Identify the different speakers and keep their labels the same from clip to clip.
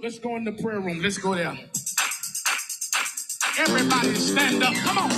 Speaker 1: Let's go in the prayer room. Let's go there. Everybody stand up. Come on.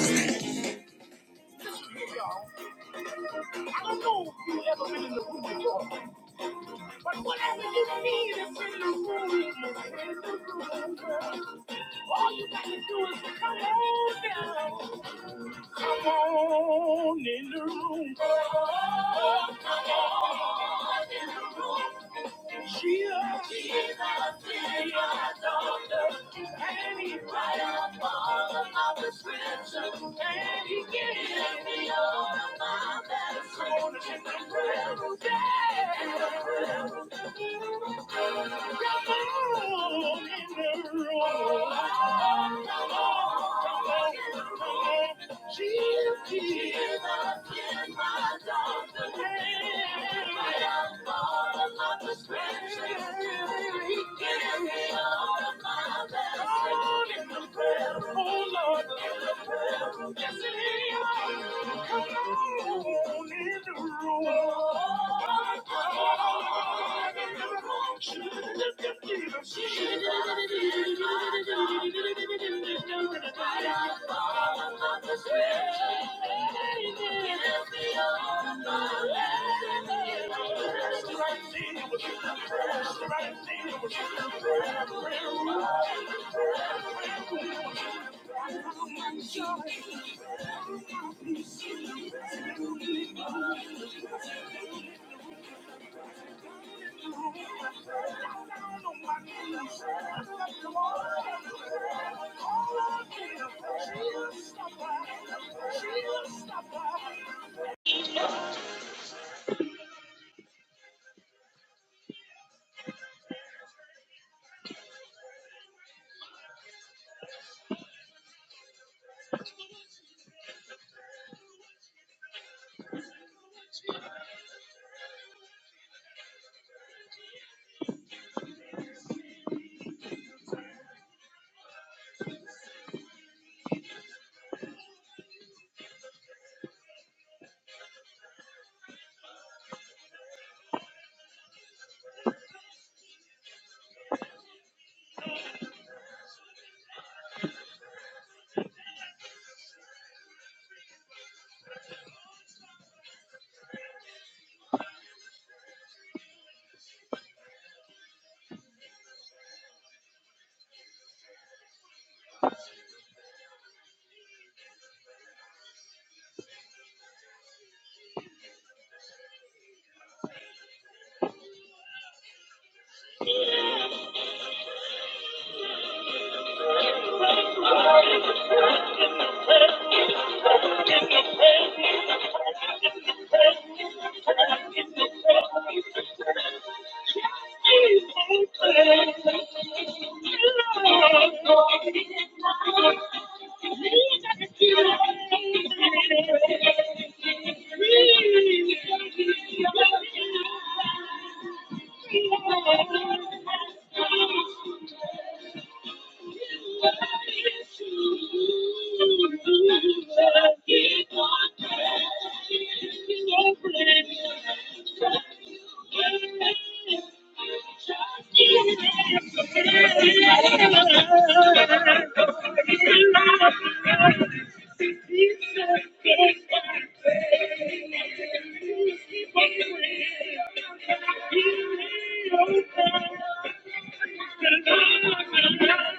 Speaker 1: Hallelujah.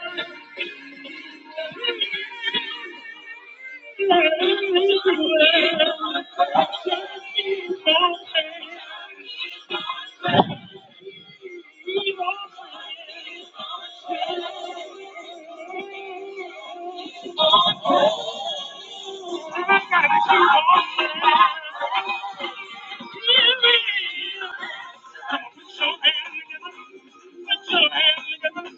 Speaker 1: Thank you. I got you Help me. God, I need you to help me. God, I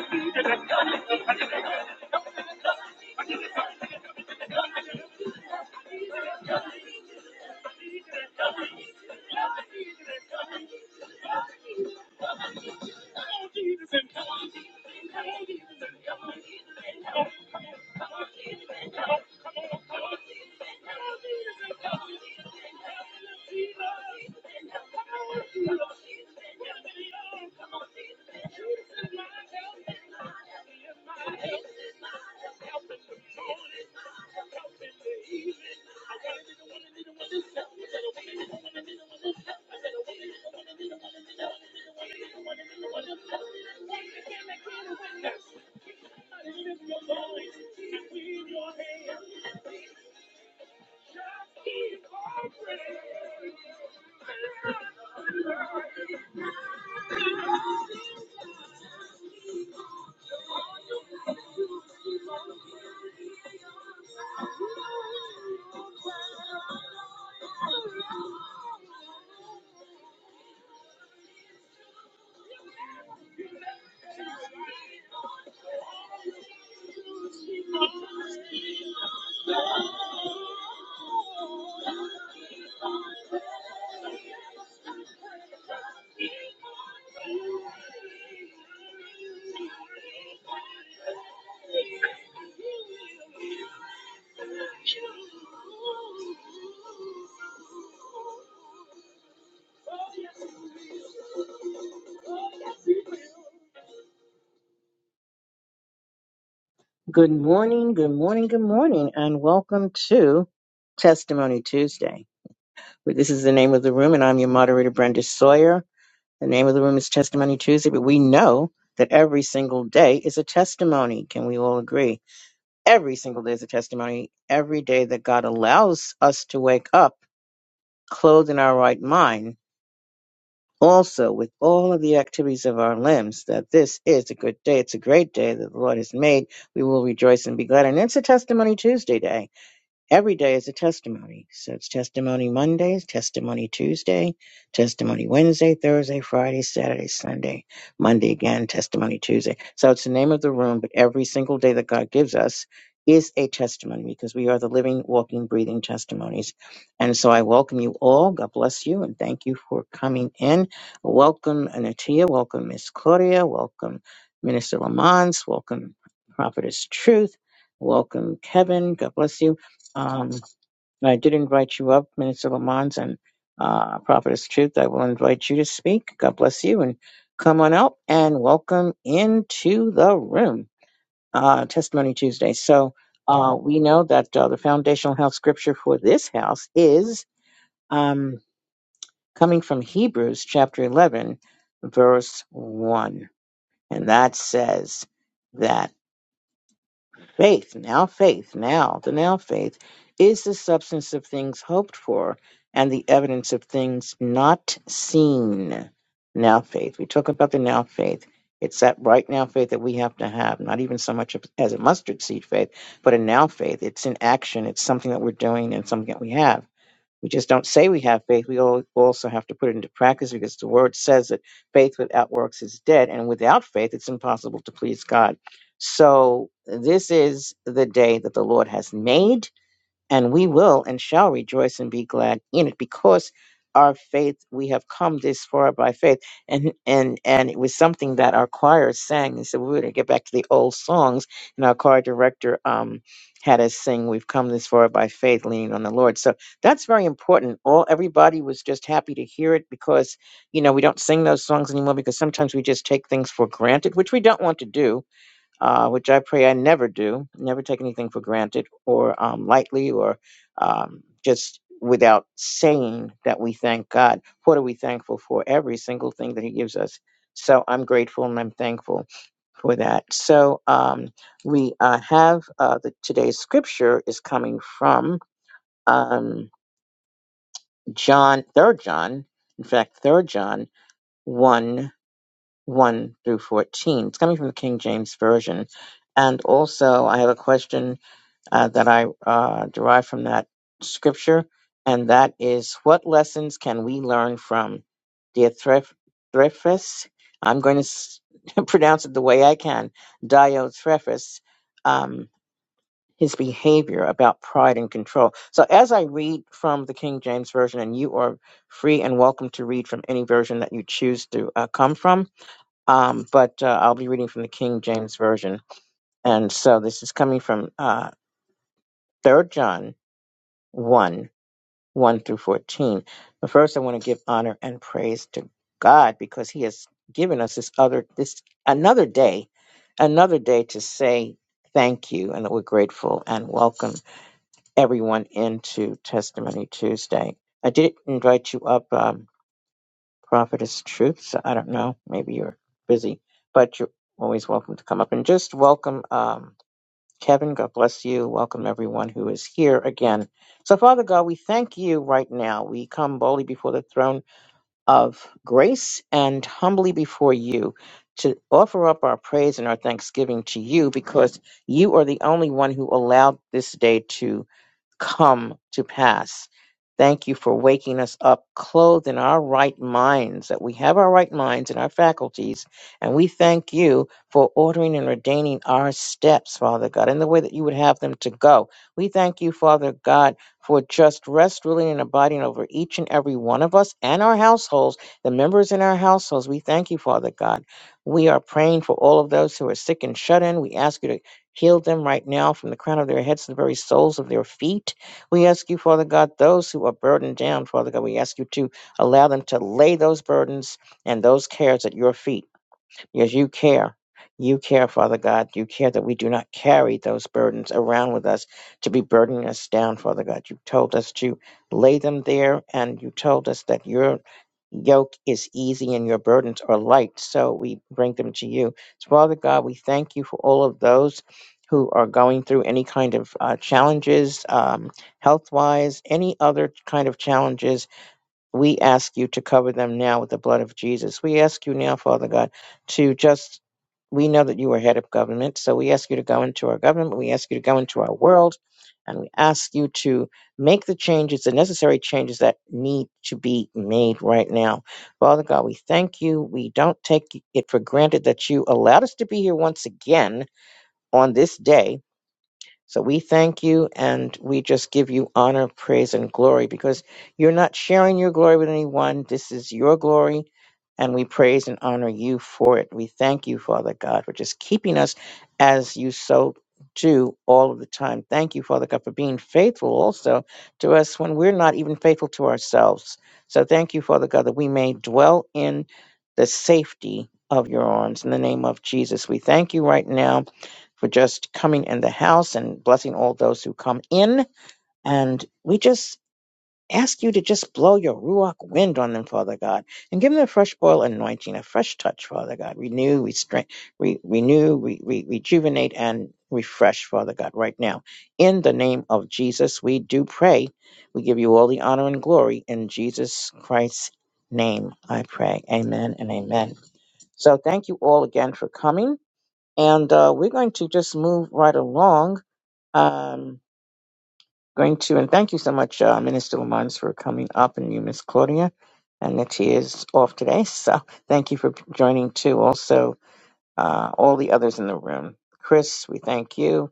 Speaker 1: need you to help me. Good morning, good morning, good morning, and welcome to Testimony Tuesday. This is the name of the room, and I'm your moderator, Brenda Sawyer. The name of the room is Testimony Tuesday, but we know that every single day is a testimony. Can we all agree? Every single day is a testimony. Every day that God allows us to wake up, clothed in our right mind, also with all of the activities of our limbs, that this is a good day. It's a great day that the Lord has made. We will rejoice and be glad. And it's a Testimony Tuesday day Every day is a testimony. So it's testimony Mondays, testimony Tuesday, testimony Wednesday, Thursday, Friday, Saturday, Sunday, Monday again, testimony Tuesday. So it's the name of the room, but every single day that God gives us is a testimony because we are the living, walking, breathing testimonies. And so I welcome you all. God bless you and thank you for coming in. Welcome Anatia, welcome Miss Claudia, welcome Minister Lamont, welcome Prophetess Truth, welcome Kevin. God bless you. Um, and I did invite you up, Minister Lamont and uh, Prophetess Truth. I will invite you to speak. God bless you and come on out and welcome into the room. Uh, Testimony Tuesday. So uh, we know that uh, the foundational house scripture for this house is um, coming from Hebrews chapter 11, verse 1. And that says, that. Faith, now faith, now the now faith is the substance of things hoped for and the evidence of things not seen. Now faith. We talk about the now faith. It's that right now faith that we have to have, not even so much as a mustard seed faith, but a now faith. It's an action, it's something that we're doing and something that we have. We just don't say we have faith. We al- also have to put it into practice because the word says that faith without works is dead, and without faith, it's impossible to please God. So, this is the day that the Lord has made and we will and shall rejoice and be glad in it because our faith we have come this far by faith and and and it was something that our choir sang and so we were to get back to the old songs and our choir director um had us sing we've come this far by faith leaning on the lord so that's very important all everybody was just happy to hear it because you know we don't sing those songs anymore because sometimes we just take things for granted which we don't want to do uh, which I pray I never do, never take anything for granted or um, lightly or um, just without saying that we thank God. What are we thankful for? Every single thing that He gives us. So I'm grateful and I'm thankful for that. So um, we uh, have uh, the, today's scripture is coming from um, John, Third John, in fact, Third John 1. 1 through 14. It's coming from the King James Version. And also, I have a question uh, that I uh, derive from that scripture, and that is what lessons can we learn from dear Thref- Threfus? I'm going to s- pronounce it the way I can, Dio Threfus, um, his behavior about pride and control. So, as I read from the King James Version, and you are free and welcome to read from any version that you choose to uh, come from, um, but uh, I'll be reading from the King James Version. And so this is coming from uh, 3 John 1 1 through 14. But first, I want to give honor and praise to God because He has given us this other, this another day, another day to say thank you and that we're grateful and welcome everyone into Testimony Tuesday. I did invite you up. um, Prophetess Truth. So I don't know. Maybe you're busy, but you're always welcome to come up and just welcome um, Kevin. God bless you. Welcome everyone who is here again. So, Father God, we thank you right now. We come boldly before the throne of grace and humbly before you to offer up our praise and our thanksgiving to you because you are the only one who allowed this day come to pass. Thank you for waking us up clothed in our right minds, that we have our right minds and our faculties. And we thank you for ordering and ordaining our steps, Father God, in the way that you would have them to go. We thank you, Father God, for just rest, ruling, and abiding over each and every one of us and our households, the members in our households. We thank you, Father God. We are praying for all of those who are sick and shut in. We ask you to Heal them right now from the crown of their heads to the very soles of their feet. We ask you, Father God, those who are burdened down, Father God, we ask you to allow them to lay those burdens and those cares at your feet. Yes, you care. You care, Father God. You care that we do not carry those burdens around with us to be burdening us down, Father God. You told us to lay them there, and you told us that your yoke is easy and your burdens are light. So we bring them to you. So, Father God, we thank you for all of those who are going through any kind of uh, challenges, um, health wise, any other kind of challenges we ask you to cover them now with the blood of Jesus. We ask you now, Father God, to just, we know that you are head of government, so we ask you to go into our government. We ask you to go into our world, and we ask you to make the changes, the necessary changes that need to be made right now. Father God, we thank you. We don't take it for granted that you allowed us to be here once again on this day so we thank you and we just give you honor, praise, and glory because you're not sharing your glory with anyone. This is your glory and we praise and honor you for it. We thank you, Father God, for just keeping us as you so do all of the time. Thank you, Father God, for being faithful also to us when we're not even faithful to ourselves. So thank you, Father God, that we may dwell in the safety of your arms. In the name of Jesus, we thank you right now for just coming in the house and blessing all those who come in. And we just ask you to just blow your ruach wind on them, Father God, and give them a fresh oil anointing, a fresh touch, Father God. Renew, restrain, re- renew, re- re- rejuvenate, and refresh, Father God, right now. In the name of Jesus, we do pray. We give you all the honor and glory in Jesus Christ's name. I pray. Amen and amen. So thank you all again for coming. And uh, we're going to just move right along. Um, going to, and thank you so much, uh, Minister Lamont, for coming up, and you, Miss Claudia. And that she is off today. So thank you for joining too. Also, uh, all the others in the room. Chris, we thank you.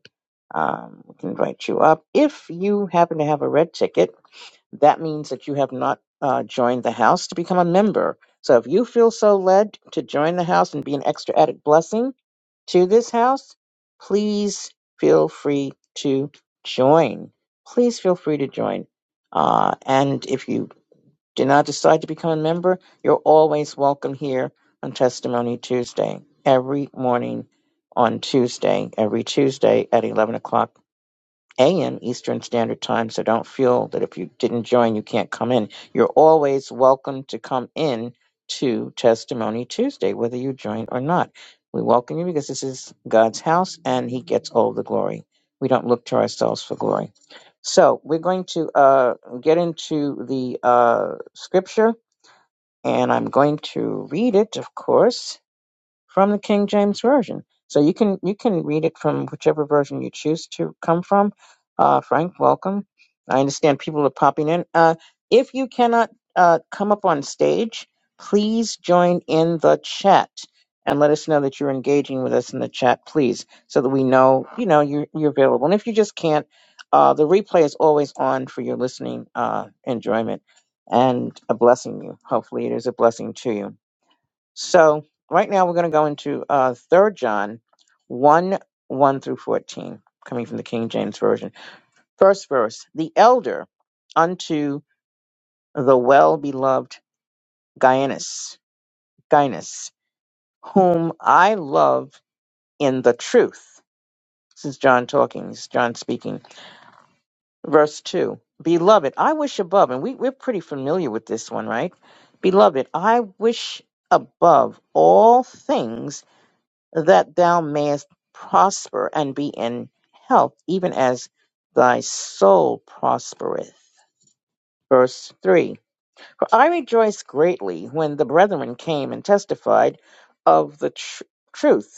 Speaker 1: Um, we can invite you up. If you happen to have a red ticket, that means that you have not uh, joined the house to become a member. So if you feel so led to join the house and be an extra added blessing to this house, please feel free to join. Please feel free to join. Uh, and if you do not decide to become a member, you're always welcome here on Testimony Tuesday, every morning on Tuesday, every Tuesday at 11 o'clock a.m. Eastern Standard Time, so don't feel that if you didn't join, you can't come in. You're always welcome to come in to Testimony Tuesday, whether you join or not. We welcome you because this is God's house and He gets all the glory. We don't look to ourselves for glory. So we're going to uh, get into the uh, scripture, and I'm going to read it, of course from the King James Version. So you can you can read it from whichever version you choose to come from. Uh, Frank, welcome. I understand people are popping in. Uh, if you cannot uh, come up on stage, please join in the chat and let us know that you're engaging with us in the chat, please, so that we know you know you're, you're available. And if you just can't, uh, the replay is always on for your listening uh, enjoyment and a blessing you. Hopefully, it is a blessing to you. So right now we're going to go into uh, 3 John 1 1 through 14, coming from the King James Version. First verse The elder unto the well beloved Gaius, Gaius, whom I love in the truth. This is John talking, this is John speaking. Verse 2 Beloved, I wish above, and we, we're pretty familiar with this one, right? Beloved, I wish above all things that thou mayest prosper and be in health, even as thy soul prospereth. Verse 3 For I rejoiced greatly when the brethren came and testified of the tr- truth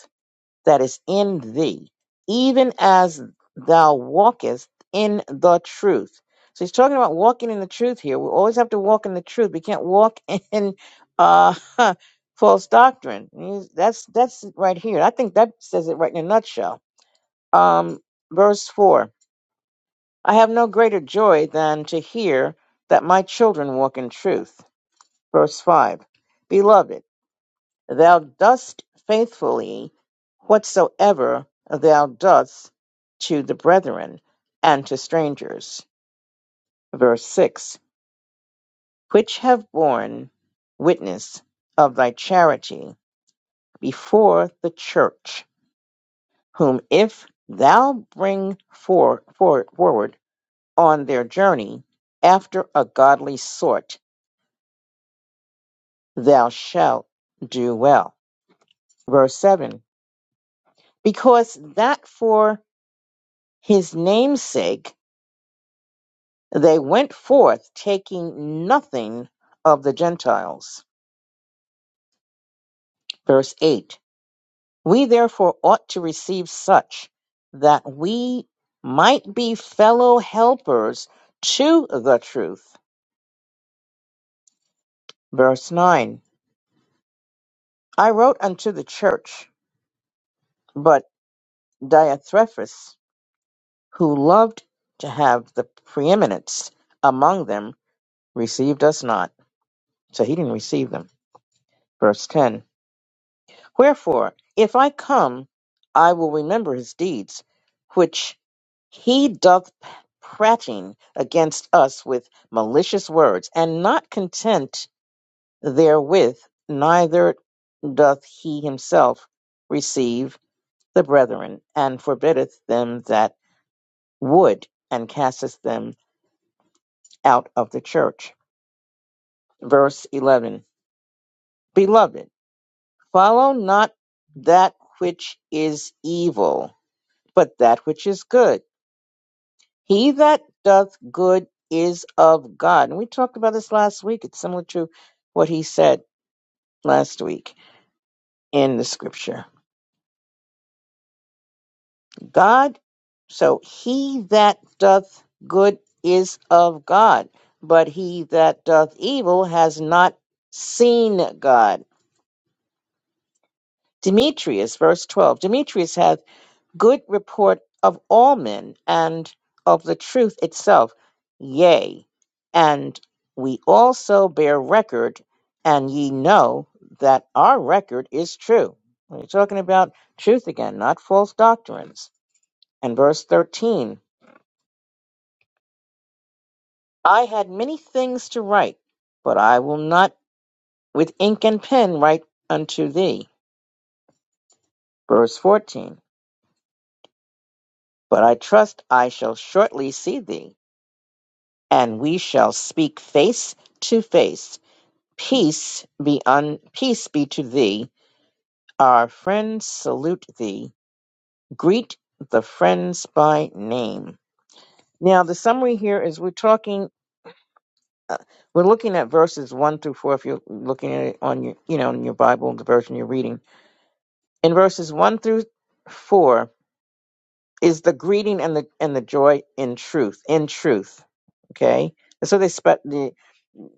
Speaker 1: that is in thee, even as thou walkest in the truth. So he's talking about walking in the truth here. We always have to walk in the truth. We can't walk in uh, false doctrine. He's- That's that's it right here. I think that says it right in a nutshell. Um, verse four. I have no greater joy than to hear that my children walk in truth. Verse five. Beloved. Thou dost faithfully whatsoever thou doest to the brethren and to strangers. Verse 6 Which have borne witness of thy charity before the church, whom if thou bring for, for, forward on their journey after a godly sort, thou shalt do well. Verse 7 Because that for his name's sake They went forth, taking nothing of the Gentiles. Verse 8 We therefore ought to receive such that we might be fellow helpers to the truth. Verse 9 I wrote unto the church, but Diotrephes, who loved to have the preeminence among them, received us not. So he didn't receive them. Verse 10 Wherefore, if I come, I will remember his deeds, which he doth prating against us with malicious words, and not content therewith, neither doth he himself receive the brethren, and forbiddeth them that would, and casteth them out of the church. Verse 11 Beloved, follow not that which is evil, but that which is good. He that doth good is of God. And we talked about this last week. It's similar to what he said last week in the scripture. God, so he that doth good is of God, but he that doth evil has not seen God. Demetrius, verse 12. Demetrius hath. good report of all men and of the truth itself. Yea, and we also bear record, and ye know that our record is true. We're talking about truth again, not false doctrines. And verse 13 I had many things to write, but I will not with ink and pen write unto thee. Verse 14 But I trust I shall shortly see thee, and we shall speak face to face Peace be un peace be to thee. Our friends salute thee. Greet the friends by name. Now the summary here is we're talking uh, we're looking at verses 1 through 4 if you're looking at it on your you know in your Bible the version you're reading. In verses 1 through 4 is the greeting and the and the joy in truth, in truth. Okay? And so they spe- the,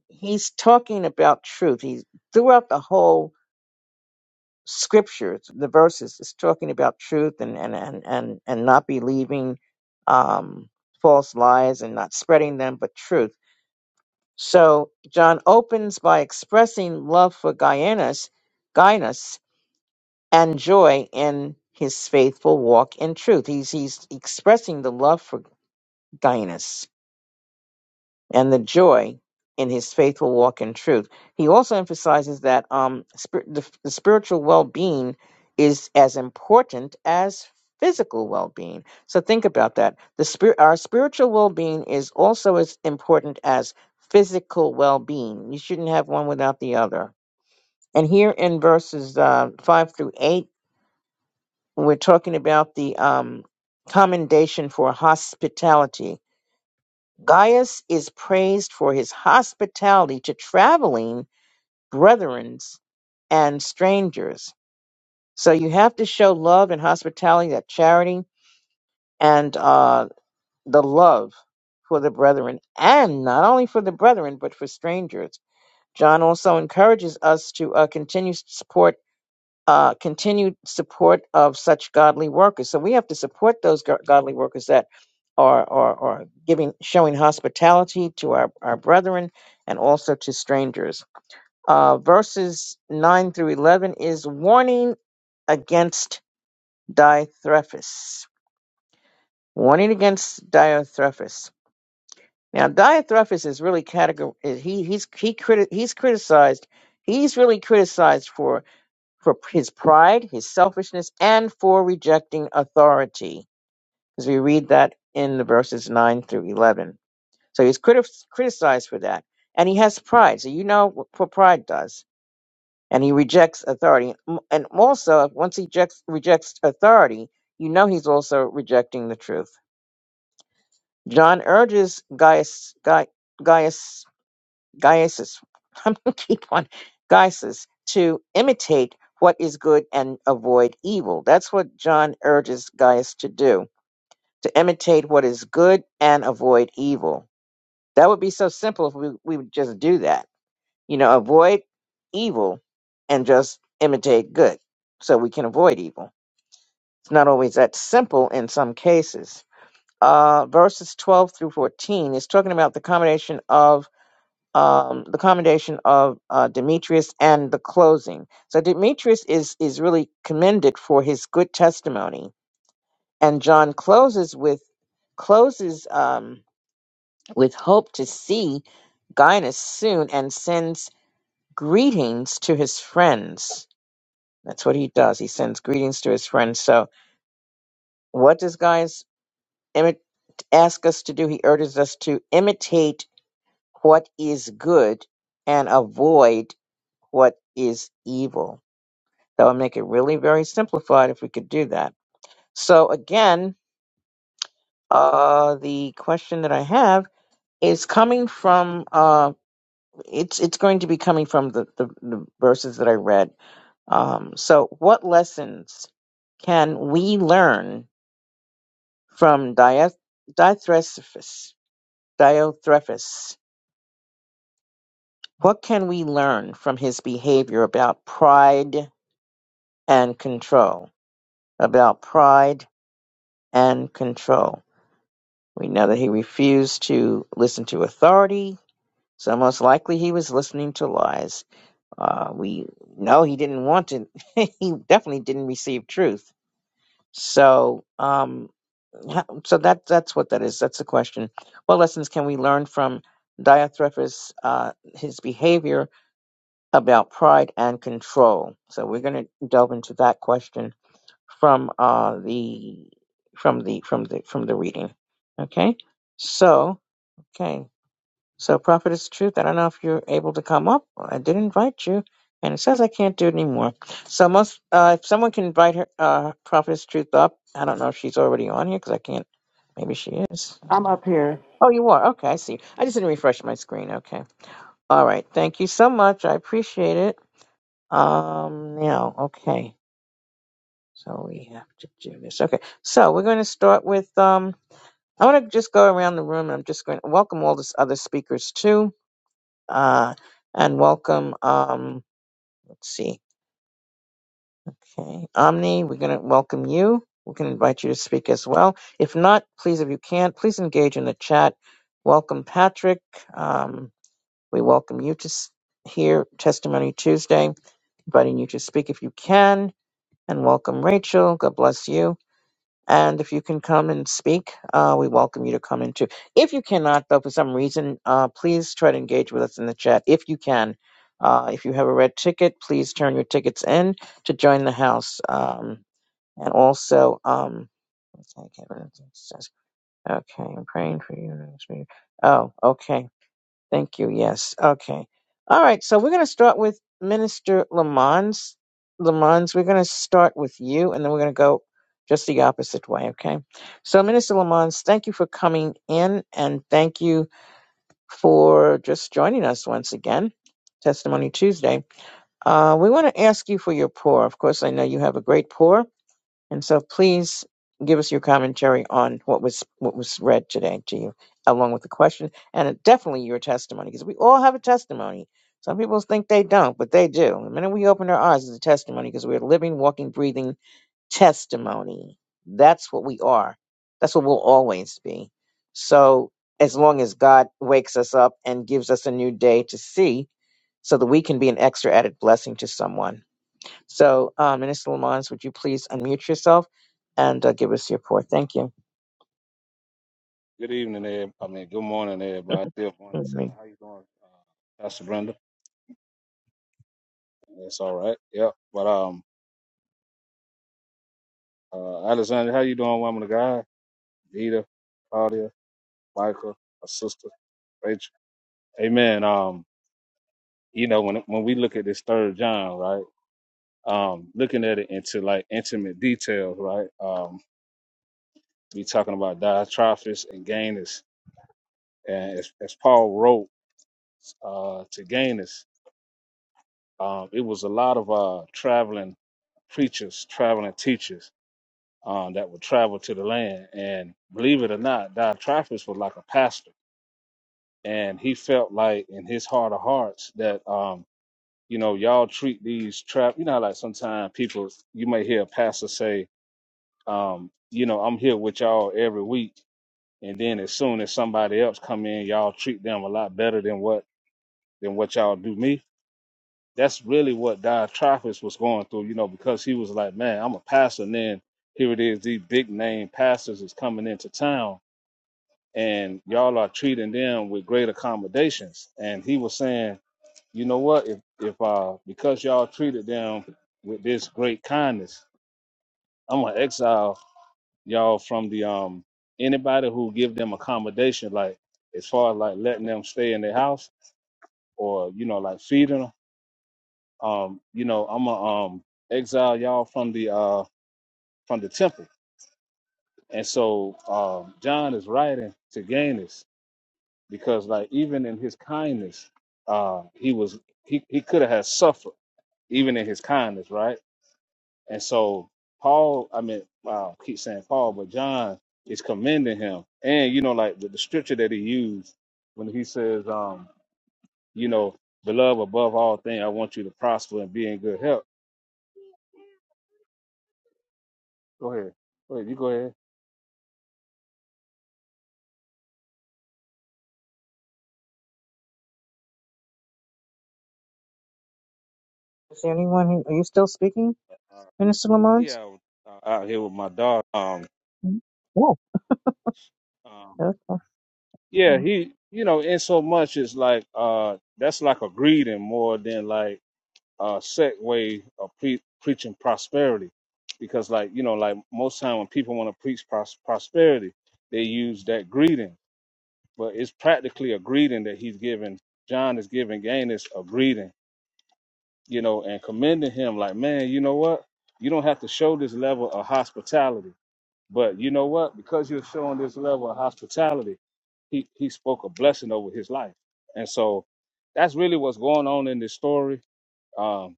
Speaker 1: he's talking about truth. He's throughout the whole scriptures, the verses, is talking about truth and and and and, and not believing um, false lies and not spreading them, but truth. So John opens by expressing love for Guyanus, Guyanus, and joy in his faithful walk in truth. He's he's expressing the love for Guyanus and the joy in his faithful walk in truth. He also emphasizes that um, spir- the, the spiritual well being is as important as physical well being. So think about that. The spir- our spiritual well being is also as important as physical well being. You shouldn't have one without the other. And here in verses uh, five through eight, we're talking about the um, commendation for hospitality Gaius is praised for his hospitality to traveling brethrens and strangers. So you have to show love and hospitality, that charity, and uh, the love for the brethren, and not only for the brethren, but for strangers. John also encourages us to uh, continue to support uh, continued support of such godly workers. So we have to support those go- godly workers that are, are, are giving, showing hospitality to our, our brethren and also to strangers. Uh, verses 9 through 11 is warning against Diothrephus. Warning against Diothrephus. Now, Diothrephus is really category. He he's he criti- he's criticized. He's really criticized for for his pride, his selfishness, and for rejecting authority. Because we read that in the verses 9 through 11. So he's criti- criticized for that. And he has pride. So you know what what pride does. And he rejects authority. M- And also, once he rejects, rejects authority, you know he's also rejecting the truth. John urges Gaius, Gai- Gaius Gaius, I'm going to keep on Gaius to imitate what is good and avoid evil. That's what John urges Gaius to do, to imitate what is good and avoid evil. That would be so simple if we, we would just do that. You know, avoid evil and just imitate good so we can avoid evil. It's not always that simple in some cases. Uh, verses 12 through 14 is talking about the combination of um, the commendation of uh, Demetrius and the closing. So Demetrius is is really commended for his good testimony, and John closes with closes um, with hope to see Gaius soon, and sends greetings to his friends. That's what he does. He sends greetings to his friends. So what does Gaius imi- ask us to do? He urges us to imitate what is good and avoid what is evil. That would make it really very simplified if we could do that. So again, uh, the question that I have is coming from uh, it's it's going to be coming from the, the, the verses that I read. Um, so what lessons can we learn from Dia- Diothrephus? Diothrephus. What can we learn from his behavior about pride and control? About pride and control. We know that he refused to listen to authority, so most likely he was listening to lies. Uh, we know he didn't want to. he definitely didn't receive truth. So, um, ha- so that that's what that is. That's the question. What lessons can we learn from Diotrephes, uh, his behavior about pride and control? So we're going to delve into that question from uh, the from the from the from the reading. Okay. So, okay. So, Prophet is truth. I don't know if you're able to come up. I did invite you, and it says I can't do it anymore. So, most uh, if someone can invite her, uh, Prophet is truth up. I don't know if she's already on here because I can't. Maybe she is.
Speaker 2: I'm up here.
Speaker 1: Oh, you are. Okay, I see. I just didn't refresh my screen. Okay. All right. Thank you so much. I appreciate it. Um. Now, okay. So we have to do this. Okay. So we're going to start with um. I want to just go around the room. and I'm just going to welcome all the other speakers too uh, and welcome. Um, let's see, okay, Omni, we're going to welcome you. We can invite you to speak as well. If not, please, if you can't, please engage in the chat. Welcome, Patrick. Um, we welcome you to s- hear Testimony Tuesday, inviting you to speak if you can. And welcome, Rachel. God bless you. And if you can come and speak, uh, we welcome you to come in too. If you cannot, though, for some reason, uh, please try to engage with us in the chat if you can. Uh, if you have a red ticket, please turn your tickets in to join the house. Um, and also, um, okay, I can't remember what it says. Okay, I'm praying for you. Oh, okay. Thank you. Yes. Okay. All right. So we're going to start with Minister Lamons. Lamons, we're going to start with you, and then we're going to go just the opposite way. Okay. So, Minister Lamons, thank you for coming in, and thank you for just joining us once again. Testimony Tuesday. Uh, we want to ask you for your pour. Of course, I know you have a great pour and so please give us your commentary on what was what was read today to you, along with the question and definitely your testimony, because we all have a testimony. Some people think they don't, but they do. The minute we open our eyes, it's a testimony because we're living, walking, breathing testimony. That's what we are. That's what we'll always be. So as long as God wakes us up and gives us a new day to see, so that we can be an extra added blessing to someone so, uh, Minister Lamont, would you please unmute yourself and uh, give us your report? Thank you.
Speaker 3: Good evening, everybody. I mean, good morning, everybody. Still morning time.
Speaker 1: Mhm.
Speaker 3: How you doing, uh, Pastor Brenda? That's all right. Yep. But um, uh, Alexander, how you doing, woman of God? Vita, Claudia, Michael, my sister, Rachel. Amen. Um, you know, when when we look at this third John, right? Um, looking at it into like intimate details, right? Um, we talking about Diotrephes and Gainus, and as, as Paul wrote uh, to Gainus, um, it was a lot of uh traveling preachers, traveling teachers um, that would travel to the land. And believe it or not, Diotrephes was like a pastor. And he felt like in his heart of hearts that, um, you know, y'all treat these trap, you know, how, like sometimes people, you may hear a pastor say, um, you know, I'm here with y'all every week. And then as soon as somebody else come in, y'all treat them a lot better than what than what y'all do me That's really what Diotrephes was going through, you know, because he was like, man, I'm a pastor. And then here it is, these big name pastors is coming into town and y'all are treating them with great accommodations. And he was saying, you know what, if, if uh, because y'all treated them with this great kindness, I'm going to exile y'all from the, um, anybody who give them accommodation, like as far as like letting them stay in their house or, you know, like feeding 'em um, you know, I'm a um exile y'all from the uh from the temple. And so um John is writing to Gaius because like even in his kindness, uh he was he, he could have had suffered even in his kindness, right? And so Paul, I mean, wow, I keep saying Paul, but John is commending him. And you know, like the, the scripture that he used when he says, um, you know, beloved above all things, I want you to prosper and be in good health. Go ahead. Go ahead, you go ahead.
Speaker 1: Is there anyone who, are you still speaking, Minister Lamont?
Speaker 3: yeah, I was, uh, out here with my dog. Um,
Speaker 1: Mhm. Oh,
Speaker 3: um,
Speaker 1: okay.
Speaker 3: yeah,
Speaker 1: um,
Speaker 3: he, you know, in so much it's like uh, that's like a greeting more than like a set way of pre- preaching prosperity, because like you know, like most time when people want to preach pros- prosperity, they use that greeting, but it's practically a greeting that he's giving. John is giving Gaines a greeting, you know, and commending him like, man, you know what? You don't have to show this level of hospitality But you know what? Because you're showing this level of hospitality, he, he spoke a blessing over his life. And so that's really what's going on in this story. Um,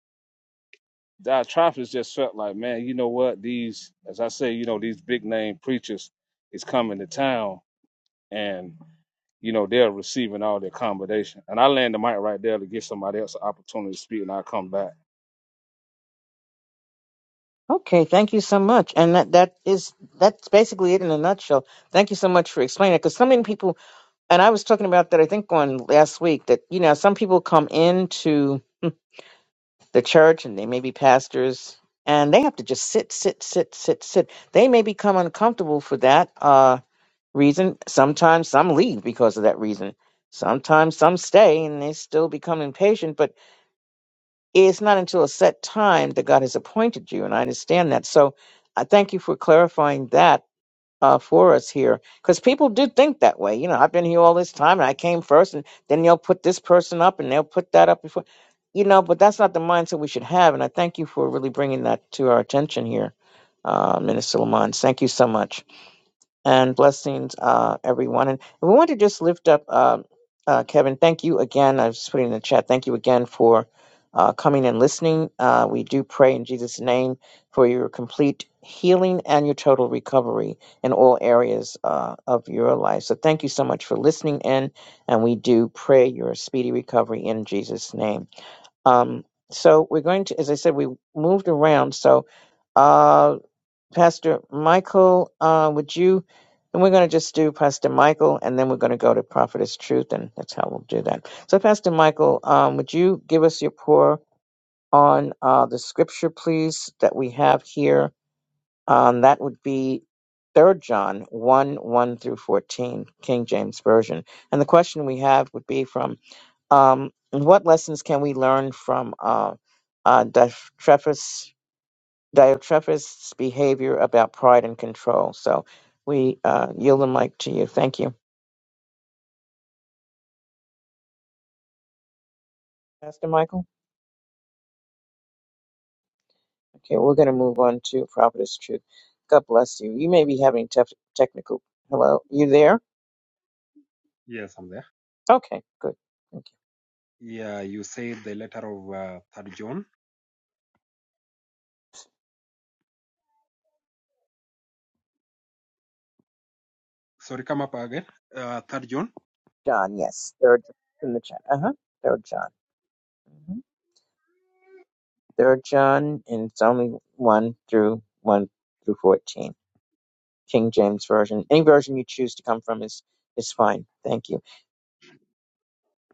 Speaker 3: Diotrephes just felt like, man, you know what? These, as I say, you know, these big name preachers is coming to town and, you know, they're receiving all the accommodation. And I land the mic right there to give somebody else an opportunity to speak and I'll come back.
Speaker 1: Okay, thank you so much. And that, that is that's basically it in a nutshell. Thank you so much for explaining it because so many people and I was talking about that I think on last week that you know some people come into the church and they may be pastors and they have to just sit sit sit sit sit. They may become uncomfortable for that. Uh, reason. Sometimes some leave because of that reason. Sometimes some stay and they still become impatient, but it's not until a set time that God has appointed you. And I understand that. So I thank you for clarifying that uh, for us here because people do think that way. You know, I've been here all this time and I came first, and then they'll put this person up and they'll put that up before, you know, but that's not the mindset we should have. And I thank you for really bringing that to our attention here, uh, Minister Lamont. Thank you so much and blessings, uh, everyone. And we want to just lift up um uh, Kevin. Thank you again. I was just putting in the chat. Thank you again for uh, coming and listening. Uh, we do pray in Jesus' name for your complete healing and your total recovery in all areas uh, of your life. So thank you so much for listening in, and we do pray your speedy recovery in Jesus' name. Um, so we're going to, as I said, we moved around. So. uh, Pastor Michael, uh, would you? And we're going to just do Pastor Michael, and then we're going to go to Prophetess Truth, and that's how we'll do that. So, Pastor Michael, um, would you give us your pour on uh, the scripture, please, that we have here? Um, that would be Third John 1 1 through 14, King James Version. And the question we have would be from um, what lessons can we learn from uh, uh, Def- Diotrephes' behavior about pride and control. So we uh, yield the mic to you. Thank you. Pastor Michael? Okay, we're going to move on to Prophetess Truth. God bless you. You may be having tef- technical. Hello? You there?
Speaker 4: Yes, I'm there.
Speaker 1: Okay, good. Thank you.
Speaker 4: Yeah, you said the letter of uh, third John. Sorry, come up again. Uh, third John.
Speaker 1: John, yes. Third in the chat. Uh huh. Third John. Mm-hmm. There are John and it's only one through one through fourteen. King James Version. Any version you choose to come from is is fine. Thank you.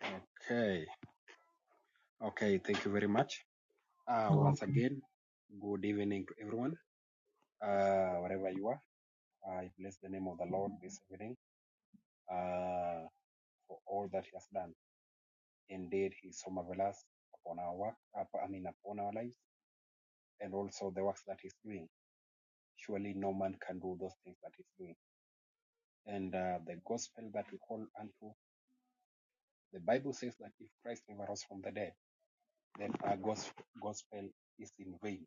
Speaker 4: Okay. Okay. Thank you very much. Uh,
Speaker 1: You're
Speaker 4: once
Speaker 1: welcome.
Speaker 4: again, good evening to everyone. Uh, wherever you are, I bless the name of the Lord this evening. Uh, for all that He has done. Indeed, He is so marvelous upon our work. Up, I mean, upon our lives, and also the works that He's doing. Surely, no man can do those things that He's doing. And uh, the gospel that we call unto The Bible says that if Christ never rose from the dead, then our gospel is in vain.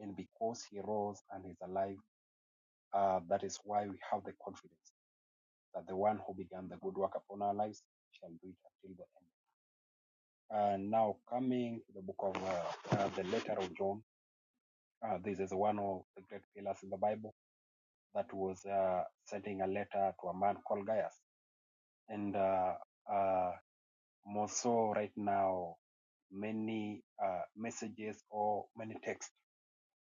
Speaker 4: And because he rose and is alive, uh, that is why we have the confidence that the one who began the good work upon our lives shall do it until the end. Uh, now, coming to the book of uh, uh, the letter of John, uh, this is one of the great pillars in the Bible that was uh, sending a letter to a man called Gaius. And uh, uh, more so right now many uh, messages or many texts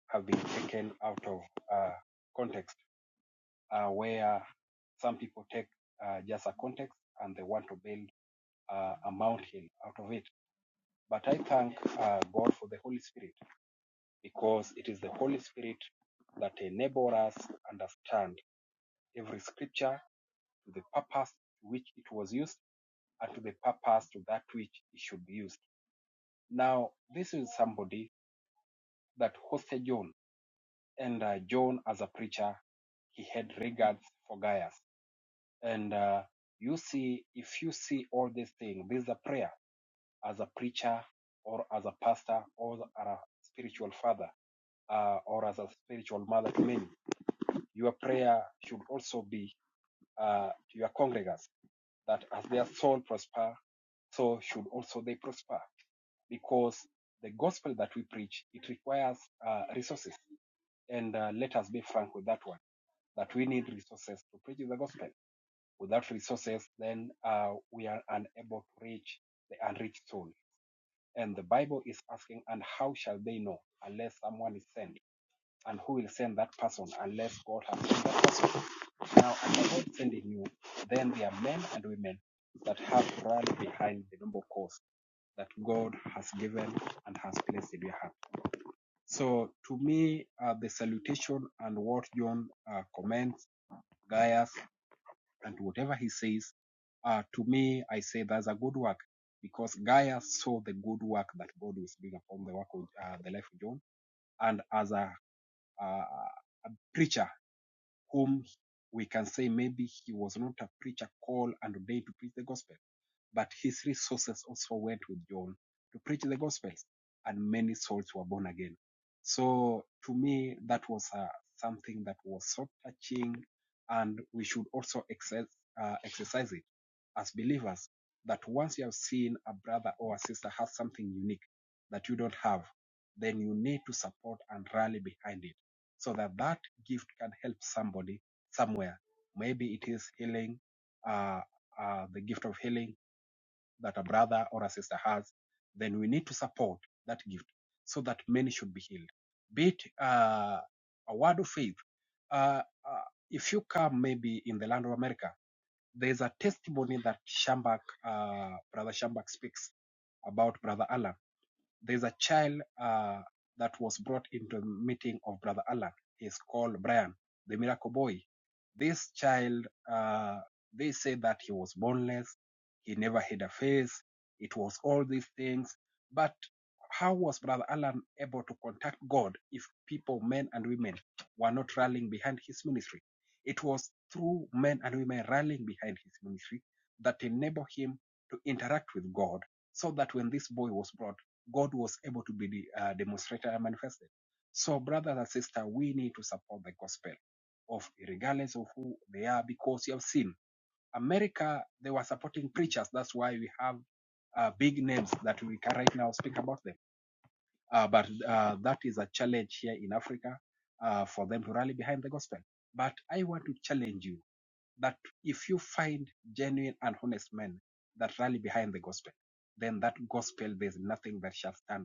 Speaker 4: have been taken out of uh, context uh, where some people take uh, just a context and they want to build uh, a mountain out of it but i thank uh, god for the holy spirit because it is the holy spirit that enables us to understand every scripture to the purpose to which it was used and to the purpose to that which it should be used now this is somebody that hosted John. And uh, John, as a preacher, he had regards for Gaius. And uh, you see, if you see all these things, this is a prayer as a preacher or as a pastor or as a spiritual father uh, or as a spiritual mother to many. Your prayer should also be uh, to your congregants that as their soul prosper, so should also they prosper because the gospel that we preach it requires uh, resources And uh, let us be frank with that one that we need resources to preach the gospel. Without resources, then uh, we are unable to reach the unreached soul. And the Bible is asking, and how shall they know unless someone is sent? And who will send that person unless God has sent that person? Now, as the Lord sending you, then there are men and women that have run behind the noble cause that God has given and has placed in your hand. So, to me, uh, the salutation and what John uh, comments Gaius, and whatever he says, uh, to me, I say that's a good work because Gaius saw the good work that God was doing upon the work of uh, the life of John, and as a uh, preacher whom we can say maybe he was not a preacher called and ordained to preach the gospel, but his resources also went with John to preach the gospels, and many souls were born again. So to me, that was uh, something that was so touching, and we should also exercise, uh, exercise it as believers. That once you have seen a brother or a sister has something unique that you don't have, then you need to support and rally behind it so that that gift can help somebody somewhere. Maybe it is healing, uh, uh, the gift of healing that a brother or a sister has. Then we need to support that gift so that many should be healed. Be it uh, a word of faith. Uh, uh, if you come maybe in the land of America, there is a testimony that Shambach, uh, Brother Shambach speaks about Brother Alan there's a child uh, that was brought into a meeting of Brother Alan. He's called Brian, the miracle boy. This child, uh, they say that he was boneless, he never had a face, it was all these things. But how was Brother Alan able to contact God if people, men and women, were not rallying behind his ministry? It was through men and women rallying behind his ministry that enabled him to interact with God so that when this boy was brought, God was able to be uh, demonstrated and manifested. So, brothers and sisters, we need to support the gospel of regardless of who they are, because you have seen America, they were supporting preachers. That's why we have uh, big names that we can right now speak about them. Uh, but uh, that is a challenge here in Africa uh, for them to rally behind the gospel. But I want to challenge you that if you find genuine and honest men that rally behind the gospel, then that gospel, there's nothing that shall stand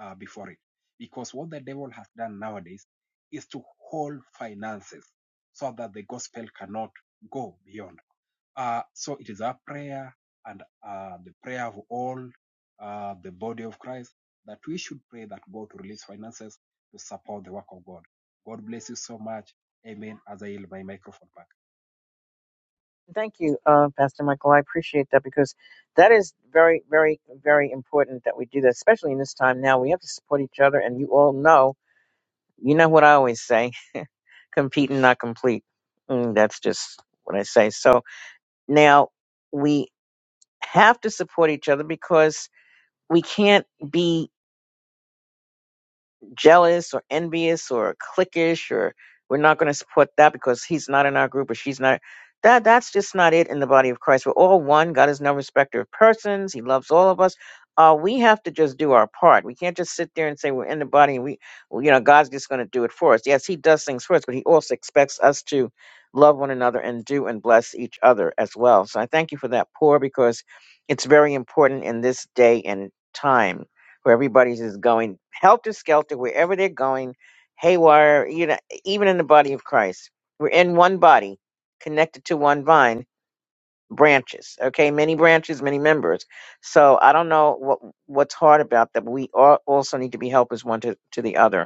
Speaker 4: uh, before it. Because what the devil has done nowadays is to hold finances so that the gospel cannot go beyond. Uh, so it is our prayer and uh, the prayer of all uh, the body of Christ that we should pray that God to release finances to support the work of God. God bless you so much. Amen. As I yield my microphone back.
Speaker 1: Thank you, uh, Pastor Michael. I appreciate that because that is very, very, very important that we do that, especially in this time now. We have to support each other, and you all know, you know what I always say: compete and not complete. Mm, that's just what I say. So now we have to support each other because we can't be jealous or envious or cliquish or we're not going to support that because he's not in our group or she's not that that's just not it in the body of christ we're all one god is no respecter of persons he loves all of us uh, we have to just do our part we can't just sit there and say we're in the body and we well, you know god's just going to do it for us yes he does things for us but he also expects us to love one another and do and bless each other as well so i thank you for that pour because it's very important in this day and time where everybody's just going helter skelter wherever they're going, haywire. You know, even in the body of Christ, we're in one body, connected to one vine, branches. Okay, many branches, many members. So I don't know what what's hard about that. But we all also need to be helpers one to, to the other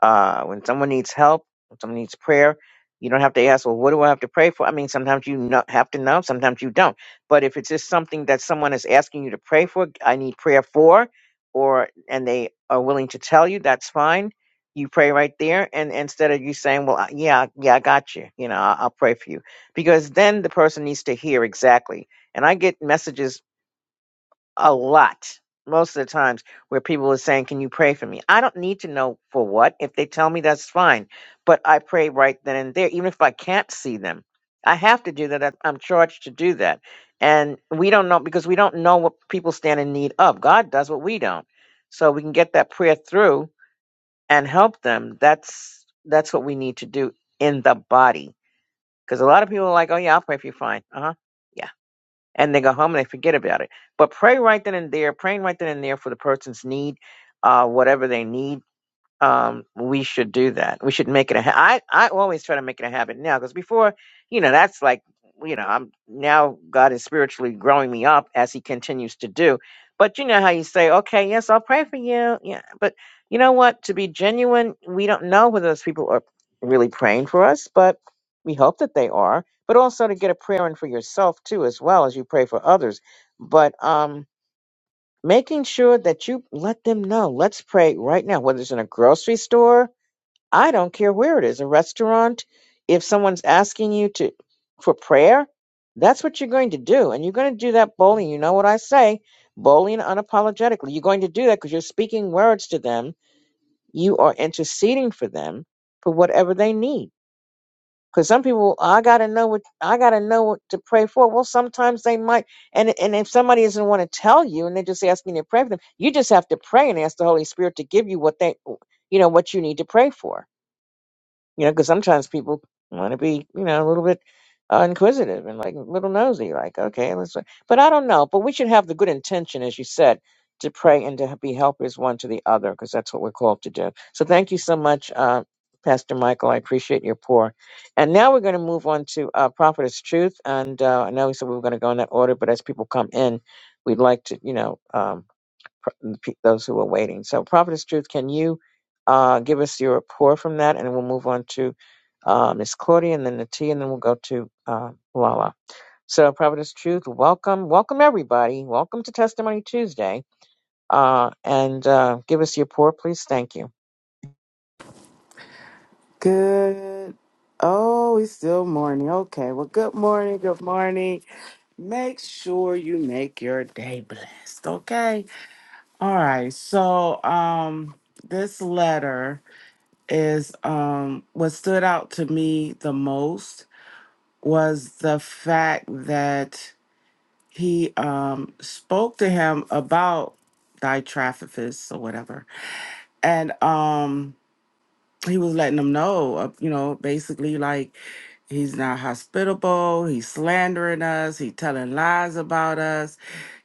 Speaker 1: uh, when someone needs help, when someone needs prayer, you don't have to ask, well, what do I have to pray for? I mean, sometimes you know, have to know, sometimes you don't. But if it's just something that someone is asking you to pray for, I need prayer for, or and they are willing to tell you, that's fine. You pray right there, and instead of you saying, "Well, I- yeah, yeah, I got you," you know, I'll, I'll pray for you, because then the person needs to hear exactly. And I get messages a lot most of the times where people are saying can you pray for me i don't need to know for what if they tell me that's fine but i pray right then and there even if i can't see them i have to do that I- i'm charged to do that and we don't know because we don't know what people stand in need of god does what we don't so we can get that prayer through and help them that's that's what we need to do in the body because a lot of people are like oh yeah i'll pray for you fine uh-huh yeah and they go home and they forget about it. But pray right then and there, praying right then and there for the person's need, uh, whatever they need um, we should do that. We should make it a. Ha- I I always try to make it a habit now because before, you know, that's like you know, I'm now God is spiritually growing me up as He continues to do. But you know how you say, okay, yes, I'll pray for you. Yeah, but you know what? To be genuine, we don't know whether those people are really praying for us, but we hope that they are. But also to get a prayer in for yourself too, as well as you pray for others. But um, making sure that you let them know. Let's pray right now, whether it's in a grocery store, I don't care where it is, a restaurant, if someone's asking you to for prayer, that's what you're going to do. And you're going to do that boldly. You know what I say, boldly and unapologetically. You're going to do that because you're speaking words to them. You are interceding for them for whatever they need. Because some people, I gotta know what I gotta know what to pray for. Well, sometimes they might, and and if somebody doesn't want to tell you, and they just ask me to pray for them, you just have to pray and ask the Holy Spirit to give you what they, you know, what you need to pray for you know, because sometimes people want to be, you know, a little bit uh, inquisitive and like a little nosy, like, okay, let's. But I don't know. But we should have the good intention, as you said, to pray and to be helpers one to the other, because that's what we're called to do. So thank you so much, uh, Pastor Michael. I appreciate your pour. And now we're going to move on to uh, Prophetess Truth. And uh, I know we said we were going to go in that order, but as people come in, we'd like to, you know, um, those who are waiting. So, Prophetess Truth, can you uh, give us your report from that, and we'll move on to uh, Miss Claudia, and then the tea, and then we'll go to uh, Lala. So, Prophetess Truth, welcome, welcome everybody, welcome to Testimony Tuesday, uh, and uh, give us your report, please. Thank you.
Speaker 2: Good. Oh, it's still morning. Okay. Well, good morning. Good morning. Make sure you make your day blessed. Okay. All right. So, um, this letter is um what stood out to me the most was the fact that he um spoke to him about thy traffickers or whatever. And um he was letting them know, uh, you know, basically like he's not hospitable, he's slandering us, he telling lies about us.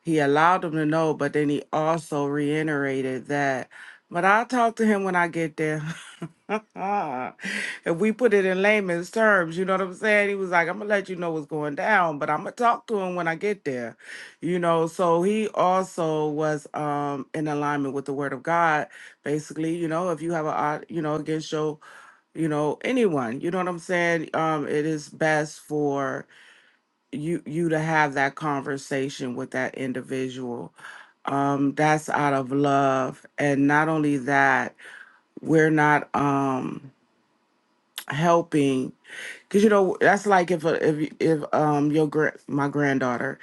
Speaker 2: He allowed them to know, but then he also reiterated that, but I'll talk to him when I get there. if we put it in layman's terms, you know what I'm saying? He was like, I'm gonna let you know what's going down, but I'm gonna talk to him when I get there. You know, so he also was um in alignment with the word of God basically you know if you have a odd you know against your you know anyone you know what i'm saying um it is best for you you to have that conversation with that individual um that's out of love and not only that we're not um helping because you know that's like if a, if if um your gra- my granddaughter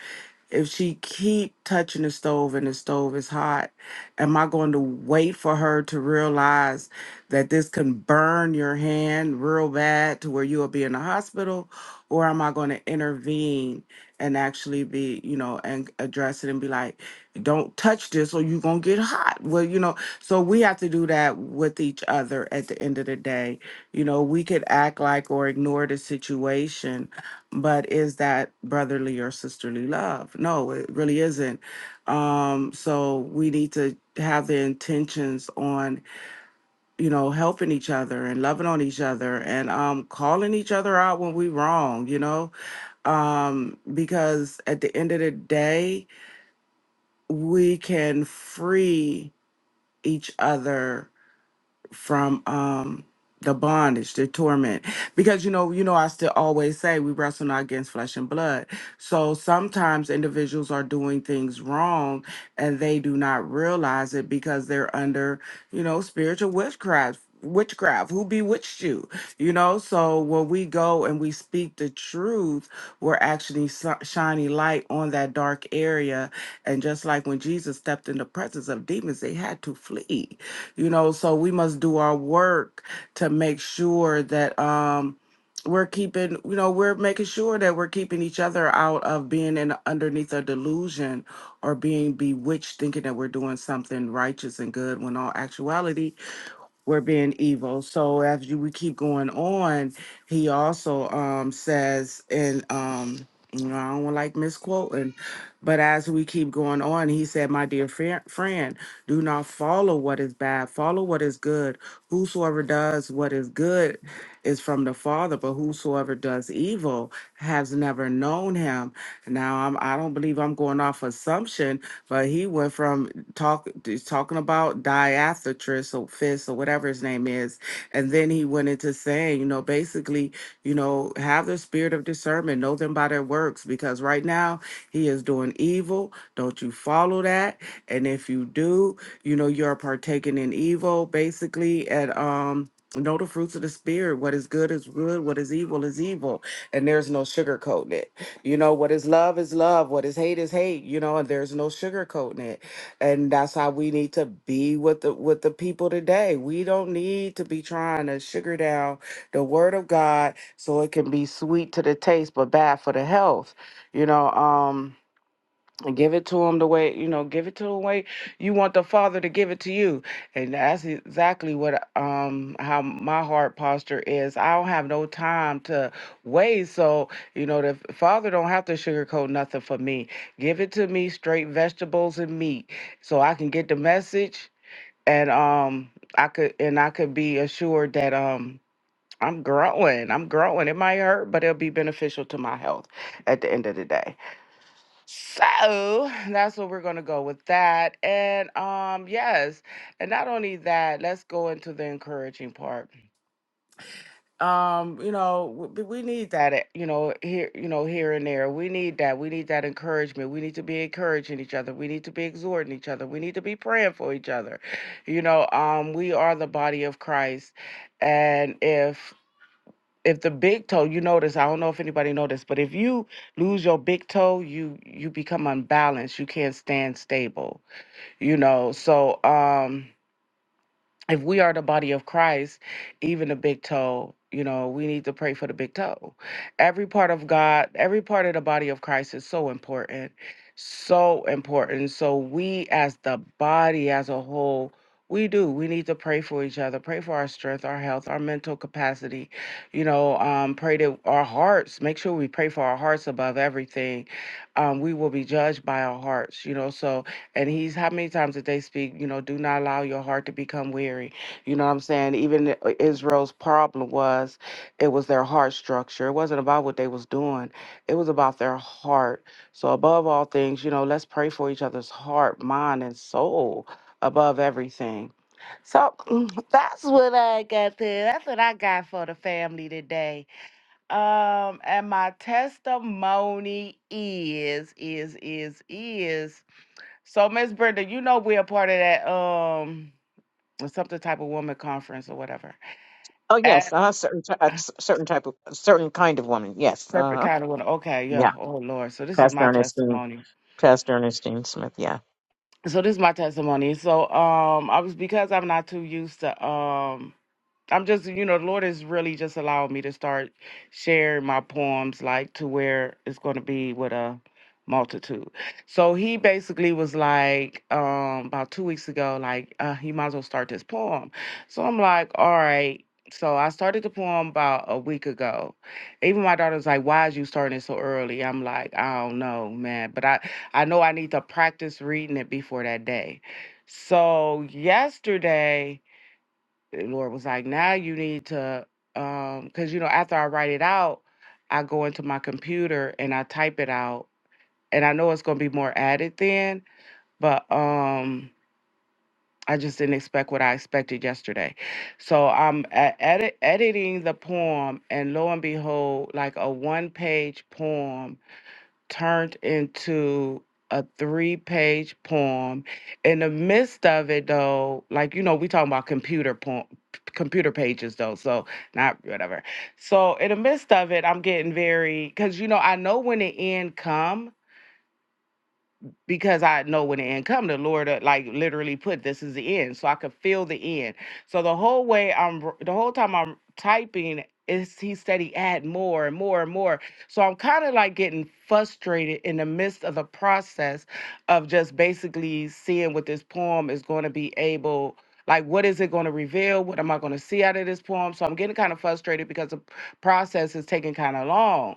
Speaker 2: if she keep touching the stove and the stove is hot am i going to wait for her to realize that this can burn your hand real bad to where you'll be in the hospital or am i going to intervene and actually be you know and address it and be like don't touch this or you're going to get hot well you know so we have to do that with each other at the end of the day you know we could act like or ignore the situation but is that brotherly or sisterly love? No, it really isn't. Um, so we need to have the intentions on, you know, helping each other and loving on each other and um, calling each other out when we wrong, you know, um, because at the end of the day, we can free each other from um the bondage, the torment. Because you know, you know, I still always say we wrestle not against flesh and blood. So sometimes individuals are doing things wrong and they do not realize it because they're under, you know, spiritual witchcraft witchcraft who bewitched you you know so when we go and we speak the truth we're actually si- shining light on that dark area and just like when jesus stepped in the presence of demons they had to flee you know so we must do our work to make sure that um we're keeping you know we're making sure that we're keeping each other out of being in underneath a delusion or being bewitched thinking that we're doing something righteous and good when all actuality were being evil. So as you, we keep going on, he also um, says, and um, you know, I don't like misquoting, but as we keep going on, he said, "My dear fri- friend, do not follow what is bad; follow what is good. Whosoever does what is good is from the Father, but whosoever does evil has never known Him." Now, I'm, I don't believe I'm going off assumption, but he went from talk is talking about Diathetus or Fist or whatever his name is, and then he went into saying, you know, basically, you know, have the spirit of discernment, know them by their works, because right now he is doing evil. Don't you follow that? And if you do, you know, you're partaking in evil, basically, and um. Know the fruits of the spirit. What is good is good. What is evil is evil. And there's no sugarcoating it. You know, what is love is love. What is hate is hate. You know, and there's no sugarcoating it and that's how we need to be with the with the people today. We don't need to be trying to sugar down the word of God so it can be sweet to the taste but bad for the health. You know, um and give it to him the way you know give it to the way you want the father to give it to you and that's exactly what um how my heart posture is i don't have no time to wait so you know the father don't have to sugarcoat nothing for me give it to me straight vegetables and meat so i can get the message and um i could and i could be assured that um i'm growing i'm growing it might hurt but it'll be beneficial to my health at the end of the day so that's what we're gonna go with that. And um, yes, and not only that, let's go into the encouraging part. Um, you know, w- b- we need that, eh, you know, here, you know, here and there. We need that. We need that encouragement. We need to be encouraging each other. We need to be exhorting each other. We need to be praying for each other. You know, um, we are the body of Christ, and if if the big toe you notice i don't know if anybody noticed but if you lose your big toe you you become unbalanced you can't stand stable you know so um if we are the body of Christ, even the big toe, you know, we need to pray for the big toe. Every part of God, every part of the body of Christ is so important, so important. So we as the body as a whole, we do. We need to pray for each other, pray for our strength, our health, our mental capacity, you know, um, pray to our hearts. Make sure we pray for our hearts above everything. Um, we will be judged by our hearts, you know. So and he's how many times did they speak? You know, do not allow your heart to become weary. You know what I'm saying? Even i- Israel's problem was it was their heart structure. It wasn't about what they was doing. It was about their heart. So above all things, you know, let's pray for each other's heart, mind, and soul above everything. So that's what I got there. That's what I got for the family today. Um, and my testimony is, is, is, is so, Miss Brenda, you know we're a part of that um something type of woman conference or whatever.
Speaker 1: Oh yes,
Speaker 2: At
Speaker 1: uh, certain t- a c- certain type of a certain kind of woman. Yes, uh
Speaker 2: Serpent
Speaker 1: huh.
Speaker 2: kind of woman. Okay,
Speaker 1: Yeah,
Speaker 2: yeah. Oh Lord. So this is
Speaker 1: Pastor
Speaker 2: my
Speaker 1: Ernestine,
Speaker 2: testimony.
Speaker 1: Pastor Ernestine Smith. Yeah.
Speaker 2: So this is my testimony. So um I was because I'm not too used to um I'm just, you know, the Lord has really just allowed me to start sharing my poems, like to where it's going to be with a multitude. So he basically was like, um, about two weeks ago, like, uh, he might as well start this poem. So I'm like, all right. So I started the poem about a week ago. Even my daughter's like, "Why is you starting it so early?" I'm like, "I don't know, man, but I I know I need to practice reading it before that day." So yesterday, the Lord was like, now you need to, um, because you know, after I write it out, I go into my computer and I type it out, and I know it's gonna be more added then, but um, I just didn't expect what I expected yesterday, so I'm e- edit- editing the poem, and lo and behold, like a one-page poem turned into a three page poem. In the midst of it, though, like, you know, we talking about computer poem. Computer pages though, so not whatever. So in the midst of it, I'm getting very because you know I know when the end come, because I know when the end come, the Lord uh, like literally put this is the end, so I could feel the end. So the whole way I'm, r- the whole time I'm typing, is he said he add more and more and more. So I'm kind of like getting frustrated in the midst of the process of just basically seeing what this poem is going to be able. Like, what is it going to reveal? What am I going to see out of this poem? So I'm getting kind of frustrated because the process is taking kind of long.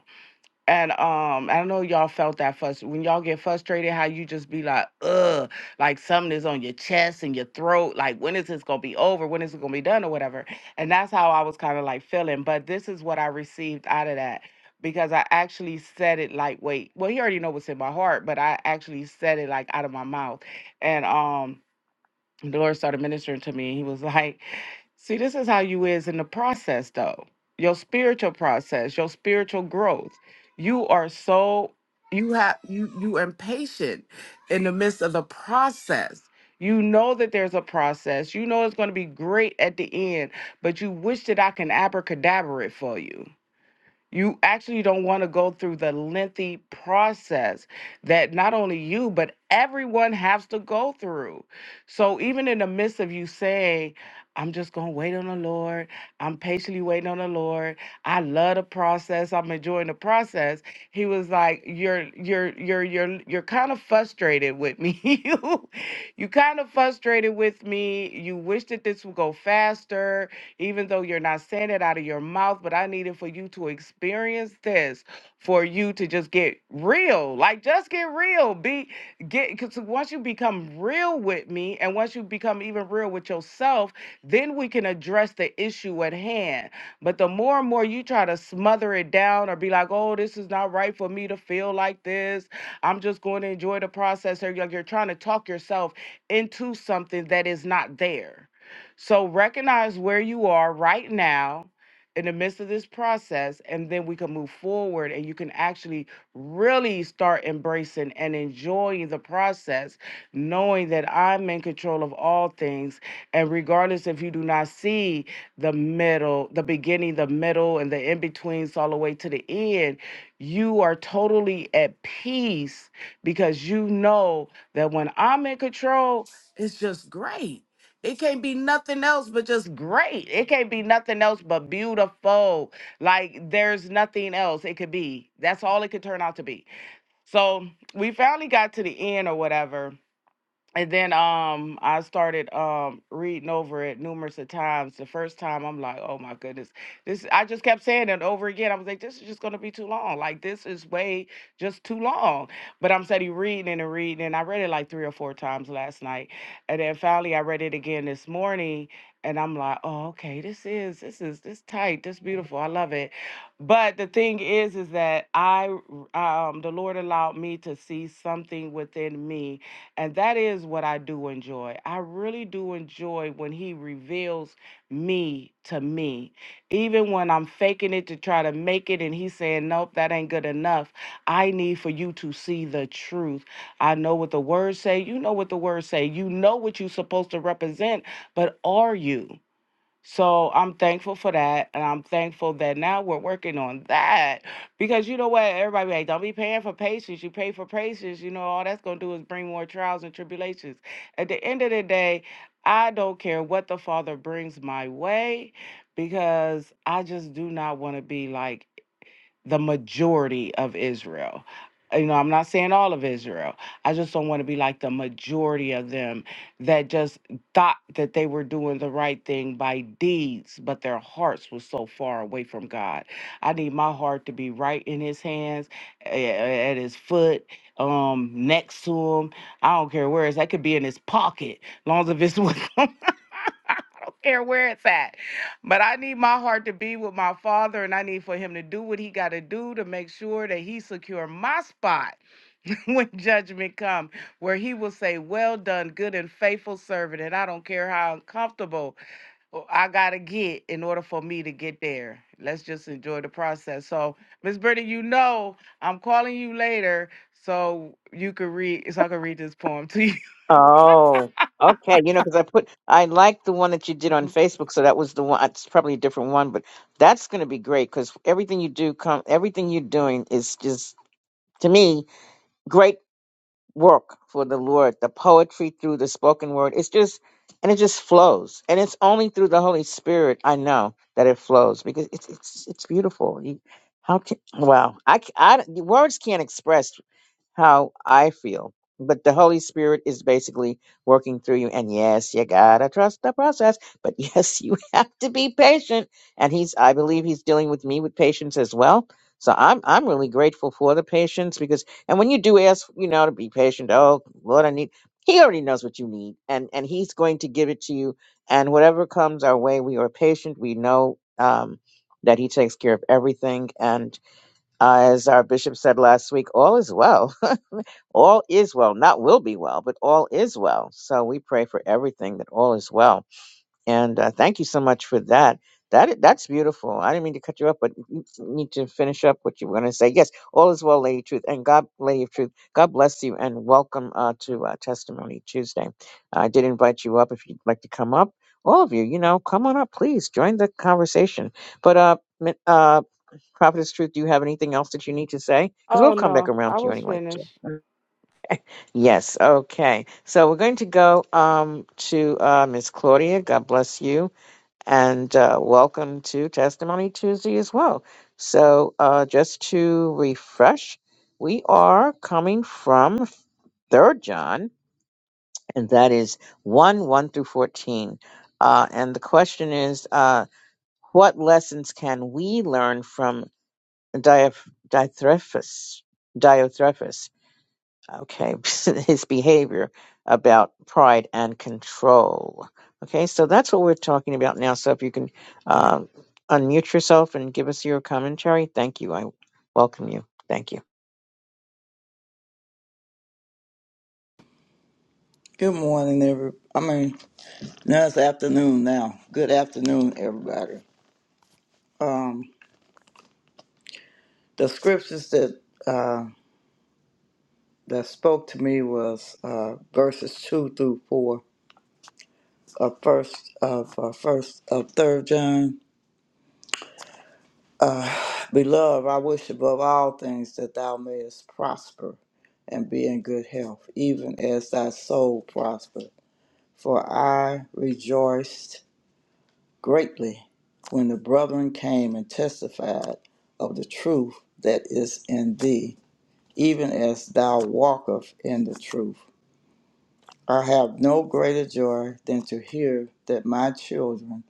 Speaker 2: And um, I don't know if y'all felt that fuss when y'all get frustrated, how you just be like, ugh, like something is on your chest and your throat. Like, when is this gonna be over? When is it gonna be done or whatever? And that's how I was kind of like feeling. But this is what I received out of that because I actually said it lightweight. Well, he already know what's in my heart, but I actually said it like out of my mouth. And um, the Lord started ministering to me. He was like, See, this is how you is in the process though. Your spiritual process, your spiritual growth. You are so you have you you impatient in the midst of the process. You know that there's a process. You know it's going to be great at the end, but you wish that I can abracadabra it for you you actually don't want to go through the lengthy process that not only you but everyone has to go through so even in the midst of you saying i'm just going to wait on the lord i'm patiently waiting on the lord i love the process i'm enjoying the process he was like you're you're you're you're you're kind of frustrated with me you you kind of frustrated with me you wish that this would go faster even though you're not saying it out of your mouth, but I need it for you to experience this, for you to just get real. Like just get real. Be get because once you become real with me and once you become even real with yourself, then we can address the issue at hand. But the more and more you try to smother it down or be like, oh, this is not right for me to feel like this. I'm just going to enjoy the process. Or you're, you're trying to talk yourself into something that is not there. So recognize where you are right now in the midst of this process, and then we can move forward and you can actually really start embracing and enjoying the process, knowing that I'm in control of all things. And regardless if you do not see the middle, the beginning, the middle, and the in betweens all the way to the end, you are totally at peace because you know that when I'm in control, it's just great it can't be nothing else but just great. It can't be nothing else but beautiful. Like there's nothing else it could be. That's all it could turn out to be. So we finally got to the end or whatever and then um I started um reading over it numerous of times. The first time I'm like, oh my goodness, this I just kept saying it over again. I was like, this is just gonna be too long. Like this is way just too long. But I'm steady reading and reading, and I read it like three or four times last night, and then finally I read it again this morning, and I'm like, oh okay, this is this is this tight, this beautiful, I love it. But the thing is, is that I um the Lord allowed me to see something within me and that is what I do enjoy. I really do enjoy when he reveals me to me. Even when I'm faking it to try to make it and he's saying, nope, that ain't good enough. I need for you to see the truth. I know what the words say. You know what the words say. You know what you're supposed to represent, but are you? So I'm thankful for that. And I'm thankful that now we're working on that. Because you know what? Everybody be like, don't be paying for patience. You pay for patience. You know, all that's going to do is bring more trials and tribulations. At the end of the day, I don't care what the Father brings my way because I just do not want to be like, the majority of Israel. You know, I'm not saying all of Israel. I just don't want to be like the majority of them that just thought that they were doing the right thing by deeds, but their hearts were so far away from God. I need my heart to be right in His hands, a- a- at His foot, um, next to Him. I don't care where it's. That could be in His pocket, long as if it's with Him care where it's at. But I need my heart to be with my father, and I need for him to do what he got to do to make sure that he secure my spot when judgment come, where he will say, "Well done, good and faithful servant." And I don't care how uncomfortable I I gotta get in order for me to get there. Let's just enjoy the process. So, Miss Brittany, you know I'm calling you later so you could read, so I can read this poem to you.
Speaker 1: Oh, okay. You know, because I put I like the one that you did on Facebook, so that was the one. It's probably a different one, but that's going to be great because everything you do, come everything you're doing is just to me great work for the Lord, the poetry through the spoken word. It's just, and it just flows. And it's only through the Holy Spirit I know that it flows because it's it's it's beautiful. You, how can wow? I, c- I- the words can't express how I feel. But the Holy Spirit is basically working through you. And yes, you gotta trust the process. But yes, you have to be patient. And he's I believe he's dealing with me with patience as well. So I'm I'm really grateful for the patience because and when you do ask, you know, to be patient, oh Lord, I need he already knows what you need and and he's going to give it to you. And whatever comes our way, we are patient. We know um that he takes care of everything and uh, as our bishop said last week, all is well all is well, not will be well, but all is well. So we pray for everything that all is well. And uh, thank you so much for that. That that's beautiful. I didn't mean to cut you up, but you need to finish up what you were going to say. Yes, all is well, Lady Truth, and God, Lady of Truth. God bless you, and welcome uh, to uh, Testimony Tuesday. I did invite you up if you'd like to come up. All of you, you know, come on up, please join the conversation. But uh, mi- uh, Prophetess Truth, do you have anything else that you need to say? Because we'll
Speaker 2: Oh
Speaker 1: come back
Speaker 2: no,
Speaker 1: around
Speaker 2: I
Speaker 1: to you
Speaker 2: was
Speaker 1: anyway.
Speaker 2: finished.
Speaker 1: Too. Yes, okay. So we're going to go um, to uh, Miss Claudia. God bless you. And uh, welcome to Testimony Tuesday as well. So uh, just to refresh, we are coming from Third John, and that is 1 1 through 14. Uh, and the question is uh, what lessons can we learn from Dioth- Diotrephes? okay, his behavior about pride and control. Okay, so that's what we're talking about now. So if you can uh, unmute yourself and give us your commentary, thank you. I welcome you. Thank you.
Speaker 5: Good morning, every. I mean, now it's afternoon now. Good afternoon, everybody. Um, the scriptures that uh, that spoke to me was uh, verses two through four of first of uh, first of third John. Uh, Beloved, I wish above all things that thou mayest prosper and be in good health, even as thy soul prosper. For I rejoiced greatly when the brethren came and testified of the truth that is in thee, even as thou walkest in the truth. I have no greater joy than to hear that my children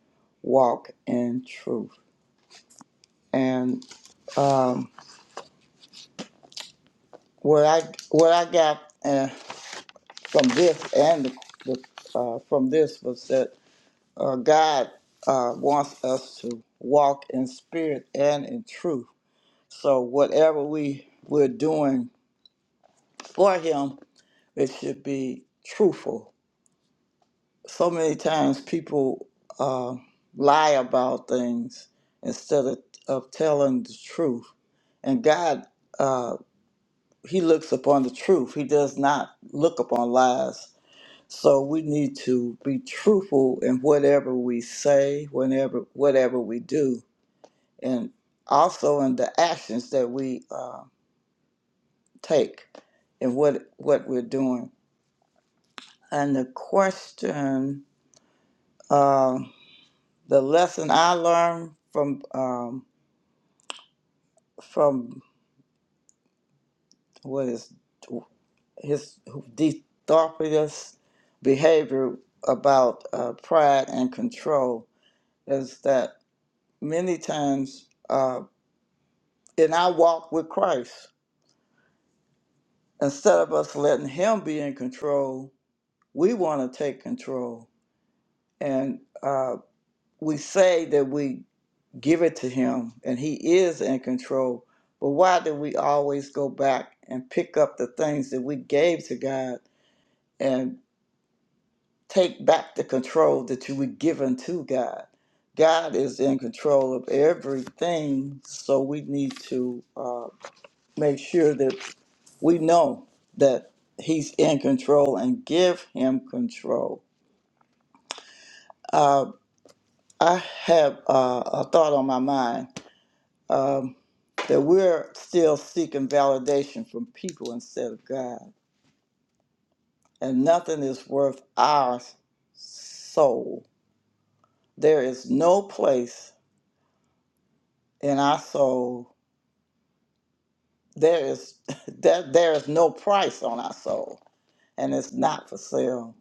Speaker 5: walk in truth. And um, what I what I got uh, from this and the, the, uh, from this was that uh, God uh, wants us to walk in spirit and in truth So whatever we we're doing for him, it should be truthful. So many times people uh, lie about things instead of, of telling the truth. And God, uh, He looks upon the truth. He does not look upon lies. So we need to be truthful in whatever we say, whenever whatever we do, and also in the actions that we. uh, take and what what we're doing. And the question, uh, the lesson I learned from um, from what is his Dithorpius behavior about uh, pride and control is that many times uh, in our walk with Christ, instead of us letting Him be in control, we want to take control, and uh, we say that we give it to him and he is in control but why do we always go back and pick up the things that we gave to god and take back the control that you were given to god god is in control of everything so we need to uh, make sure that we know that he's in control and give him control uh, i have uh, a thought on my mind um, that we're still seeking validation from people instead of God. And nothing is worth our soul. There is no place in our soul. There is that there is no price on our soul, and it's not for sale.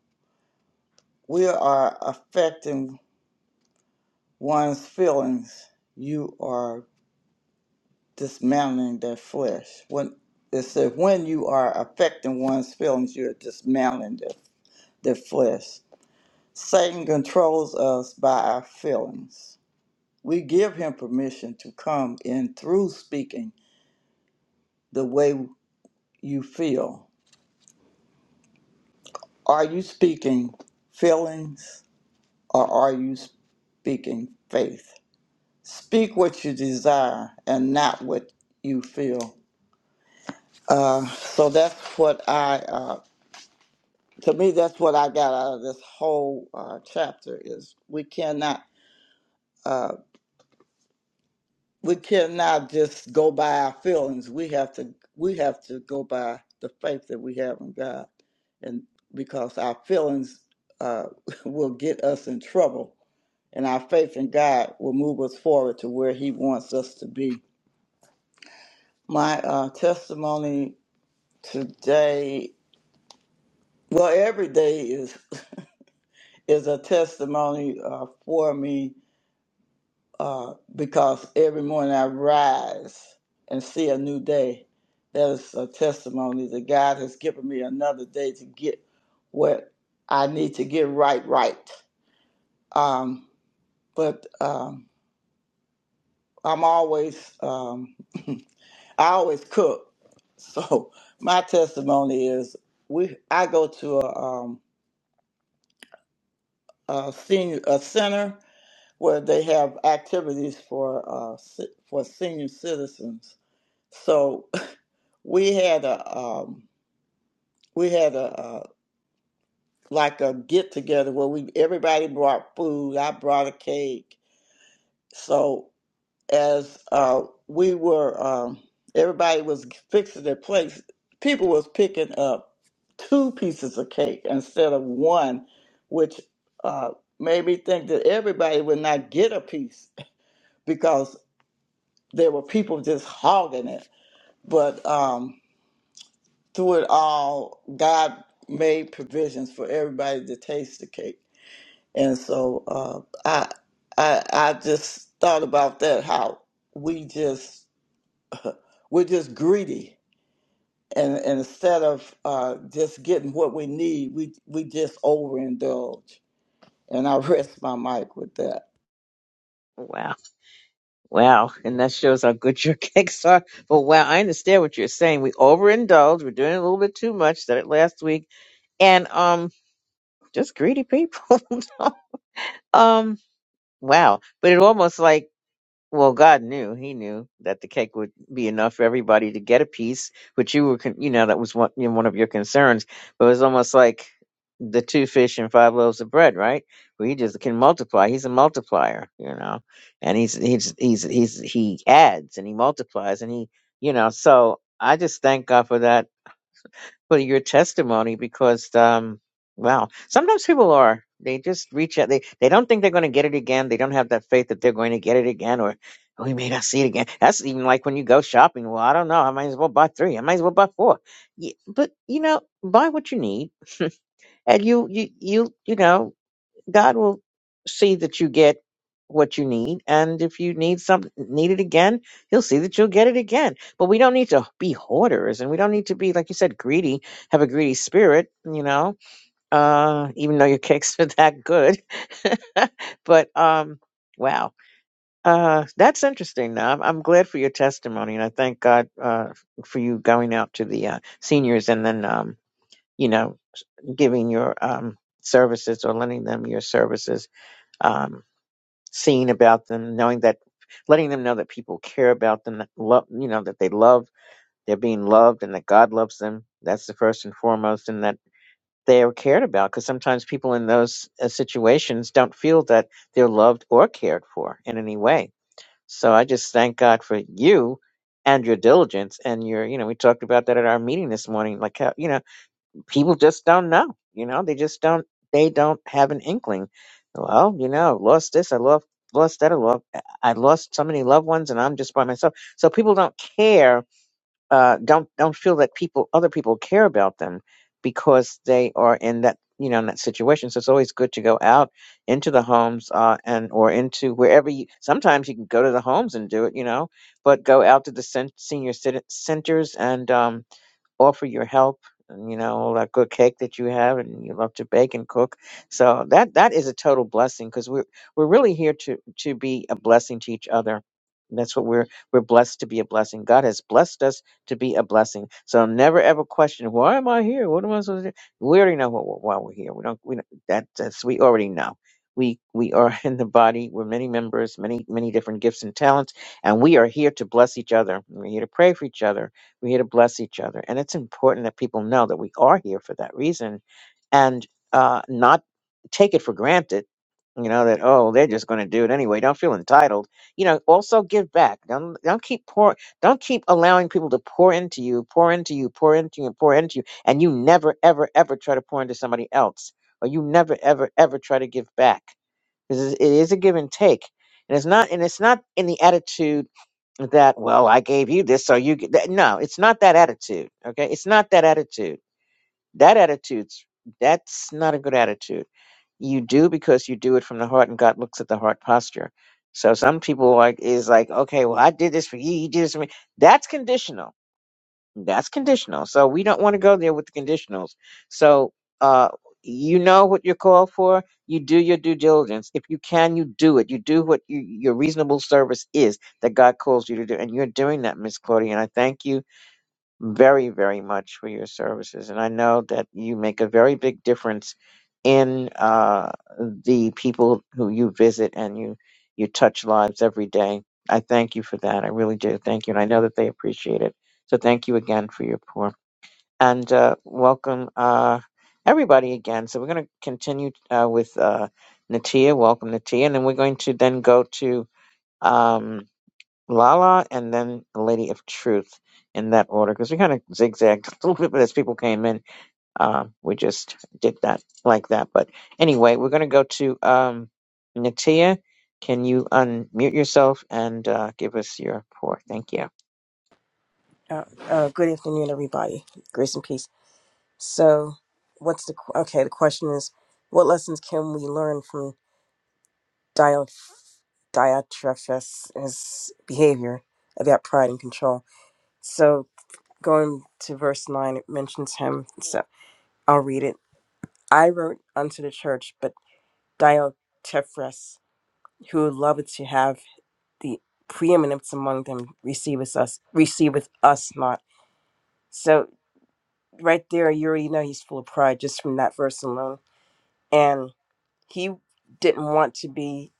Speaker 5: We are affecting one's feelings. You are dismantling their flesh. When it said, when you are affecting one's feelings, you're dismantling their, their flesh Satan controls us by our feelings. We give him permission to come in through speaking the way you feel. Are you speaking feelings or are you speaking faith? Speak what you desire and not what you feel. Uh, so that's what I, uh, to me, that's what I got out of this whole uh, chapter is we cannot. uh, we cannot just go by our feelings. We have to we have to go by the faith that we have in God, and because our feelings uh, will get us in trouble, and our faith in God will move us forward to where He wants us to be. My uh, testimony today, well, every day is is a testimony uh, for me uh, because every morning I rise and see a new day. That is a testimony that God has given me another day to get what I need to get right, right. Um, but um, I'm always, um, I always cook. So my testimony is we, I go to a, um, a senior, a center where they have activities for, uh, ci- for senior citizens. So we had a um, we had a, uh like a get together where we everybody brought food. I brought a cake. So as uh, we were, um, everybody was fixing their plates. People was picking up two pieces of cake instead of one, which uh, made me think that everybody would not get a piece because there were people just hogging it. But um, through it all, God made provisions for everybody to taste the cake. And so uh, I, I, I just thought about that how we just we're just greedy, and, and instead of uh, just getting what we need, we we just overindulge. And I rest my mic with that.
Speaker 1: Wow. Wow. And that shows how good your cakes are. But wow, I understand what you're saying. We overindulge. We're doing a little bit too much. Said it last week. And um just greedy people. um wow. But it almost like Well, God knew, He knew that the cake would be enough for everybody to get a piece, which you were, con- you know, that was one, you know, one of your concerns. But it was almost like the two fish and five loaves of bread, right? Where He just can multiply. He's a multiplier, you know, and he's he's he's he's he adds and he multiplies and he, you know. So I just thank God for that for your testimony because um wow sometimes people are they just reach out they they don't think they're going to get it again they don't have that faith that they're going to get it again or "Oh, we may not see it again that's even like when you go shopping well i don't know i might as well buy three i might as well buy four Ye- but you know buy what you need and you you you you know God will see that you get what you need, and if you need some need it again, He'll see that you'll get it again. But we don't need to be hoarders, and we don't need to be like you said, greedy. Have a greedy spirit, you know. Uh, even though your cakes are that good, but um, wow. Uh, that's interesting. Now, I'm, I'm glad for your testimony, and I thank God uh, for you going out to the uh, seniors and then, um, you know, giving your um, services or lending them your services um, seeing about them, knowing that, letting them know that people care about them, that love, you know, that they love, they're being loved, and that God loves them. That's the first and foremost, and that they are cared about. Because sometimes people in those uh, situations don't feel that they're loved or cared for in any way. So I just thank God for you and your diligence and your, you know, we talked about that at our meeting this morning. Like how, you know people just don't know. You know, they just don't. They don't have an inkling. Well, you know, lost this. I lost lost that. I lost. I lost so many loved ones, and I'm just by myself. So people don't care. Uh, don't don't feel that people, other people, care about them because they are in that you know in that situation. So it's always good to go out into the homes uh, and or into wherever you. Sometimes you can go to the homes and do it, you know, but go out to the sen- senior citi- centers and um, offer your help and you know all that good cake that you have and you love to bake and cook so that that is a total blessing because we're we're really here to to be a blessing to each other And that's what we're we're blessed to be a blessing god has blessed us to be a blessing so never ever question why am i here what am i supposed to do we already know what, why we're here we don't we don't, that that's we already know we we are in the body we're many members many many different gifts and talents and we are here to bless each other we're here to pray for each other we're here to bless each other. And it's important that people know that we are here for that reason and uh, not take it for granted, you know, that, oh, they're just going to do it anyway. Don't feel entitled. You know, also give back. Don't, don't keep pour, don't keep allowing people to pour into you, pour into you, pour into you, pour into you. And you never, ever, ever try to pour into somebody else or you never, ever, ever try to give back because it is a give and take. And it's not, and it's not in the attitude that well i gave you this so you get that. no it's not that attitude okay it's not that attitude that attitude's that's not a good attitude you do because you do it from the heart and god looks at the heart posture so some people like is like okay well i did this for you you did this for me that's conditional that's conditional. So we don't want to go there with the conditionals. So uh you know what you're called for. You do your due diligence. If you can, you do it. You do what you, your reasonable service is that God calls you to do. And you're doing that, Miss Claudia. And I thank you very, very much for your services. And I know that you make a very big difference in uh, the people who you visit and you, you touch lives every day. I thank you for that. I really do. Thank you. And I know that they appreciate it. So thank you again for your pour. And uh, welcome uh, everybody again. So we're going to continue uh, with uh, Natia. Welcome, Natia. And then we're going to then go to. Um, Lala and then the Lady of Truth in that order because we kind of zigzagged a little bit, but as people came in, uh, we just did that like that. But anyway, we're going to go to um, Natia. Can you unmute yourself and uh, give us your pour? Thank you.
Speaker 6: Uh, uh, good afternoon, everybody. Grace and peace. So, what's the qu- okay? The question is, what lessons can we learn from Dio- Diotrephes' behavior about pride and control? So, going to verse nine, it mentions him. So, I'll read it. I wrote unto the church, but Diotrephes, who loveth to have the preeminence among them, receiveth us, receiveth us not. So. right there, you already know he's full of pride just from that verse alone. And he didn't want to be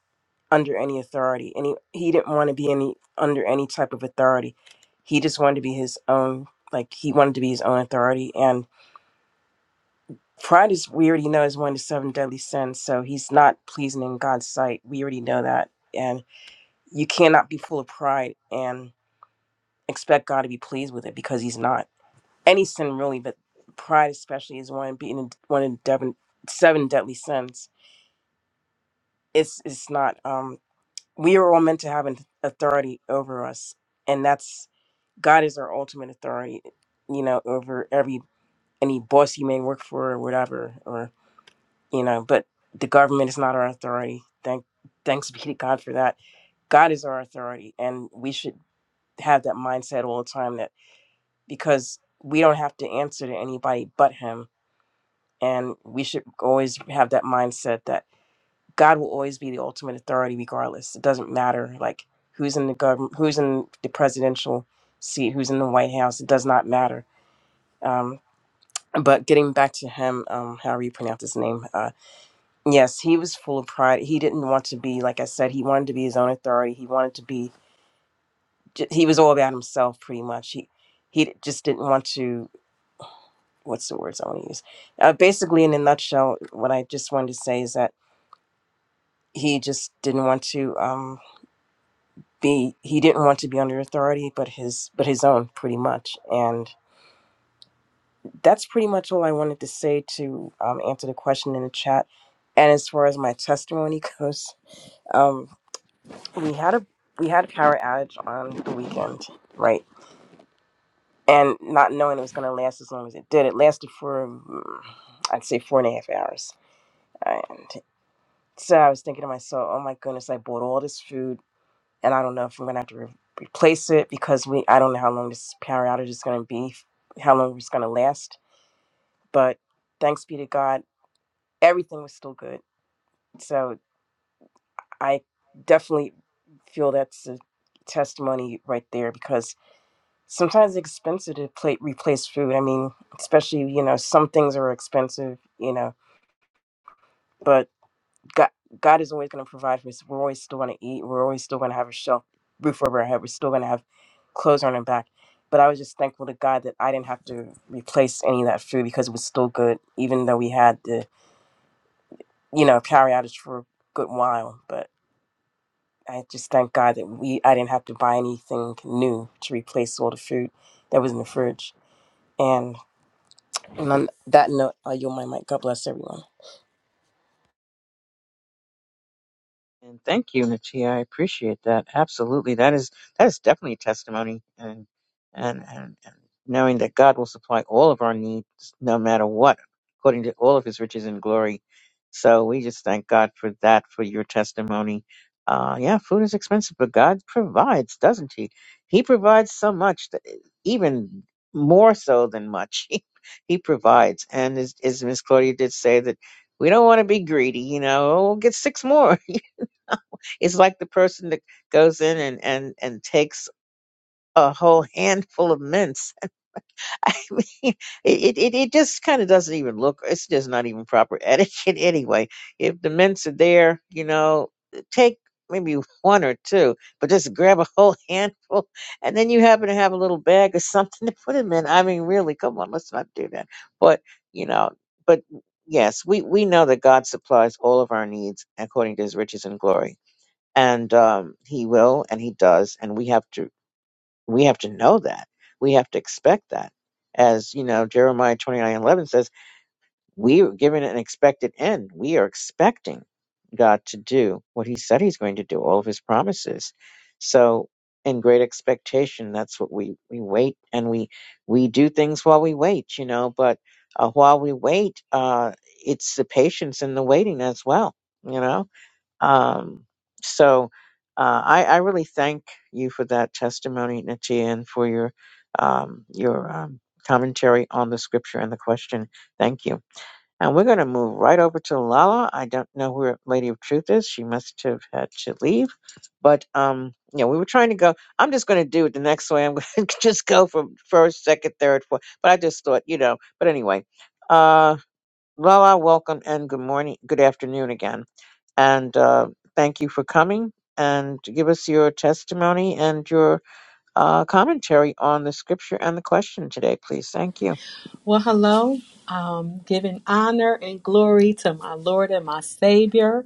Speaker 6: under any authority, and he, he didn't want to be any under any type of authority. He just wanted to be his own, like he wanted to be his own authority. And pride is, we already know, is one of the seven deadly sins. So he's not pleasing in God's sight. We already know that. And you cannot be full of pride and expect God to be pleased with it because he's not. any sin really, but pride especially is one being one of seven, seven deadly sins. It's it's not. Um, we are all meant to have an authority over us, and that's God is our ultimate authority. You know, over every any boss you may work for or whatever, or you know, but the government is not our authority. Thank thanks be to God for that. God is our authority, and we should have that mindset all the time that because we don't have to answer to anybody but Him And we should always have that mindset that God will always be the ultimate authority, regardless. It doesn't matter like who's in the government, who's in the presidential seat, who's in the White House. It does not matter. Um, but getting back to him, um, however you pronounce his name, uh, yes, he was full of pride. He didn't want to be, like I said, he wanted to be his own authority. He wanted to be, j- he was all about himself pretty much. He, he just didn't want to, what's the words I want to use? Uh, basically, in a nutshell, what I just wanted to say is that he just didn't want to um, be he didn't want to be under authority but his but his own pretty much and that's pretty much all i wanted to say to um, answer the question in the chat and as far as my testimony goes um, we had a we had a power outage on the weekend right and not knowing it was going to last as long as it did it lasted for mm, i'd say four and a half hours and so i was thinking to myself oh my goodness i bought all this food and I don't know if I'm gonna have to re- replace it because we I don't know how long this power outage is gonna be, how long it's gonna last. But thanks be to God, everything was still good. So I definitely feel that's a testimony right there because sometimes it's expensive to play, replace food. I mean, especially you know some things are expensive, you know, but God, God is always going to provide for us. We're always still going to eat. We're always still going to have a shelf roof over our head. We're still going to have clothes on our back. But I was just thankful to God that I didn't have to replace any of that food because it was still good, even though we had the you know power outage for a good while. But I just thank God that we I didn't have to buy anything new to replace all the food that was in the fridge. And, and on that note, I yield my mic. God bless everyone.
Speaker 1: And thank you, Natia. I appreciate that. Absolutely. That is that is definitely a testimony and and and, and knowing that God will supply all of our needs no matter what, according to all of his riches and glory. So we just thank God for that, for your testimony. Uh yeah, food is expensive, but God provides, doesn't he? He provides so much that even more so than much. he he provides. And as, as Miss Claudia did say that we don't want to be greedy, you know, oh, we'll get six more. It's like the person that goes in and and and takes a whole handful of mints. I mean, it it, it just kind of doesn't even look. It's just not even proper etiquette anyway. If the mints are there, you know, take maybe one or two, but just grab a whole handful, and then you happen to have a little bag or something to put them in. I mean, really, come on, let's not do that. But you know, but yes, we we know that God supplies all of our needs according to His riches and glory and um, he will and he does and we have to we have to know that we have to expect that as you know jeremiah 29 11 says we are given an expected end we are expecting god to do what he said he's going to do all of his promises so in great expectation that's what we we wait and we we do things while we wait you know but uh, while we wait uh it's the patience in the waiting as well you know um, so uh, I, I really thank you for that testimony, Nietzsche, and for your um, your um, commentary on the scripture and the question. Thank you. And we're going to move right over to Lala. I don't know where Lady of Truth is. She must have had to leave. But um, yeah, we were trying to go. I'm just going to do it the next way. I'm going to just go from first, second, third, fourth. But I just thought, you know. But anyway, uh, Lala, welcome and good morning, good afternoon again. And uh, thank you for coming and give us your testimony and your uh, commentary on the scripture and the question today, please. Thank you.
Speaker 7: Well, hello. Um, giving honor and glory to my Lord and my Savior,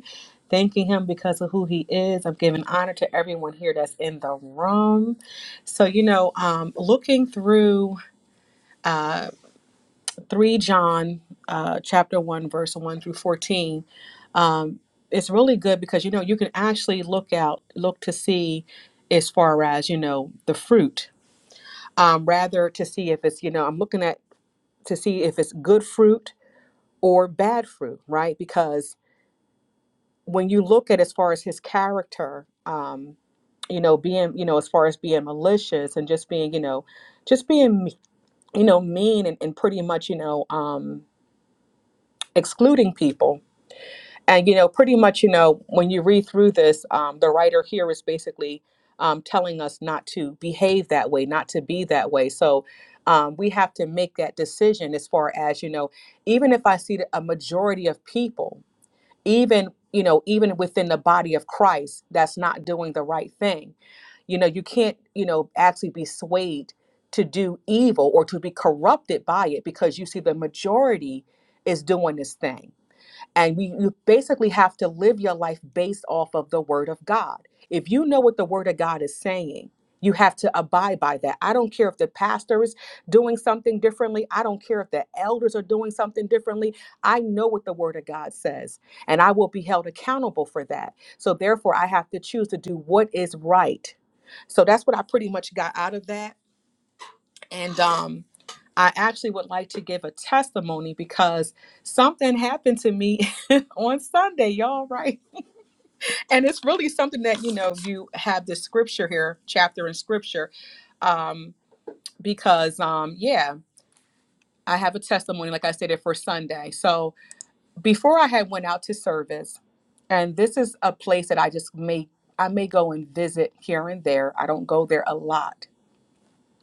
Speaker 7: thanking Him because of who He is. I'm giving honor to everyone here that's in the room. So, you know, um, looking through 3 John uh, chapter 1, verse 1 through 14, it's really good because, you know, you can actually look out, look to see as far as, you know, the fruit, um, rather to see if it's, you know, I'm looking at to see if it's good fruit or bad fruit, right? Because when you look at as far as his character, um, you know, being, you know, as far as being malicious and just being, you know, just being, you know, mean and, and pretty much, you know, um, excluding people. And, you know, pretty much, you know, when you read through this, um, the writer here is basically um, telling us not to behave that way, not to be that way. So um, we have to make that decision as far as, you know, even if I see a majority of people even you know even within the body of christ that's not doing the right thing you know you can't you know actually be swayed to do evil or to be corrupted by it because you see the majority is doing this thing and we, you basically have to live your life based off of the word of God. If you know what the word of God is saying, you have to abide by that. I don't care if the pastor is doing something differently. I don't care if the elders are doing something differently. I know what the word of God says, and I will be held accountable for that. So, therefore, I have to choose to do what is right. So, that's what I pretty much got out of that. And, um, I actually would like to give a testimony because something happened to me on Sunday, y'all, right? And it's really something that, you know, you have this scripture here, chapter in scripture, um, because, um, yeah, I have a testimony, like I said, it for Sunday. So before I had went out to service, and this is a place that I just may, I may go and visit here and there. I don't go there a lot.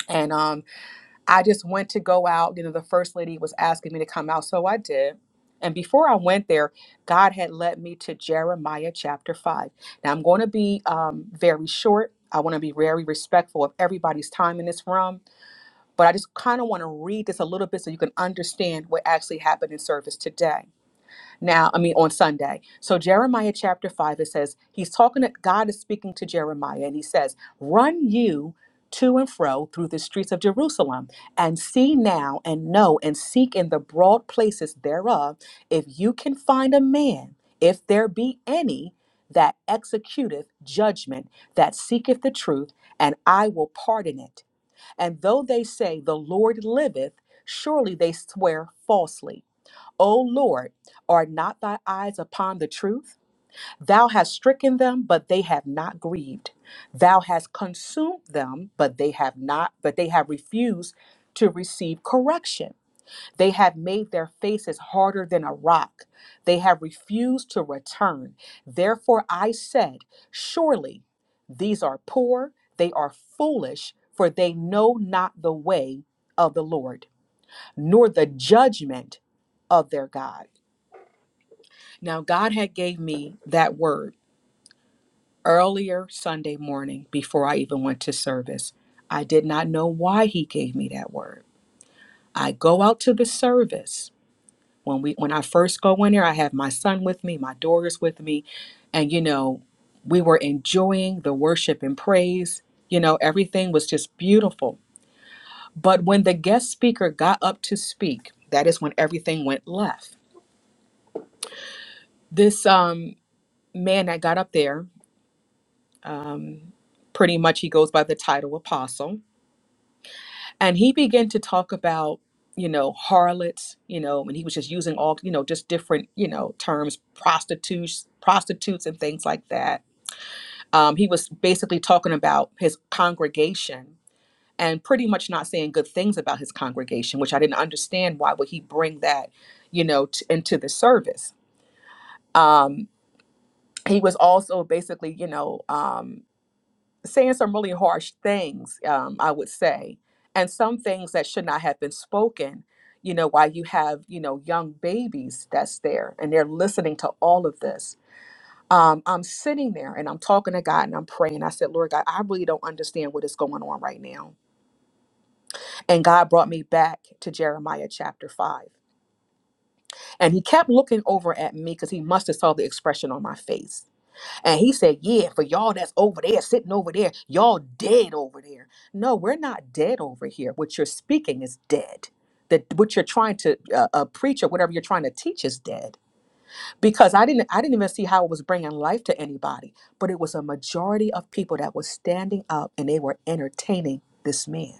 Speaker 7: And um, I just went to go out. You know, the first lady was asking me to come out, so I did. And before I went there, God had led me to Jeremiah chapter 5. Now, I'm going to be um, very short. I want to be very respectful of everybody's time in this room, but I just kind of want to read this a little bit so you can understand what actually happened in service today. Now, I mean, on Sunday. So, Jeremiah chapter 5, it says, He's talking to God is speaking to Jeremiah, and He says, Run you to and fro through the streets of Jerusalem, and see now and know and seek in the broad places thereof, if you can find a man, if there be any, that executeth judgment, that seeketh the truth, and I will pardon it. And though they say, The Lord liveth, surely they swear falsely O Lord, are not thy eyes upon the truth? Thou hast stricken them, but they have not grieved. Thou hast consumed them, but they have not, but they have refused to receive correction. They have made their faces harder than a rock. They have refused to return. Therefore I said, Surely these are poor, they are foolish, for they know not the way of the Lord, nor the judgment of their God. Now God had gave me that word earlier Sunday morning before I even went to service. I did not know why he gave me that word. I go out to the service. When we when I first go in there, I have my son with me, my daughter's with me, and you know, we were enjoying the worship and praise. You know, everything was just beautiful. But when the guest speaker got up to speak, that is when everything went left. This um man that got up there, um. Pretty much, he goes by the title apostle. And he began to talk about, you know, harlots, you know, and he was just using all, you know, just different, you know, terms, prostitutes, prostitutes, and things like that. Um, he was basically talking about his congregation and pretty much not saying good things about his congregation, which I didn't understand. Why would he bring that, you know, t- into the service? Um, he was also basically, you know, um, saying some really harsh things, um, I would say, and some things that should not have been spoken. You know, while you have you know young babies that's there and they're listening to all of this. Um, I'm sitting there and I'm talking to God and I'm praying. I said, Lord God, I really don't understand what is going on right now. And God brought me back to Jeremiah chapter five, and He kept looking over at me because He must have saw the expression on my face And he said, Yeah, for y'all that's over there, sitting over there, y'all dead over there. No, we're not dead over here. What you're speaking is dead. That what you're trying to uh, uh, preach or whatever you're trying to teach is dead. Because I didn't, I didn't even see how it was bringing life to anybody. But it was a majority of people that was standing up and they were entertaining this man.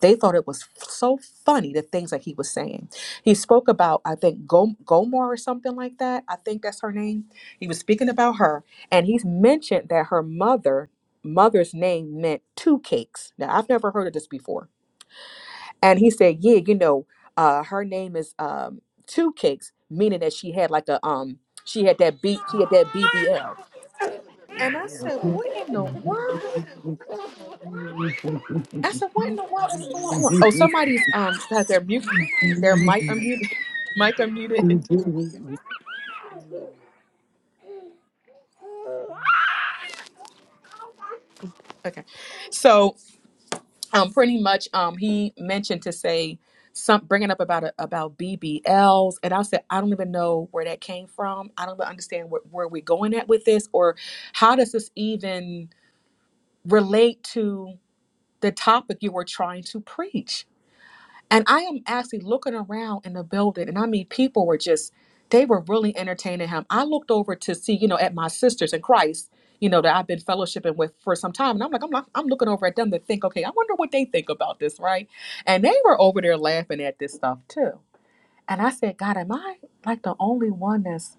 Speaker 7: They thought it was f- so funny the things that he was saying. He spoke about, I think, Go- Gomor or something like that. I think that's her name. He was speaking about her, and he's mentioned that her mother mother's name meant two cakes. Now I've never heard of this before. And he said, yeah, you know, uh, her name is um, two cakes, meaning that she had like a um, she had that B, she had that BBL. And I said, what in the world? I said, what in the world is going on? Oh, somebody's um has their mute their mic unmuted mic unmuted. Okay. So um pretty much um he mentioned to say some bringing up about a, about BBLs and I said I don't even know where that came from. I don't even understand where, where we're going at with this or how does this even relate to the topic you were trying to preach? And I am actually looking around in the building, and I mean, people were just, they were really entertaining him. I looked over to see, you know, at my sisters in Christ, you know, that I've been fellowshipping with for some time. And I'm like, I'm, not, I'm looking over at them to think, okay, I wonder what they think about this, right? And they were over there laughing at this stuff too. And I said, God, am I like the only one that's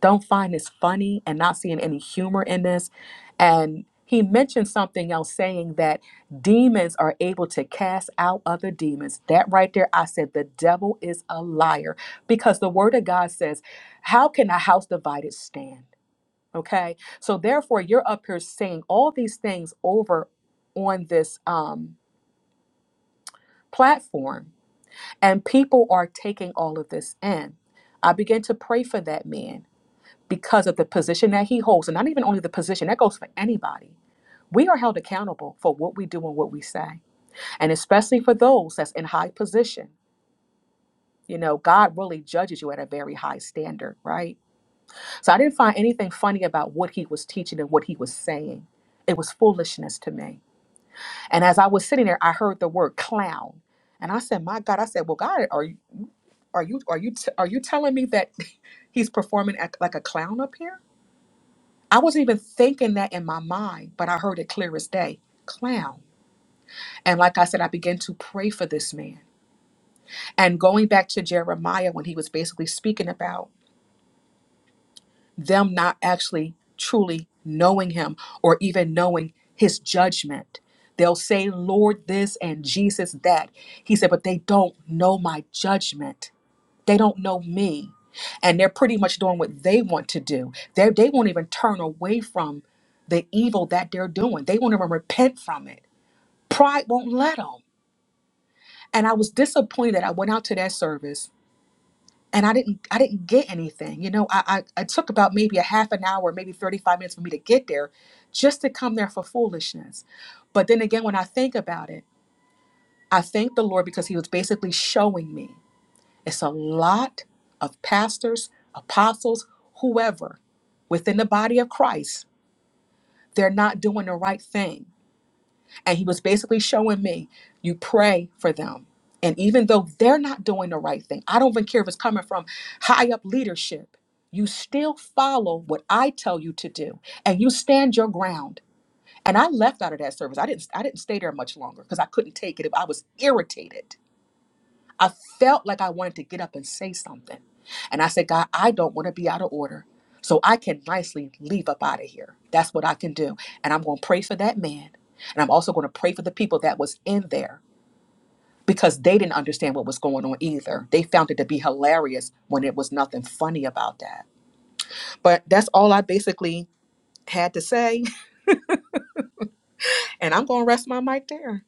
Speaker 7: don't find this funny and not seeing any humor in this. And he mentioned something else saying that demons are able to cast out other demons. That right there, I said, the devil is a liar because the word of God says, How can a house divided stand? Okay. So therefore, you're up here saying all these things over on this um, platform, and people are taking all of this in. I began to pray for that man because of the position that he holds, and not even only the position, that goes for anybody. We are held accountable for what we do and what we say, and especially for those that's in high position. You know, God really judges you at a very high standard, right? So I didn't find anything funny about what he was teaching and what he was saying. It was foolishness to me. And as I was sitting there, I heard the word clown, and I said, "My God!" I said, "Well, God, are you are you are you t- are you telling me that he's performing act like a clown up here?" I wasn't even thinking that in my mind, but I heard it clear as day clown. And like I said, I began to pray for this man. And going back to Jeremiah, when he was basically speaking about them not actually truly knowing him or even knowing his judgment, they'll say, Lord, this and Jesus, that. He said, but they don't know my judgment. They don't know me. And they're pretty much doing what they want to do. They, they won't even turn away from the evil that they're doing, they won't even repent from it. Pride won't let them. And I was disappointed that I went out to that service. And I didn't I didn't get anything. You know, I, I it took about maybe a half an hour, maybe 35 minutes for me to get there just to come there for foolishness. But then again, when I think about it, I thank the Lord because he was basically showing me. It's a lot of pastors, apostles, whoever within the body of Christ. They're not doing the right thing. And he was basically showing me, you pray for them. And even though they're not doing the right thing, I don't even care if it's coming from high up leadership, you still follow what I tell you to do and you stand your ground. And I left out of that service. I didn't I didn't stay there much longer because I couldn't take it. I was irritated I felt like I wanted to get up and say something. And I said, God, I don't want to be out of order. So I can nicely leave up out of here. That's what I can do. And I'm going to pray for that man. And I'm also going to pray for the people that was in there because they didn't understand what was going on either. They found it to be hilarious when it was nothing funny about that. But that's all I basically had to say. And I'm going to rest my mic there.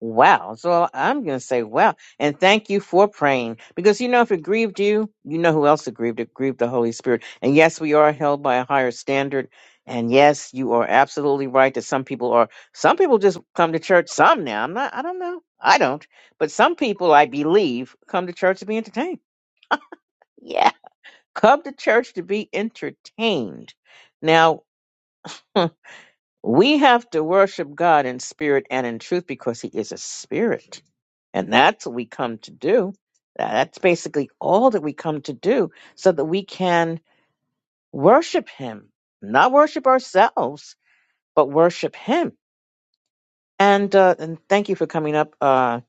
Speaker 1: Wow. So I'm going to say wow. And thank you for praying. Because, you know, if it grieved you, you know who else it grieved. It grieved the Holy Spirit. And yes, we are held by a higher standard. And yes, you are absolutely right that some people are, some people just come to church. Some now, I'm not, I don't know. I don't. But some people, I believe, come to church to be entertained. Yeah. Come to church to be entertained. Now, We have to worship God in spirit and in truth because He is a spirit. And that's what we come to do. That's basically all that we come to do so that we can worship Him, not worship ourselves, but worship Him. And, uh, and thank you for coming up, uh,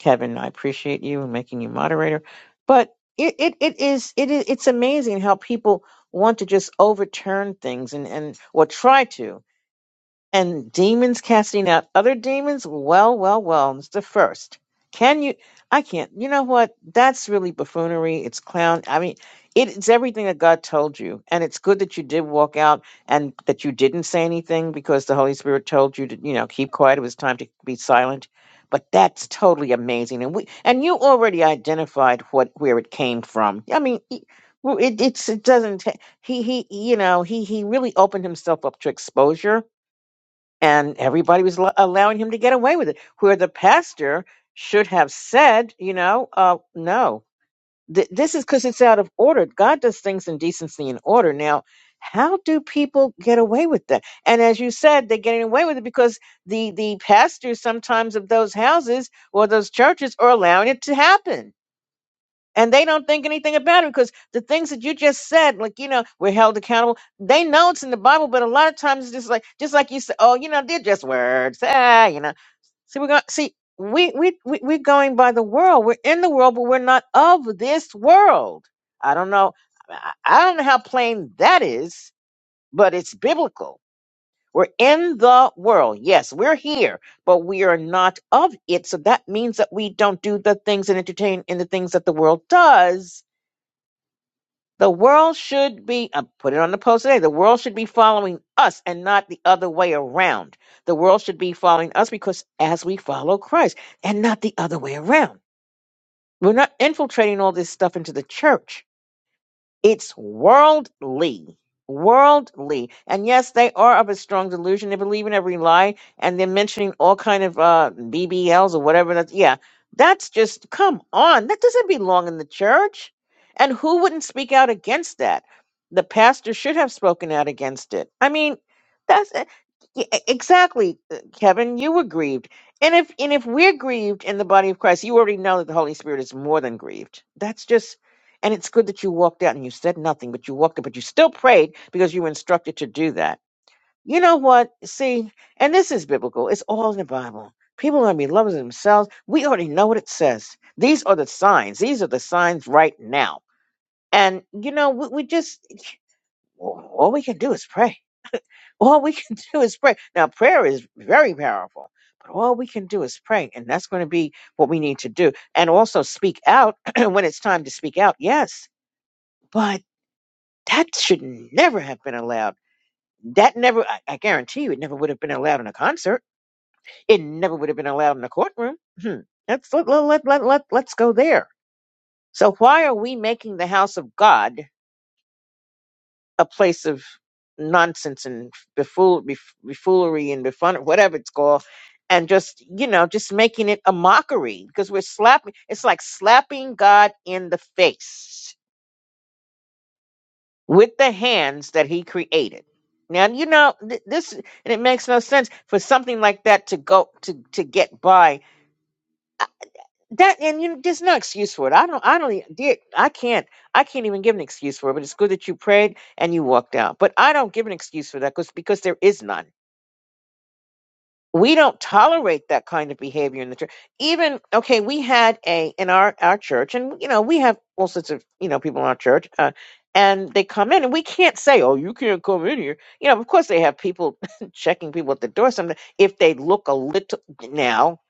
Speaker 1: Kevin. I appreciate you and making you moderator. But it, it, it is, it is, it's amazing how people want to just overturn things and, and, or try to. and demons casting out other demons well well well it's the first can you i can't you know what that's really buffoonery it's clown i mean it- it's everything that god told you and it's good that you did walk out and that you didn't say anything because the holy spirit told you to you know keep quiet it was time to be silent but that's totally amazing and we and you already identified what where it came from i mean e- well, it, it's it doesn't ta- he he you know he he really opened himself up to exposure and everybody was lo- allowing him to get away with it where the pastor should have said you know uh no Th- this is because it's out of order god does things in decency and order now how do people get away with that and as you said they're getting away with it because the the pastors sometimes of those houses or those churches are allowing it to happen and they don't think anything about it because the things that you just said, like you know, we're held accountable. They know it's in the Bible, but a lot of times it's just like just like you said, oh, you know, they're just words. Ah, you know. See, we're going see we we we we're going by the world. We're in the world, but we're not of this world. I don't know. I I don't know how plain that is, but it's biblical. We're in the world. Yes, we're here, but we are not of it. So that means that we don't do the things and entertain in the things that the world does the world should be, I put it on the post today, the world should be following us and not the other way around. The world should be following us because as we follow Christ and not the other way around. We're not infiltrating all this stuff into the church. It's worldly. Worldly. And yes, they are of a strong delusion. They believe in every lie and they're mentioning all kind of uh BBLs or whatever that's yeah. That's just come on. That doesn't belong in the church. And who wouldn't speak out against that? The pastor should have spoken out against it. I mean, that's uh, y- e- exactly uh, Kevin, you were grieved. And if and if we're grieved in the body of Christ, you already know that the Holy Spirit is more than grieved. That's just and it's good that you walked out and you said nothing, but you walked up, but you still prayed because you were instructed to do that. You know what? See, and this is biblical. It's all in the Bible. People are going to be lovers of themselves. We already know what it says. These are the signs. These are the signs right now. And, you know, we, we just, all we can do is pray. All we can do is pray. Now, prayer is very powerful, but all we can do is pray. And that's going to be what we need to do. And also speak out when it's time to speak out. Yes. But That should never have been allowed. That never, I, I guarantee you, it never would have been allowed in a concert. It never would have been allowed in a courtroom. Hmm. Let's, let, let, let, let, let, let's go there. So, why are we making the house of God a place of nonsense and befool, bef, buffoonery and befun, whatever it's called, and just, you know, just making it a mockery? Because we're slapping, it's like slapping God in the face with the hands that he created. Now you know th- this, and it makes no sense for something like that to go to to get by. I- That and you, know, there's no excuse for it. I don't. I don't. e- Dear, I can't. I can't even give an excuse for it. But it's good that you prayed and you walked out. But I don't give an excuse for that because because there is none we don't tolerate that kind of behavior in the church. Even okay, we had a in our our church, and you know we have all sorts of you know people in our church, uh, and they come in, and we can't say, "Oh, you can't come in here." You know, of course they have people checking people at the door. Sometimes if they look a little now,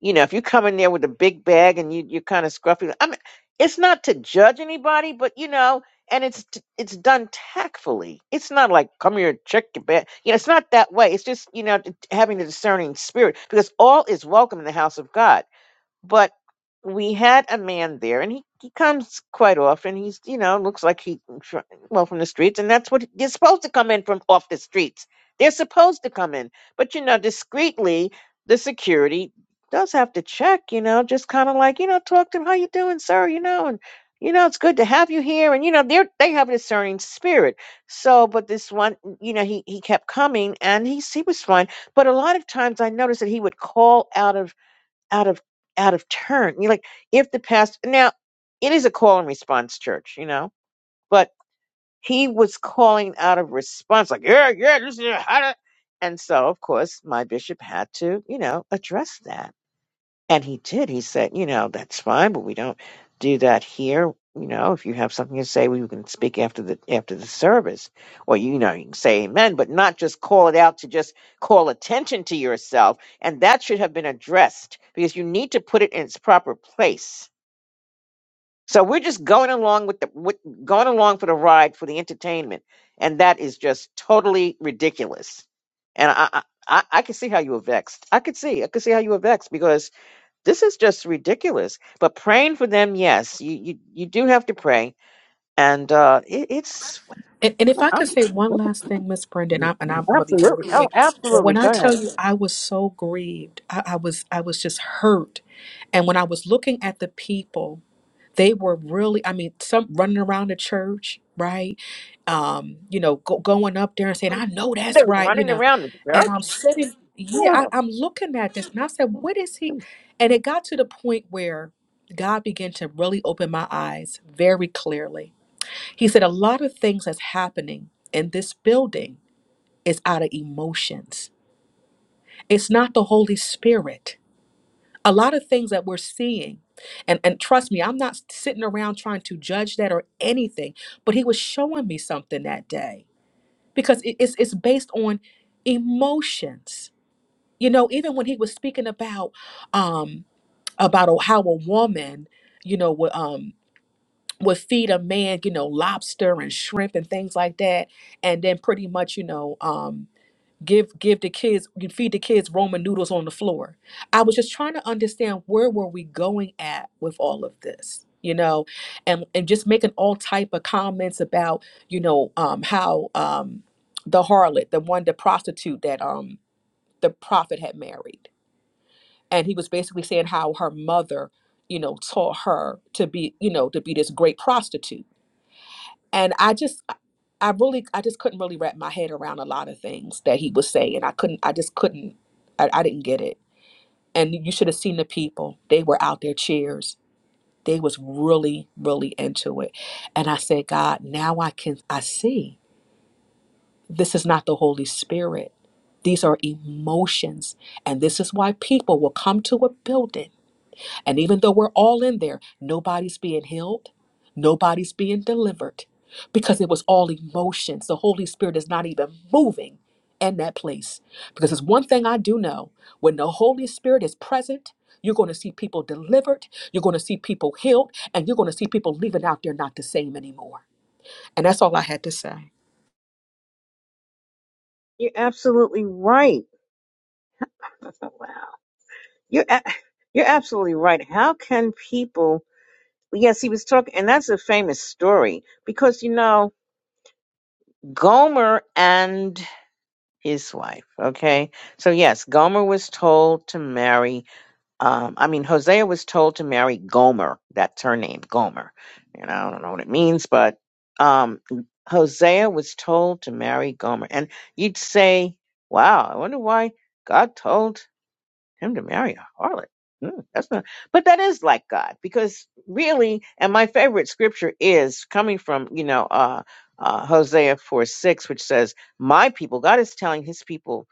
Speaker 1: you know, if you come in there with a big bag and you you're kind of scruffy, I mean, it's not to judge anybody, but you know and it's it's done tactfully. It's not like come here and check your bag. You know, it's not that way. It's just you know having the discerning spirit because all is welcome in the house of God but we had a man there and he, he comes quite often he's you know looks like he fr- well from the streets and that's what they are supposed to come in from off the streets they're supposed to come in but you know discreetly the security does have to check you know just kind of like you know talk to him how you doing sir you know and you know it's good to have you here and you know they're they have a discerning spirit so but this one you know he he kept coming and he he was fine but a lot of times i noticed that he would call out of out of out of turn. You're like, if the pastor now, it is a call and response church, you know, but he was calling out of response, like, yeah, yeah, this is how to. And so, of course, my bishop had to, you know, address that and he did. He said, you know, that's fine, but we don't do that here. You know, if you have something to say, we can speak after the after the service, or you know, you can say amen, but not just call it out to just call attention to yourself. And that should have been addressed because you need to put it in its proper place. So we're just going along with the with, going along for the ride for the entertainment, and that is just totally ridiculous. And I I, I I can see how you were vexed. I could see I could see how you were vexed because this is just ridiculous. But praying for them, yes, you you, you do have to pray, and uh, it, it's
Speaker 7: And, and if I could
Speaker 1: I'm,
Speaker 7: say one last thing, Miss Brendan, and, I, and I'm, I'm gonna be very
Speaker 1: absolutely oh
Speaker 7: quick. But
Speaker 1: absolutely
Speaker 7: when I
Speaker 1: go ahead.
Speaker 7: tell you, I was so grieved. I, I was, I was just hurt. And when I was looking at the people, they were really, I mean, some running around the church, right? Um, you know, go, going up there and saying,
Speaker 1: But
Speaker 7: "I know that's
Speaker 1: They're
Speaker 7: right," you
Speaker 1: running
Speaker 7: know.
Speaker 1: around the
Speaker 7: And
Speaker 1: church.
Speaker 7: I'm sitting, yeah,
Speaker 1: Oh.
Speaker 7: I, I'm looking at this, and I said, "What is he?" And it got to the point where God began to really open my eyes very clearly he said, A lot of things that's happening in this building is out of emotions. It's not the Holy Spirit. A lot of things that we're seeing, and, and trust me, I'm not sitting around trying to judge that or anything, but he was showing me something that day because it- it's, it's based on emotions. You know, even when he was speaking about um about a- how a woman, you know, would, um would feed a man, you know, lobster and shrimp and things like that, and then pretty much, you know, um, give give the kids, you feed the kids Roman noodles on the floor. I was just trying to understand where were we going at with all of this, you know, and and just making all type of comments about, you know, um, how um, the harlot, the one, the prostitute that um the prophet had married, and he was basically saying how her mother, you know, taught her to be, you know, to be this great prostitute and i just i really i just couldn't really wrap my head around a lot of things that he was saying i couldn't i just couldn't i, I didn't get it and you should have seen the people they were out there cheers they was really really into it and i said god now i can i see this is not the holy spirit these are emotions and this is why people will come to a building and even though we're all in there, nobody's being healed, nobody's being delivered because it was all emotions. The Holy Spirit is not even moving in that place. Because it's one thing I do know when the Holy Spirit is present, you're going to see people delivered, you're going to see people healed, and you're going to see people leaving out there not the same anymore. And that's all I had to say.
Speaker 1: You're absolutely right. I thought, wow. You're a- you're absolutely right. How can people? Yes, he was talking, and that's a famous story because you know Gomer and his wife. Okay, so yes, Gomer was told to marry Um, I mean, Hosea was told to marry Gomer. That's her name, Gomer. And I don't know what it means, but um, Hosea was told to marry Gomer. And you'd say, wow, I wonder why God told him to marry a harlot. Hmm, that's not, but that is like God because really, and my favorite scripture is coming from, you know, uh, uh, Hosea 4 6, which says, My people, God is telling his people,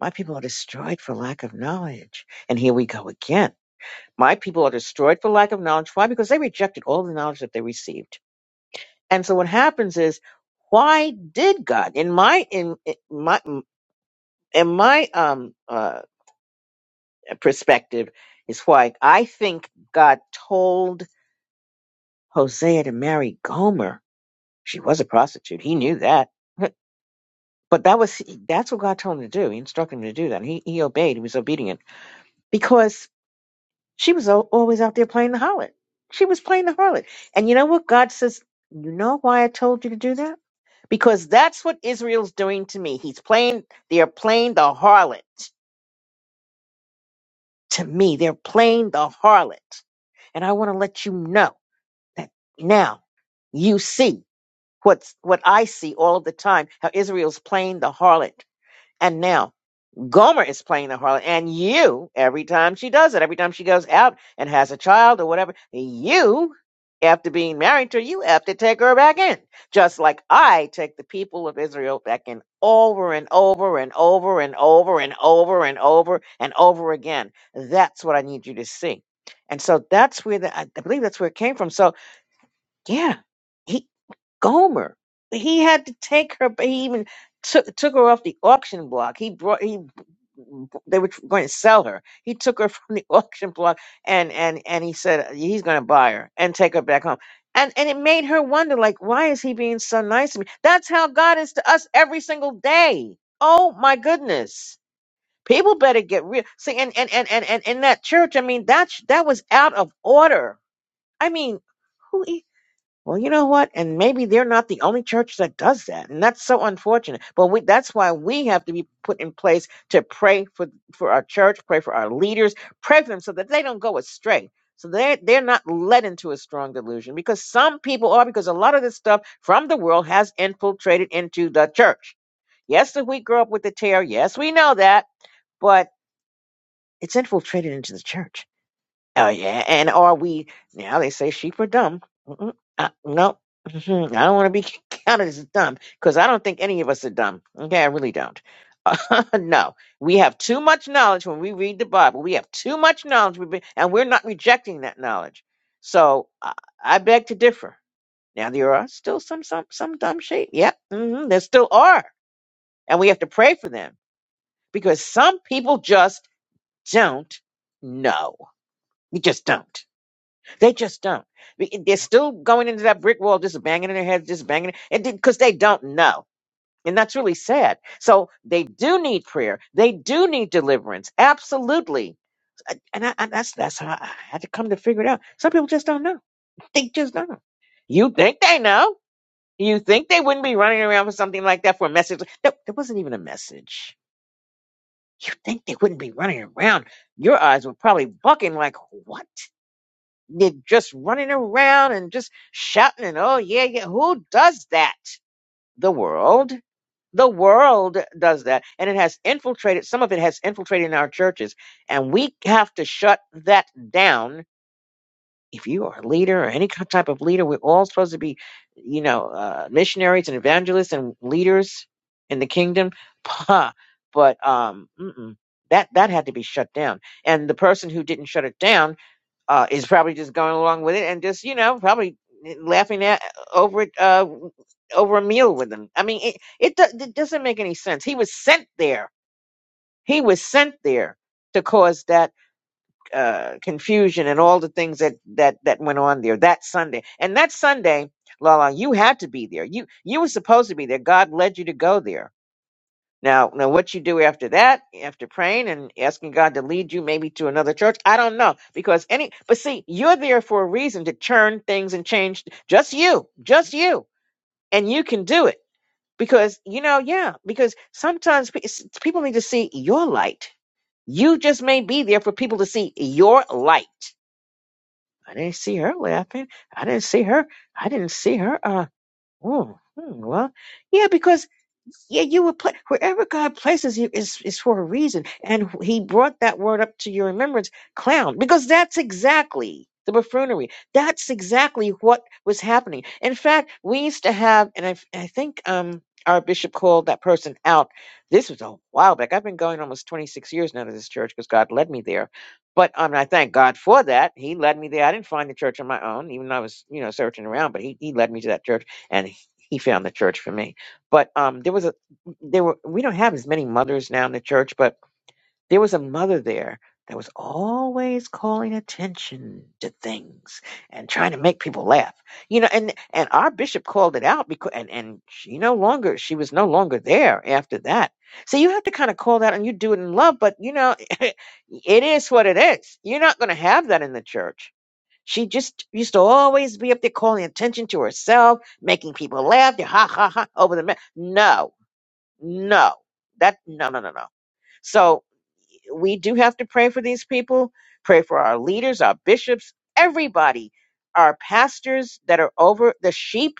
Speaker 1: my people are destroyed for lack of knowledge. And here we go again my people are destroyed for lack of knowledge. Why? Because they rejected all the knowledge that they received. And so what happens is, why did God, in my in, in my in my um uh perspective, is why I think God told Hosea to marry Gomer. She was a prostitute. He knew that. But that was that's what God told him to do. He instructed him to do that. He he obeyed. He was obedient because She was al- always out there playing the harlot. She was playing the harlot. And you know what? God says, You know why I told you to do that? Because that's what Israel's doing to me. He's playing, they are playing the harlot to me. They're playing the harlot. And I want to let you know that now you see what's what I see all of the time, how Israel's playing the harlot. And now Gomer is playing the harlot, and you, every time she does it, every time she goes out and has a child or whatever, you, after being married to her, you have to take her back in. Just like I take the people of Israel back in over and over and over and over and over and over and over again. That's what I need you to see. And so that's where the, I believe that's where it came from. So yeah, he. Gomer. He had to take her, but he even took took her off the auction block. He brought he they were going to sell her. He took her from the auction block and and and he said he's going to buy her and take her back home. And and it made her wonder like why is he being so nice to me? That's how God is to us every single day. Oh my goodness. People better get real. See and and and and and in that church, I mean that that was out of order. I mean, who? e well, you know what? And maybe they're not the only church that does that. And that's so unfortunate. But we, that's why we have to be put in place to pray for, for our church, pray for our leaders, pray for them so that they don't go astray. So they're, they're not led into a strong delusion because some people are, because a lot of this stuff from the world has infiltrated into the church. Yes, that we grew up with the tear. Yes, we know that, but it's infiltrated into the church. Oh yeah, and are we now? They say sheep are dumb. Mm-mm, uh, no, Mhm, I don't want to be counted as dumb because I don't think any of us are dumb. Okay, I really don't. no, we have too much knowledge when we read the Bible. We have too much knowledge, we've been- and we're not rejecting that knowledge. So I, I beg to differ. Now there are still some some some dumb sheep. Yep, hmm there still are, and we have to pray for them because some people just don't know. You just don't. They just don't. Be- They're still going into that brick wall, just banging in their heads, just banging, and because they don't know. And that's really sad. So they do need prayer. They do need deliverance. Absolutely. And, I, and that's that's how I had to come to figure it out. Some people just don't know. They just don't. You think they know? You think they wouldn't be running around for something like that for a message? No, there wasn't even a message. You think they wouldn't be running around? Your eyes were probably bucking like, what? they're just running around and just shouting and oh yeah yeah who does that the world the world does that and it has infiltrated some of it has infiltrated in our churches and we have to shut that down if you are a leader or any ki- type of leader we're all supposed to be you know uh, missionaries and evangelists and leaders in the kingdom Pah. but um mm-mm. that that had to be shut down and the person who didn't shut it down uh, is probably just going along with it and just you know probably laughing at over it uh, over a meal with them. I mean, it it, do, it doesn't make any sense. He was sent there. He was sent there to cause that uh, confusion and all the things that that that went on there that Sunday. And that Sunday, Lala, you had to be there. You you were supposed to be there. God led you to go there now, now what you do after that, after praying and asking God to lead you maybe to another church, I don't know. Because any, but see, you're there for a reason to churn things and change just you, just you. And you can do it because, you know, yeah, because sometimes pe- s- people need to see your light. You just may be there for people to see your light. I didn't see her laughing. I didn't see her. I didn't see her. Uh, Oh, hmm, well, yeah, because yeah, you were pla- wherever God places you is is for a reason, and He brought that word up to your remembrance, clown, because that's exactly the buffoonery. That's exactly what was happening. In fact, we used to have, and I I think um our bishop called that person out. This was a while back. I've been going almost twenty six years now to this church because God led me there. But um, I thank God for that. He led me there. I didn't find the church on my own, even though I was, you know, searching around. But he, he led me to that church and he found the church for me. But um, there was a there were we don't have as many mothers now in the church, but there was a mother there that was always calling attention to things and trying to make people laugh. You know, and and our bishop called it out because and and she no longer she was no longer there after that. So you have to kind of call that and you do it in love, but you know, it is what it is. You're not going to have that in the church she just used to always be up there calling attention to herself, making people laugh, they're ha ha ha over the ma- no, no, that no no no no. So we do have to pray for these people, pray for our leaders, our bishops, everybody, our pastors that are over the sheep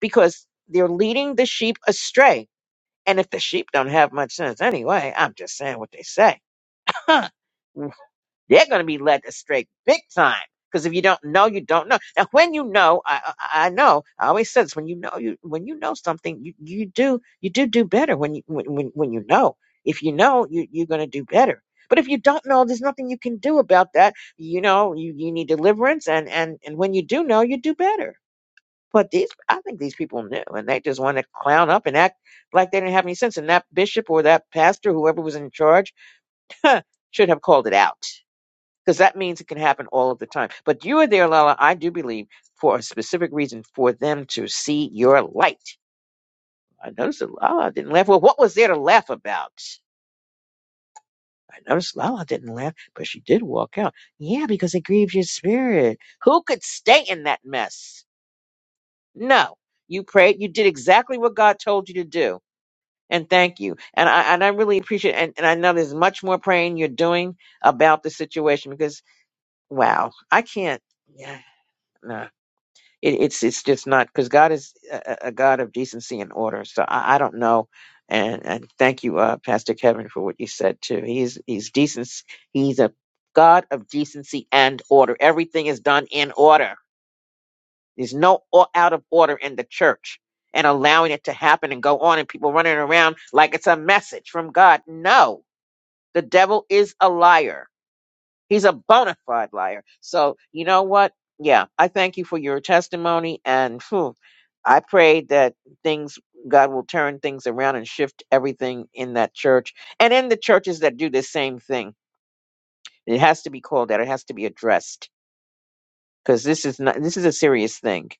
Speaker 1: because they're leading the sheep astray. And if the sheep don't have much sense anyway, I'm just saying what they say. they're going to be led astray big time. Because if you don't know, you don't know. Now, when you know, I, I I know. I always said this: when you know, you when you know something, you, you do you do do better when you when when, when you know. If you know, you you're going to do better. But if you don't know, there's nothing you can do about that. You know, you, you need deliverance, and and and when you do know, you do better. But these, I think these people knew, and they just want to clown up and act like they didn't have any sense. And that bishop or that pastor, whoever was in charge, should have called it out because that means it can happen all of the time. But you are there, Lala, I do believe, for a specific reason for them to see your light. I noticed that Lala didn't laugh. Well, what was there to laugh about? I noticed Lala didn't laugh, but she did walk out. Yeah, because it grieved your spirit. Who could stay in that mess? No. You prayed, you did exactly what God told you to do. And thank you. And I and I really appreciate it. and, and I know there's much more praying you're doing about the situation because wow, I can't yeah. No. It, it's it's just not because God is a, a God of decency and order. So I, I don't know. And and thank you, uh, Pastor Kevin, for what you said too. He's he's decent. He's a God of decency and order. Everything is done in order. There's no o- out of order in the church and allowing it to happen and go on and people running around like it's a message from God. No, the devil is a liar He's a bona fide liar. So you know what? Yeah, I thank you for your testimony, and phew, I pray that things God will turn things around and shift everything in that church and in the churches that do the same thing. It has to be called out. It has to be addressed because this is not this is a serious thing.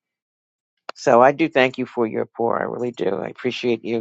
Speaker 1: So I do thank you for your pour. I really do. I appreciate you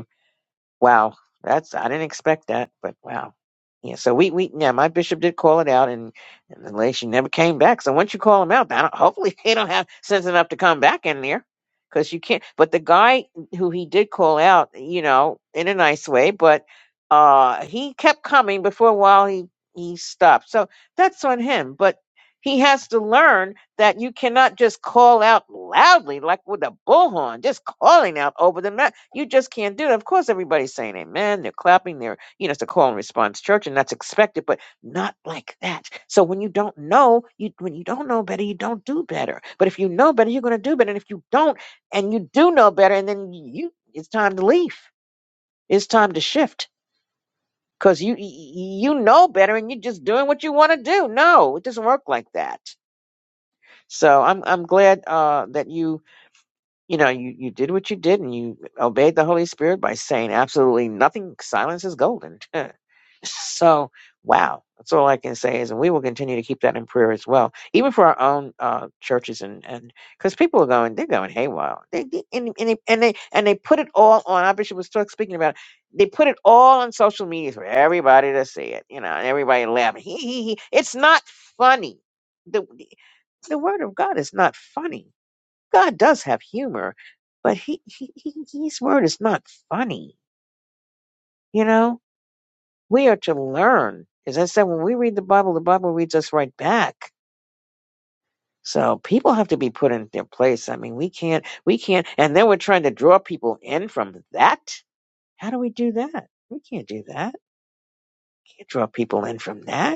Speaker 1: Wow, that's I didn't expect that, but wow. Yeah, so we we yeah, my bishop did call it out, and, and the relation never came back. So once you call them out, I don't, hopefully they don't have sense enough to come back in there, because you can't. But the guy who he did call out, you know, in a nice way, but uh, he kept coming. Before a while, he he stopped. So that's on him, but he has to learn that you cannot just call out loudly, like with a bullhorn, just calling out over the mouth. You just can't do it. Of course, everybody's saying amen. They're clapping. They're, you know, it's a call and response church, and that's expected, but not like that. So when you don't know, you when you don't know better, you don't do better. But if you know better, you're going to do better. And if you don't, and you do know better, and then you, it's time to leave. It's time to shift because you you know better, and you're just doing what you want to do. No, it doesn't work like that. So I'm I'm glad uh, that you you know, you, you did what you did and you obeyed the Holy Spirit by saying absolutely nothing. Silence is golden. so, wow. That's all I can say is, and we will continue to keep that in prayer as well, even for our own uh, churches, and and because people are going, they're going haywire, they, they, and, and they and they and they put it all on. Our bishop was talk, speaking about, they put it all on social media for everybody to see it, you know, and everybody laughing. He he he. It's not funny. The the word of God is not funny God does have humor, but he, he, he his word is not funny. You know, we are to learn. As I said, when we read the Bible, the Bible reads us right back. So people have to be put in their place. I mean, we can't, we can't, and then we're trying to draw people in from that. How do we do that? We can't do that. Can't draw people in from that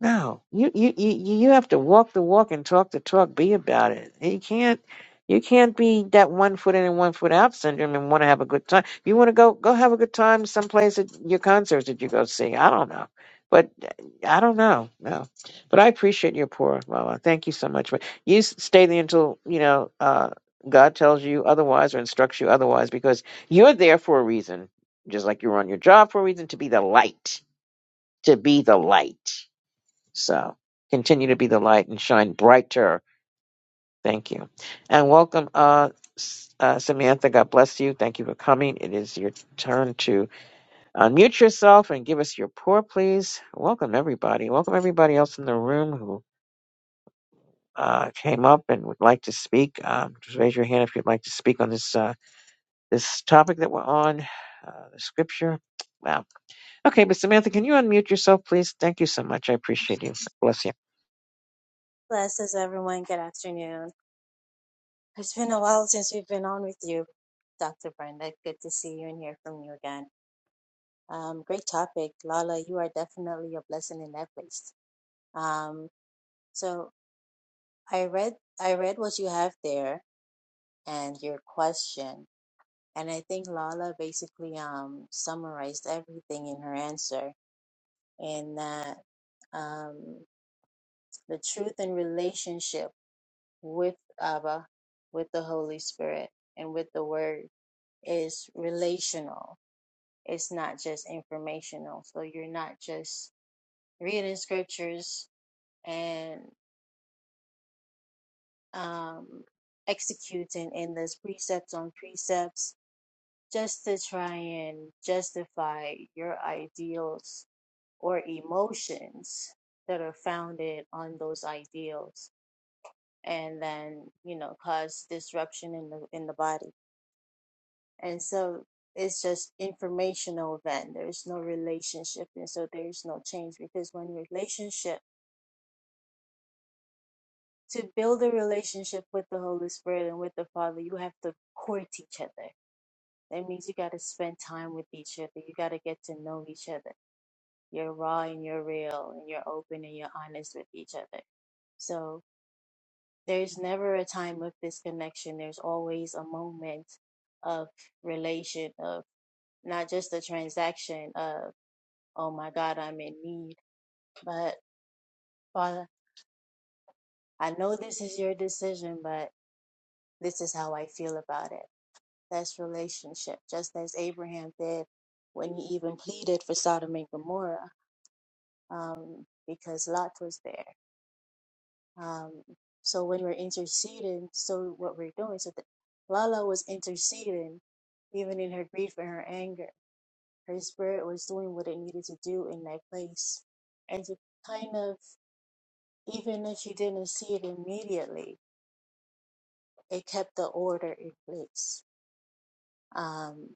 Speaker 1: No, you you you you have to walk the walk and talk the talk. Be about it. You can't you can't be that one foot in and one foot out syndrome and want to have a good time. you want to go go have a good time someplace at your concerts that you go see. I don't know, but uh, I don't know. No, but I appreciate your pour, Lola. Thank you so much. But you s- stay there until you know uh, God tells you otherwise or instructs you otherwise, because you're there for a reason. Just like you were on your job for a reason to be the light. To be the light so continue to be the light and shine brighter. Thank you. And welcome, uh, S- uh, Samantha. God bless you. Thank you for coming. It is your turn to unmute yourself and give us your pour, please. Welcome, everybody. Welcome, everybody else in the room who uh, came up and would like to speak. Um, just raise your hand if you'd like to speak on this uh, this topic that we're on, uh, the scripture. Wow. Okay, but Samantha, can you unmute yourself, please? Thank you so much. I appreciate you. Bless you.
Speaker 8: Blesses everyone. Good afternoon. It's been a while since we've been on with you, Dr. Brenda. Good to see you and hear from you again. Um, great topic. Lala, you are definitely a blessing in that place. Um, so I read I read what you have there and your question. And I think Lala basically um, summarized everything in her answer in that um, the truth and relationship with Abba, with the Holy Spirit, and with the Word is relational. It's not just informational. So you're not just reading scriptures and um, executing endless precepts on precepts just to try and justify your ideals or emotions that are founded on those ideals and then you know cause disruption in the in the body and so it's just informational then there's no relationship and so there's no change because when relationship to build a relationship with the holy spirit and with the father you have to court each other that means you got to spend time with each other you got to get to know each other you're raw and you're real and you're open and you're honest with each other so there's never a time of disconnection there's always a moment of relation of not just a transaction uh, oh my God, I'm in need. But Father, I know this is your decision, but this is how I feel about it. That's relationship, just as Abraham did when he even pleaded for Sodom and Gomorrah, um, because Lot was there. Um, so when we're interceding, so what we're doing, so that Lala was interceding, even in her grief and her anger, her spirit was doing what it needed to do in that place, and to kind of even if you didn't see it immediately, it kept the order in place. Um,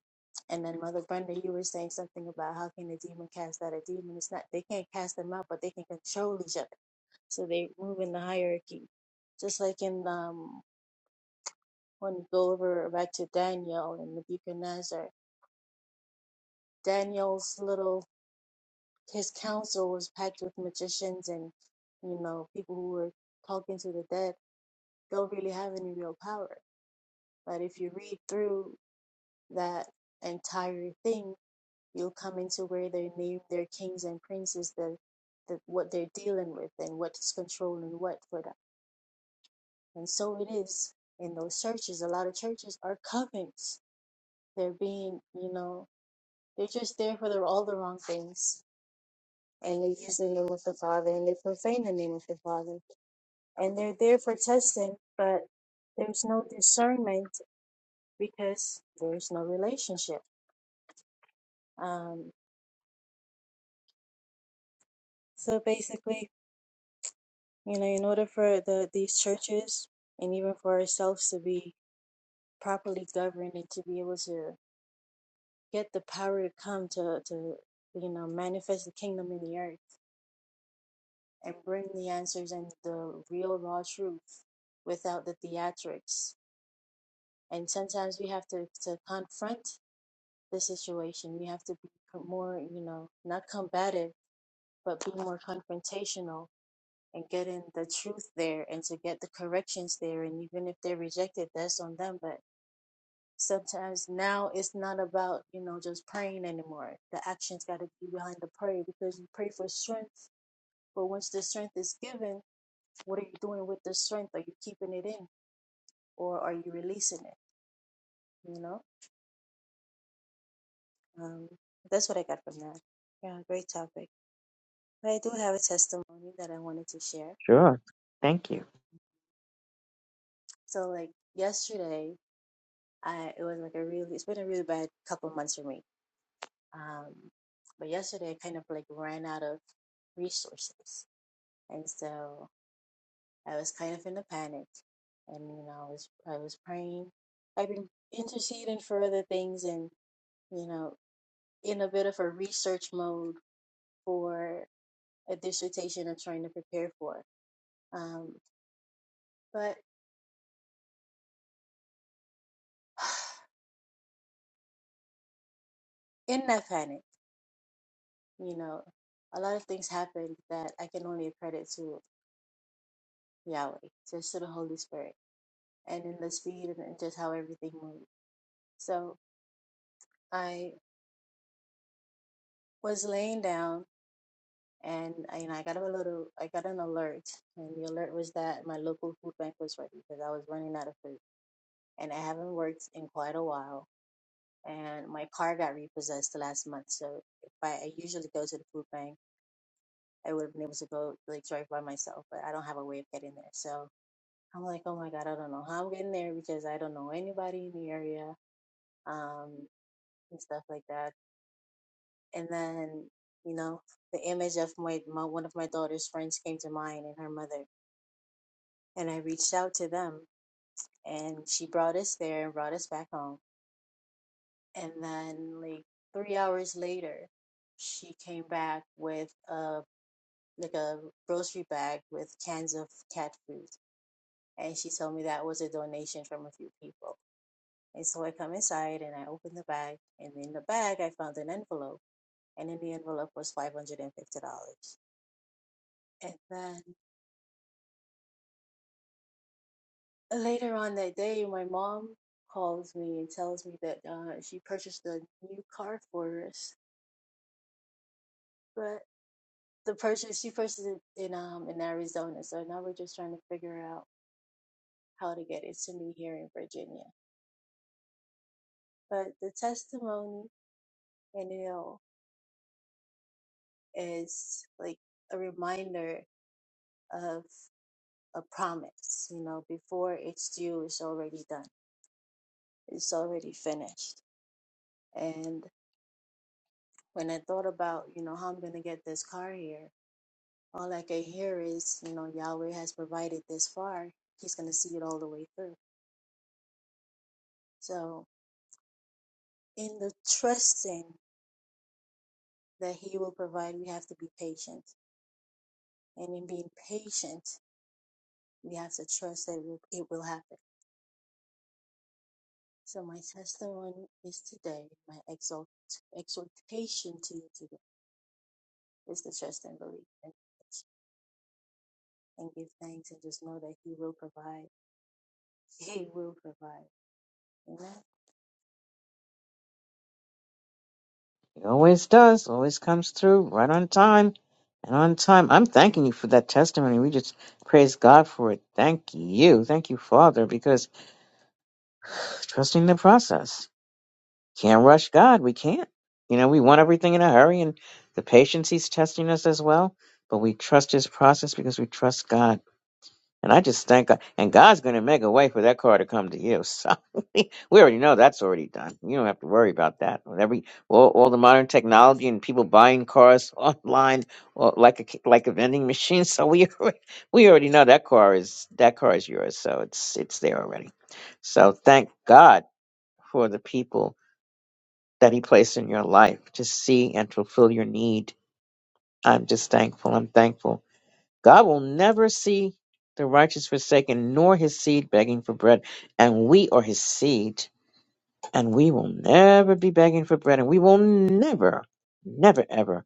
Speaker 8: and then Mother Brenda, you were saying something about how can a demon cast out a demon? It's not they can't cast them out, but they can control each other, so they move in the hierarchy. Just like in um, when you go over back to Daniel and Nebuchadnezzar, Daniel's little his council was packed with magicians and you know people who were talking to the dead. Don't really have any real power. But if you read through that entire thing, you'll come into where they name their kings and princes, the, the what they're dealing with and what's controlling what for them. And so it is in those churches. A lot of churches are covens. They're being, you know, they're just there for the, all the wrong things. And they use the name of the Father and they profane the name of the Father. And they're there for testing, but there's no discernment because there's no relationship. Um, so basically, You know, in order for the these churches and even for ourselves to be properly governed and to be able to get the power to come to to you know manifest the kingdom in the earth and bring the answers and the real raw truth without the theatrics. And sometimes we have to to confront the situation. We have to be more, you know, not combative, but be more confrontational and getting the truth there and to get the corrections there. And even if they're rejected, that's on them. But sometimes now it's not about you know just praying anymore the action's got to be behind the prayer because you pray for strength but once the strength is given what are you doing with the strength are you keeping it in or are you releasing it you know um, that's what i got from that yeah great topic but i do have a testimony that i wanted to share
Speaker 1: Sure. Thank you.
Speaker 8: so like yesterday i it was like a really it's been a really bad couple months for me um, but yesterday i kind of like ran out of resources. And so I was kind of in a panic, and you know, I was I was praying. I've been interceding for other things, and you know, in a bit of a research mode for a dissertation I'm trying to prepare for. Um, but in that panic, you know, a lot of things happened that I can only credit to Yahweh, just to the Holy Spirit, and in the speed and just how everything moved. So I was laying down and I, and I got a little I got an alert, and the alert was that my local food bank was ready because I was running out of food, and I haven't worked in quite a while, and my car got repossessed last month. So if I, I usually go to the food bank, I would have been able to go like drive by myself, but I don't have a way of getting there. So I'm like, oh my god, I don't know how I'm getting there because I don't know anybody in the area, um, and stuff like that. And then you know the image of my, my one of my daughter's friends came to mind and her mother and I reached out to them, and she brought us there and brought us back home. And then, like three hours later, she came back with a like a grocery bag with cans of cat food, and she told me that was a donation from a few people. And so I come inside and I open the bag, and in the bag I found an envelope, and in the envelope was five hundred and fifty dollars. And then Later on that day, my mom calls me and tells me that uh, she purchased a new car for us, but the purchase she purchased it in um in Arizona, so now we're just trying to figure out how to get it to me here in Virginia. But the testimony and you know is like a reminder of a promise. You know, before it's due, it's already done. It's already finished. And when I thought about you know how I'm gonna get this car here All I can hear is, you know, Yahweh has provided this far. He's going to see it all the way through. So, in the trusting that He will provide, we have to be patient. And in being patient, we have to trust that it will, happen. So, my testimony is today, my exalt, exhortation to you today is to trust and believe and, and give thanks and just know that He will provide. He will provide. Amen.
Speaker 1: He always does, always comes through right on time and on time. I'm thanking you for that testimony. We just praise God for it. Thank you. Thank you, Father, because trusting the process. Can't rush God. We can't. You know, we want everything in a hurry and the patience He's testing us as well, but we trust His process because we trust God. And I just thank God. And God's going to make a way for that car to come to you. So we already know that's already done. You don't have to worry about that. With every all, all the modern technology and people buying cars online, or like a ki- like a vending machine. So we already, we already know that car is that car is yours. So it's it's there already. So thank God for the people that He placed in your life to see and fulfill your need. I'm just thankful. I'm thankful God will never see the righteous forsaken, nor his seed begging for bread. And we are his seed, and we will never be begging for bread, and we will never, never, ever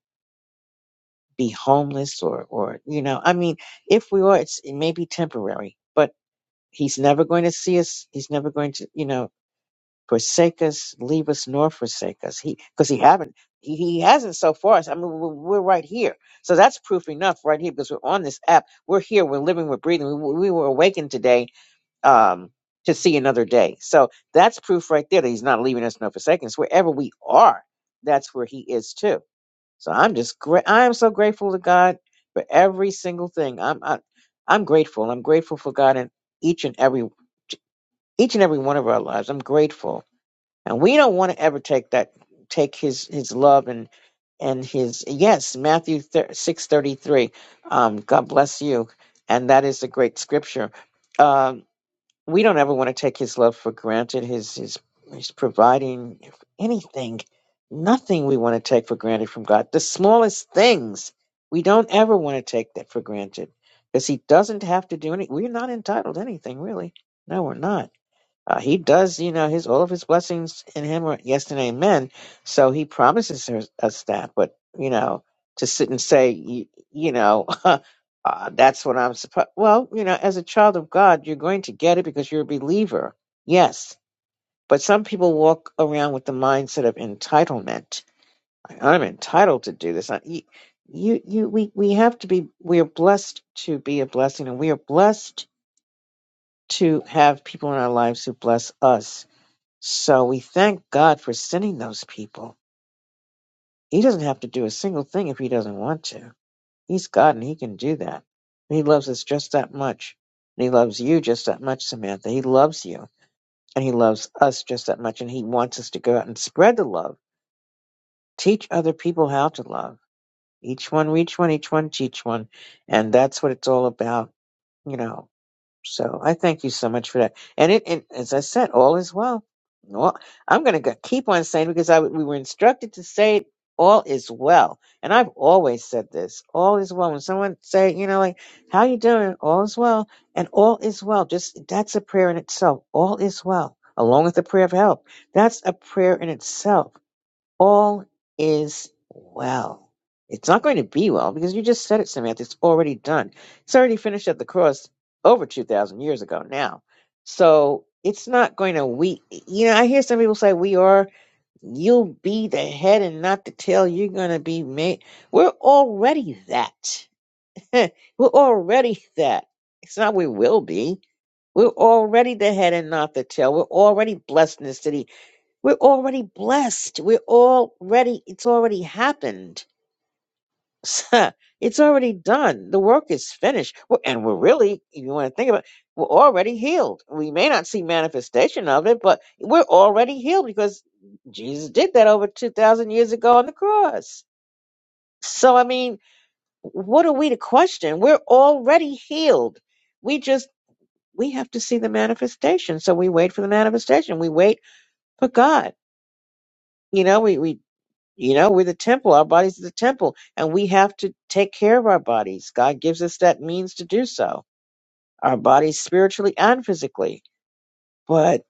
Speaker 1: be homeless or, or you know, I mean, if we are, it's, it may be temporary, but he's never going to see us. He's never going to, you know forsake us, leave us, nor forsake us. He because he haven't he, he hasn't so far. I mean, we're, we're right here, so that's proof enough right here because we're on this app. We're here. We're living. We're breathing. We, we were awakened today um, to see another day. So that's proof right there that he's not leaving us nor forsaking us. Wherever we are, that's where he is too. So I'm just great. I am so grateful to God for every single thing. I'm I, I'm grateful. I'm grateful for God in each and every each and every one of our lives. I'm grateful and we don't want to ever take that, take his, his love and, and his, yes, Matthew 6.33, um, God bless you. And that is a great scripture. Um, we don't ever want to take his love for granted, his, his, his providing anything, nothing we want to take for granted from God. The smallest things, we don't ever want to take that for granted because he doesn't have to do any. We're not entitled to anything, really. No, we're not uh, he does, you know, his all of his blessings in him are yes and amen. So he promises us us that. But you know, to sit and say, you, you know, uh, that's what I'm supposed. Well, you know, as a child of God, you're going to get it because you're a believer. Yes, but some people walk around with the mindset of entitlement. I'm entitled to do this. I, you, you, you- we, we have to be. We are blessed to be a blessing, and we are blessed to have people in our lives who bless us so we thank God for sending those people. He doesn't have to do a single thing if he doesn't want to. He's God and he can do that. And he loves us just that much. And he loves you just that much, Samantha. He loves you and he loves us just that much. And he wants us to go out and spread the love. Teach other people how to love. Each one, reach one, each one, teach one. And that's what it's all about, you know. So I thank you so much for that. And it, and as I said, all is well. Well, I'm going to keep on saying because I we were instructed to say it, all is well. And I've always said this, all is well. When someone say, you know, like, how you doing? All is well. And all is well. Just that's a prayer in itself. All is well. Along with the prayer of help. That's a prayer in itself all is well. It's not going to be well because you just said it, Samantha. It's already done. It's already finished at the cross over 2,000 years ago now. So it's not going to, we, you know, I hear some people say we are, you'll be the head and not the tail. You're going to be made. We're already that. We're already that. It's not we will be. We're already the head and not the tail. We're already blessed in the city we're already blessed. We're already, it's already happened. it's already done. The work is finished. We're- And we're really, if you want to think about it, we're already healed. We may not see manifestation of it, but we're already healed because Jesus did that over 2,000 years ago on the cross. So, I mean, what are we to question? We're already healed. We just, we have to see the manifestation. So we wait for the manifestation. We wait for God. You know, we, we You know, we're the temple. Our bodies are the temple, and we have to take care of our bodies. God gives us that means to do so. Our bodies, spiritually and physically. But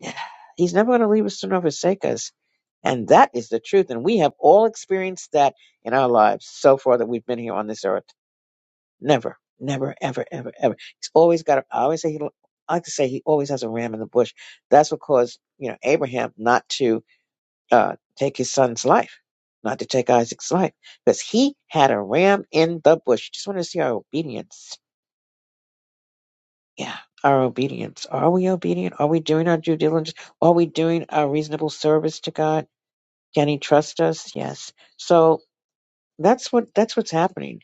Speaker 1: He's never going to leave us nor forsake us, and that is the truth. And we have all experienced that in our lives so far that we've been here on this earth. Never, never, ever, ever, ever. He's always got. A, I always say he. I like to say he always has a ram in the bush. That's what caused you know Abraham not to uh, take his son's life, not to take Isaac's life, because he had a ram in the bush. Just want to see our obedience. Yeah, our obedience. Are we obedient? Are we doing our due diligence? Are we doing our reasonable service to God? Can He trust us? Yes. So that's what that's what's happening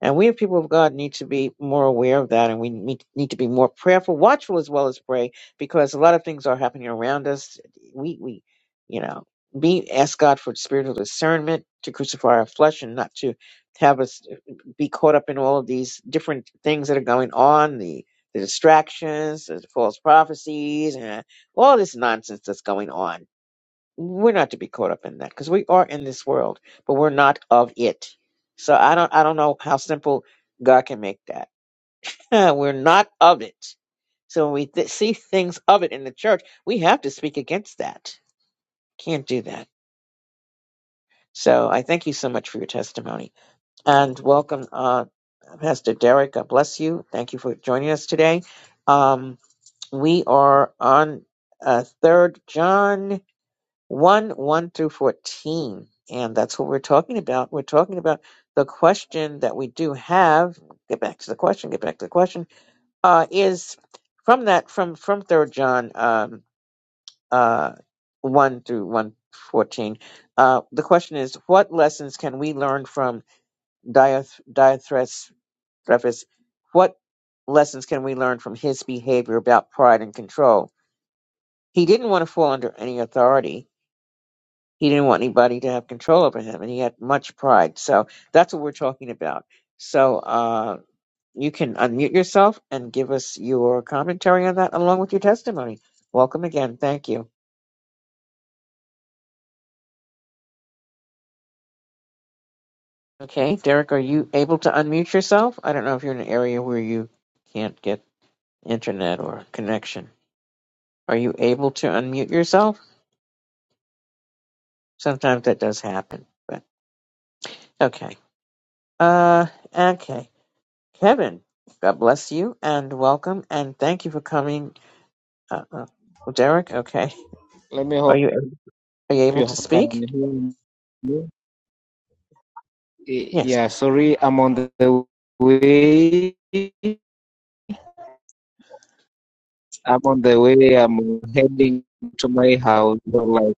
Speaker 1: And we, as people of God, need to be more aware of that, and we need, need to be more prayerful, watchful as well as pray, because a lot of things are happening around us. We, we, you know, be ask God for spiritual discernment to crucify our flesh and not to have us uh, be caught up in all of these different things that are going on, the the distractions, the false prophecies, and all this nonsense that's going on we're not to be caught up in that because we are in this world, but we're not of it. So I don't I don't know how simple God can make that. we're not of it. So when we th- see things of it in the church, we have to speak against that. Can't do that. So I thank you so much for your testimony and welcome, uh, Pastor Derek. God bless you. Thank you for joining us today. Um, we are on uh, Third John. 1 1 through 14. And that's what we're talking about. We're talking about the question that we do have. Get back to the question, get back to the question. Uh, is from that, from from third John um, uh, 1 through one 14. Uh, the question is, what lessons can we learn from Dioth- Diothrephus? Diothrephus? What lessons can we learn from his behavior about pride and control? He didn't want to fall under any authority He didn't want anybody to have control over him, and he had much pride. So that's what we're talking about. So uh, you can unmute yourself and give us your commentary on that along with your testimony. Welcome again. Thank you. Okay, Derek, are you able to unmute yourself? I don't know if you're in an area where you can't get internet or connection. Are you able to unmute yourself? Sometimes that does happen, but okay. Uh, okay. Kevin, God bless you and welcome and thank you for coming Uh, uh, well, Derek, okay.
Speaker 9: Let me
Speaker 1: Are
Speaker 9: hope
Speaker 1: you are you able
Speaker 9: you
Speaker 1: to
Speaker 9: can
Speaker 1: speak?
Speaker 9: hear me.
Speaker 1: Yes.
Speaker 9: Yeah, sorry, I'm on the way. I'm on the way. I'm heading to my house. like,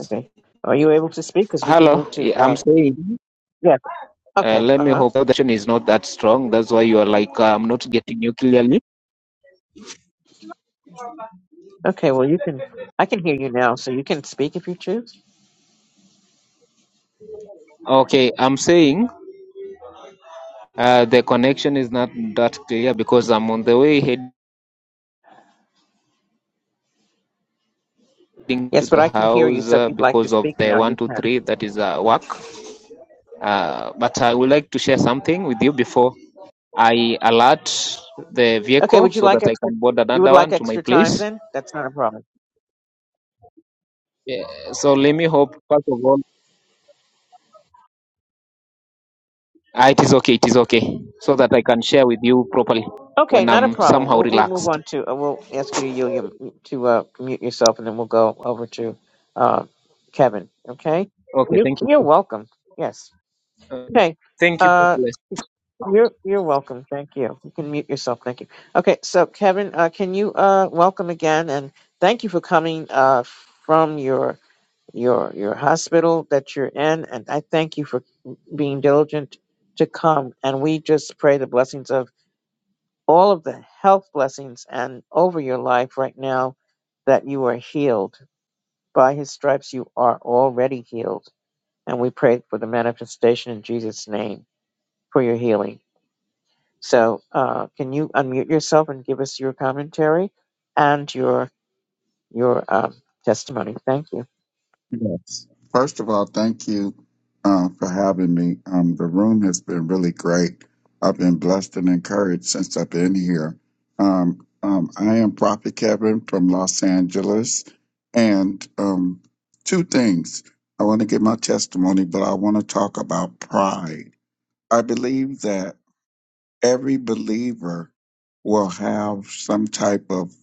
Speaker 1: Okay. Are you able to speak? Because we can
Speaker 9: hello.
Speaker 1: move to.
Speaker 9: Yeah, I'm
Speaker 1: Uh,
Speaker 9: saying.
Speaker 1: yeah.
Speaker 9: Uh,
Speaker 1: Okay.
Speaker 9: let
Speaker 1: Uh
Speaker 9: me
Speaker 1: huh.
Speaker 9: hope the connection is not that strong. That's why you are like, uh, I'm not getting you clearly.
Speaker 1: Okay. Well, you can. I can hear you now, so you can speak if you choose.
Speaker 9: Okay, I'm saying uh, the connection is not that clear because I'm on the way heading to
Speaker 1: Yes, but
Speaker 9: the
Speaker 1: I can hear you.
Speaker 9: house
Speaker 1: So if
Speaker 9: uh,
Speaker 1: you'd like to
Speaker 9: because
Speaker 1: speak
Speaker 9: of the
Speaker 1: now,
Speaker 9: one
Speaker 1: you
Speaker 9: two
Speaker 1: can.
Speaker 9: three that is uh, work. Uh, but I would like to share something with you before I alert the
Speaker 1: Okay.
Speaker 9: vehicle
Speaker 1: Would you
Speaker 9: so
Speaker 1: like
Speaker 9: that I
Speaker 1: extra?
Speaker 9: can board
Speaker 1: You would
Speaker 9: another
Speaker 1: like
Speaker 9: one to my
Speaker 1: extra time
Speaker 9: place.
Speaker 1: then? That's not a problem.
Speaker 9: Eh, So let me hope, first of all, ah, it is okay, it is okay, so that I can share with you properly
Speaker 1: Okay,
Speaker 9: when
Speaker 1: not a
Speaker 9: I'm
Speaker 1: problem.
Speaker 9: somehow
Speaker 1: We'll, we'll move
Speaker 9: relaxed.
Speaker 1: on to. Uh, we'll ask you to you your, to uh, mute yourself, and then we'll go over to uh, Kevin. Okay.
Speaker 9: Okay,
Speaker 1: You,
Speaker 9: thank
Speaker 1: you're
Speaker 9: you.
Speaker 1: welcome. Yes.
Speaker 9: Uh,
Speaker 1: Okay.
Speaker 9: Thank
Speaker 1: Uh.
Speaker 9: you.
Speaker 1: You're you're welcome. Thank you. You can mute yourself. Thank you. Okay, so Kevin, uh, can you uh, welcome again and thank you for coming uh, from your your your hospital that you're in, and I thank you for being diligent to come. And we just pray the blessings of all of the health blessings and over your life right now that you are healed by His stripes. You are already healed, and we pray for the manifestation in Jesus' name for your healing. So, uh, can you unmute yourself and give us your commentary and your your um, testimony? Thank you.
Speaker 10: Yes. First of all, thank you um, for having me. Um, the room has been really great. I've been blessed and encouraged since I've been here. Um, um, I am Prophet Kevin from Los Angeles. And um, two things. I want to give my testimony, but I want to talk about pride. I believe that every believer will have some type of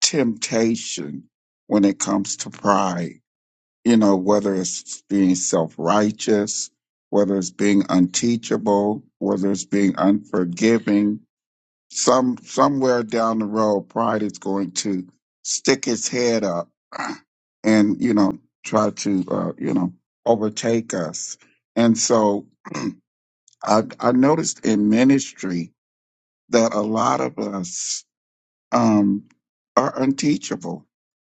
Speaker 10: temptation when it comes to pride you know, whether it's being self righteous, whether it's being unteachable, whether it's being unforgiving, some somewhere down the road, pride is going to stick its head up and you know try to uh, you know overtake us. And so I, I noticed in ministry that a lot of us um, are unteachable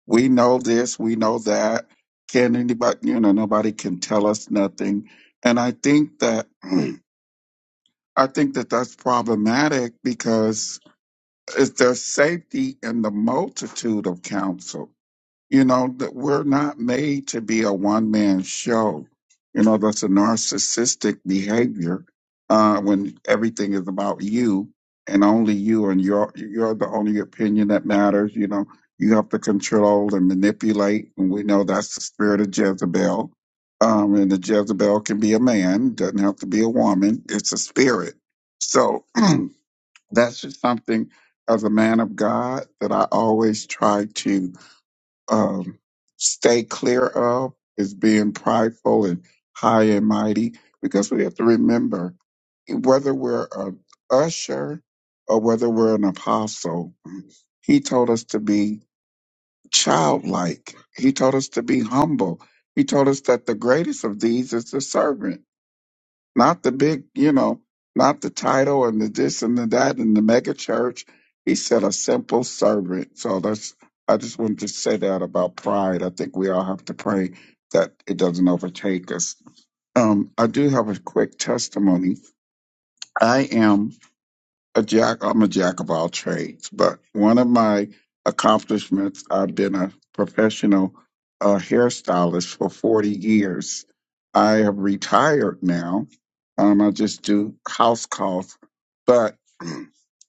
Speaker 10: we know this, we know that. Can anybody, you know, nobody can tell us nothing. And I think that, I think that that's problematic because it's there's safety in the multitude of counsel. You know, that we're not made to be a one man show. You know, that's a narcissistic behavior uh, when everything is about you and only you and your you're the only opinion that matters. You know, you have to control and manipulate, and we know that's the spirit of Jezebel. Um, and the Jezebel can be a man, doesn't have to be a woman. It's a spirit. So that's just something as a man of God that I always try to um, stay clear of is being prideful and high and mighty because we have to remember whether we're an usher or whether we're an apostle, he told us to be childlike. He told us to be humble. He told us that the greatest of these is the servant not the big, you know, not the title and the this and the that and the mega church. He said a simple servant. So that's I just wanted to say that about pride. I think we all have to pray that it doesn't overtake us. Um, I do have a quick testimony. I am a jack I'm a jack of all trades, but one of my accomplishments I've been a professional uh, hairstylist for 40 years. I have retired now. Um, I just do house calls, but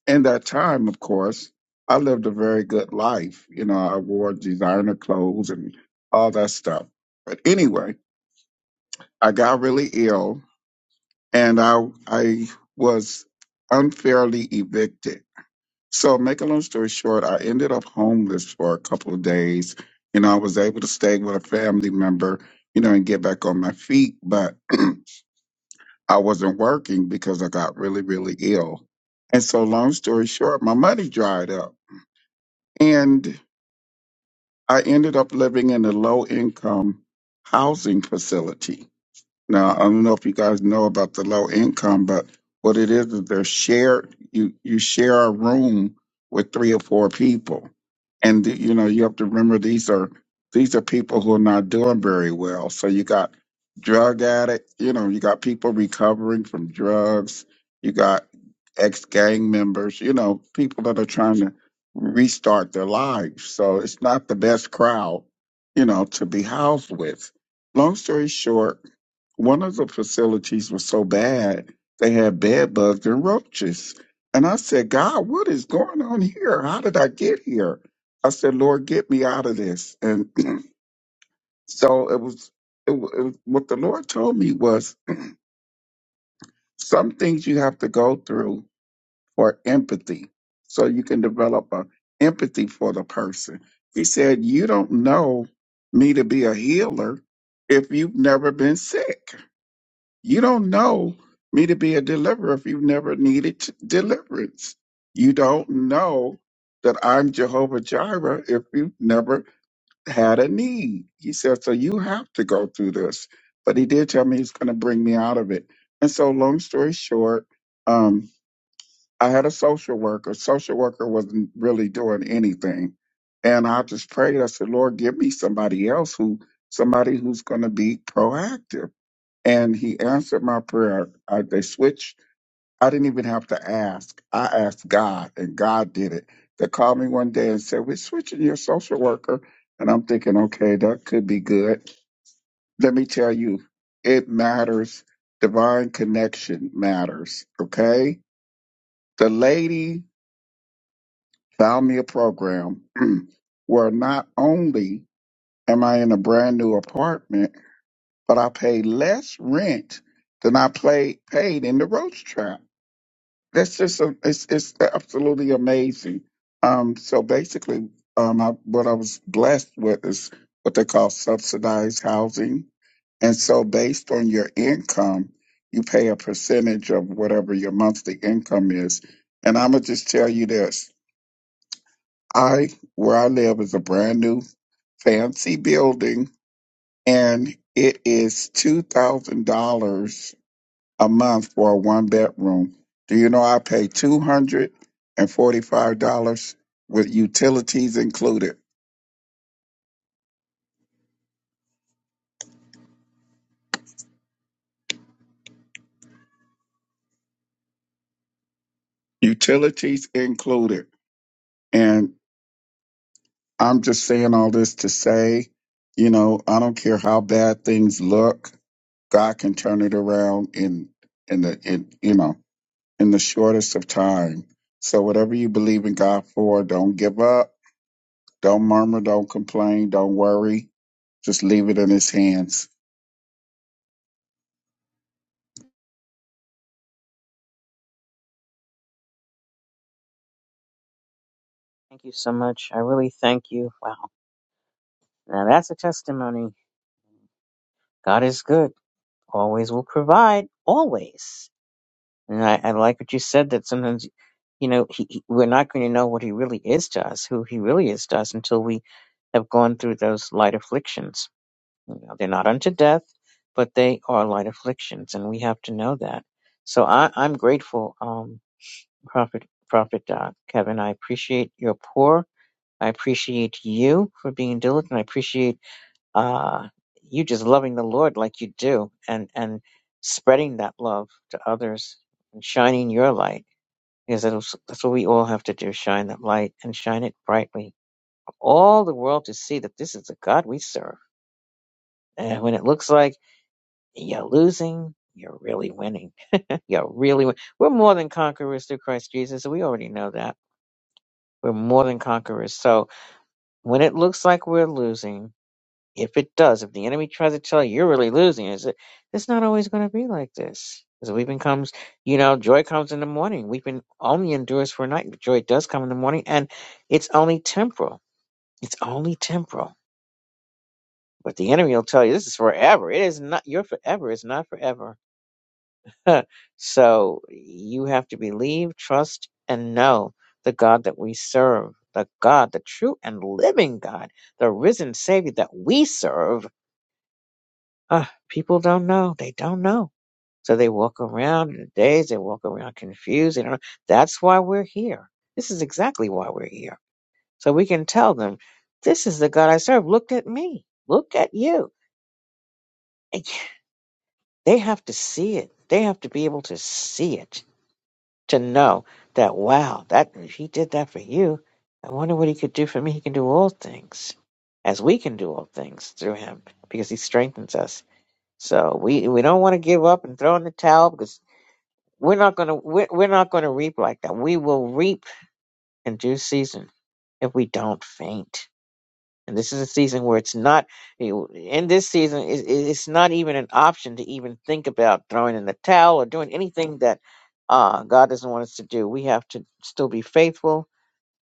Speaker 10: in that time, of course, I lived a very good life. You know, I wore designer clothes and all that stuff. But anyway, I got really ill, and I I was unfairly evicted so, make a long story short, I ended up homeless for a couple of days. You know, I was able to stay with a family member, you know, and get back on my feet, but I wasn't working because I got really, really ill. And so, long story short, my money dried up. And I ended up living in a low income housing facility. Now, I don't know if you guys know about the low income, but what it is is they're shared. You you share a room with three or four people, and th- you know you have to remember these are these are people who are not doing very well. So you got drug addict. You know you got people recovering from drugs. You got ex gang members. You know people that are trying to restart their lives. So it's not the best crowd, you know, to be housed with. Long story short one of the facilities was so bad they had bed bugs and roaches. And I said, God, what is going on here? How did I get here? I said, Lord, get me out of this. And so it was, it, wa- it was what the Lord told me was some things you have to go through for empathy, so you can develop a empathy for the person. He said, you don't know me to be a healer if you've never been sick. You don't know me to be a deliverer if you've never needed t- deliverance. You don't know that I'm Jehovah Jireh if you've never had a need. He said, so you have to go through this. But he did tell me he's going to bring me out of it. And so, long story short, um, I had a social worker. Social worker wasn't really doing anything. And I just prayed. I said, Lord, give me somebody else who, somebody who's going to be proactive and he answered my prayer. I, they switched. I didn't even have to ask. I asked God, and God did it. They called me one day and said, "We're switching your social worker," and I'm thinking, "Okay, that could be good." Let me tell you, it matters. Divine connection matters. Okay, the lady found me a program where not only am I in a brand new apartment, but I pay less rent than I play, paid in the roach trap that's just a, it's it's absolutely amazing. Um, so basically, um, I, what I was blessed with is what they call subsidized housing, and so based on your income, you pay a percentage of whatever your monthly income is. And I'm gonna just tell you this: I where I live is a brand new fancy building, and it is two thousand dollars a month for a one bedroom. Do you know I pay two hundred and forty five dollars with utilities included? Utilities included. And I'm just saying all this to say, you know, I don't care how bad things look, God can turn it around in in the in you know in the shortest of time. So whatever you believe in God for, don't give up, don't murmur, don't complain, don't worry. Just leave it in his hands.
Speaker 1: Thank you so much. I really thank you. Wow. Now that's a testimony. God is good. Always will provide. Always. And I, I like what you said that sometimes, you know, he, he, we're not going to know what he really is to us, who he really is to us until we have gone through those light afflictions. They're not unto death, but they are light afflictions, and we have to know that. So I, I'm grateful, um, Prophet Prophet Doc Kevin. I appreciate your pour. I appreciate you for being diligent. I appreciate uh, you just loving the Lord like you do, and and spreading that love to others and shining your light because that's that's what we all have to do: shine that light and shine it brightly, all the world to see that this is the God we serve. And when it looks like You're losing. You're really winning. You're really win- We're more than conquerors through Christ Jesus. We already know that. We're more than conquerors. So when it looks like we're losing, if it does, if the enemy tries to tell you you're really losing, is it? It's not always going to be like this. Because weeping comes, you know, joy comes in the morning. Weeping only endures for a night. but Joy does come in the morning, and it's only temporal. It's only temporal. But the enemy will tell you this is forever. It is not. Your forever is not forever so you have to believe, trust, and know the God that we serve, the God, the true and living God, the risen Savior that we serve. Ah, people don't know. They don't know. So they walk around in a daze. They walk around confused. They don't know. That's why we're here. This is exactly why we're here. So we can tell them, this is the God I serve. Look at me. Look at you. And yeah, They have to see it. They have to be able to see it to know that wow, that he did that for you. I wonder what he could do for me. He can do all things, as we can do all things through him, because he strengthens us. So we we don't want to give up and throw in the towel because we're not gonna we're, we're not gonna reap like that. We will reap in due season if we don't faint. And this is a season where it's not, you know, in this season, it, it- it's not even an option to even think about throwing in the towel or doing anything that uh, God doesn't want us to do. We have to still be faithful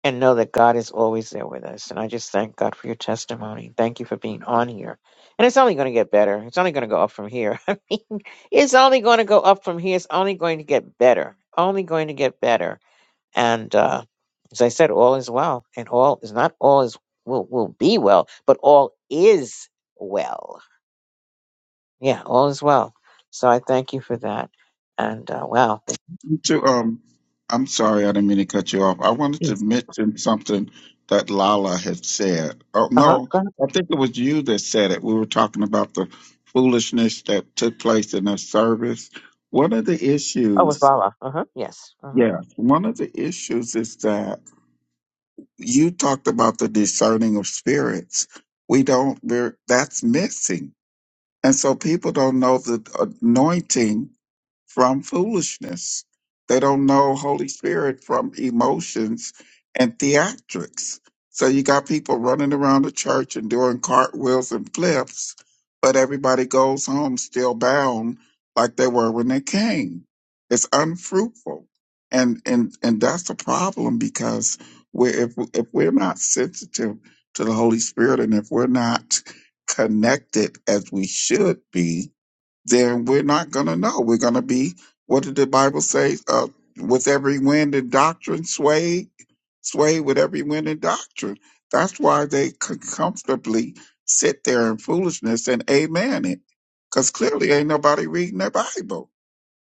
Speaker 1: and know that God is always there with us. And I just thank God for your testimony. Thank you for being on here. And it's only going to get better. It's only going to go up from here. I mean, it's only going to go up from here. It's only going to get better. Only going to get better. And uh, as I said, all is well, and all is not all is will will be well, but all is well. Yeah, all is well. So I thank you for that. And uh, wow.
Speaker 10: To um, I'm sorry, I didn't mean to cut you off. I wanted to
Speaker 1: Yes.
Speaker 10: mention something that Lala had said. Oh
Speaker 1: Uh huh.
Speaker 10: no,
Speaker 1: Go ahead.
Speaker 10: I think it was you that said it. We were talking about the foolishness that took place in the service. One of the
Speaker 1: Oh, with
Speaker 10: issues,
Speaker 1: Lala. Uh huh. Yes. Uh huh.
Speaker 10: yes, one of the issues is that you talked about the discerning of spirits. We don't. we're- That's missing, and so people don't know the anointing from foolishness. They don't know Holy Spirit from emotions and theatrics. So you got people running around the church and doing cartwheels and flips, but everybody goes home still bound like they were when they came. It's unfruitful. And and and that's a problem because we if if we're not sensitive to the Holy Spirit and if we're not connected as we should be, then we're not going to know. We're going to be, what did the Bible say? Uh, with every wind and doctrine, sway, sway with every wind and doctrine. That's why they could comfortably sit there in foolishness and amen it. Because clearly ain't nobody reading their Bible.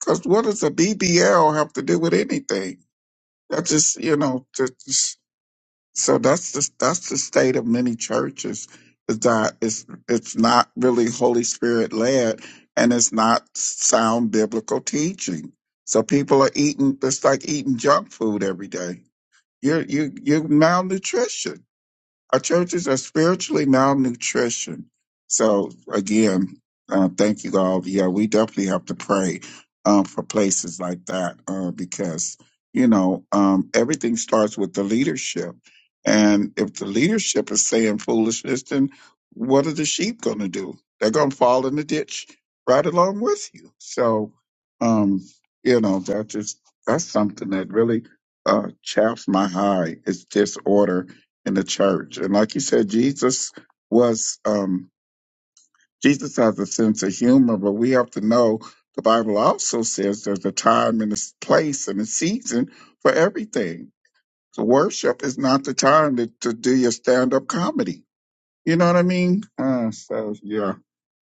Speaker 10: Because what does a BBL have to do with anything? That's just, you know, just. So that's the that's the state of many churches is that it's it's not really Holy Spirit led and it's not sound biblical teaching. So people are eating it's like eating junk food every day. You're you you're malnutrition. Our churches are spiritually malnutrition. So again, uh, thank you all. Yeah, we definitely have to pray um, for places like that uh, because you know um, everything starts with the leadership, and if the leadership is saying foolishness, then what are the sheep going to do? They're going to fall in the ditch right along with you. So um, you know that just that's something that really uh, chaps my hide. It's disorder in the church. And like you said, Jesus was um Jesus has a sense of humor, but we have to know the Bible also says there's a time and a s- place and a season for everything. So worship is not the time to, to do your stand up comedy. You know what I mean? Uh, so yeah.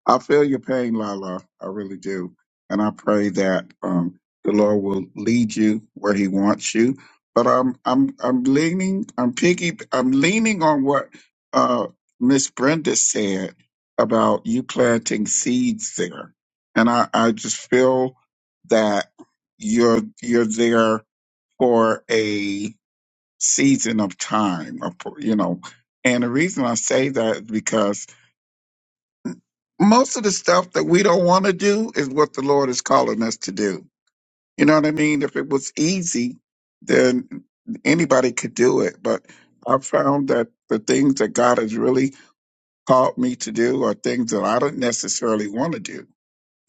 Speaker 10: I feel your pain, Lala. I really do. And I pray that um, the Lord will lead you where He wants you. But I'm I'm I'm leaning I'm piggy I'm leaning on what uh, Miss Brenda said about you planting seeds there, and I, I just feel that you're you're there for a season of time, of, you know. And the reason I say that is because most of the stuff that we don't want to do is what the Lord is calling us to do. You know what I mean? If it was easy, then anybody could do it. But I've found that the things that God has really called me to do are things that I don't necessarily want to do.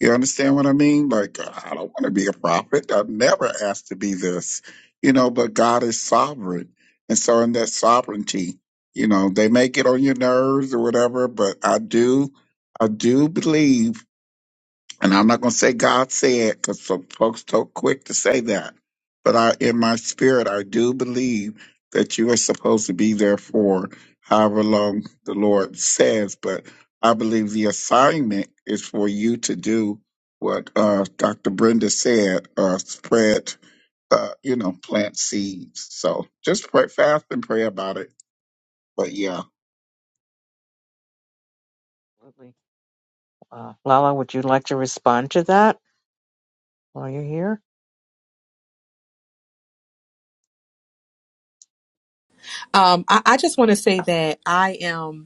Speaker 10: You understand what I mean? Like, uh, I don't want to be a prophet. I've never asked to be this, you know, but God is sovereign. And so, in that sovereignty, you know, they may get on your nerves or whatever, but I do, I do believe and I'm not going to say God said because some folks so quick to say that. But I, in my spirit, I do believe that you are supposed to be there for however long the Lord says. But I believe the assignment is for you to do what uh, Dr. Brenda said: uh, spread, uh, you know, plant seeds. So just pray fast and pray about it. But yeah,
Speaker 1: Absolutely. Uh, Lala, would you like to respond to that while you're here?
Speaker 7: Um, I, I just want to say that I am.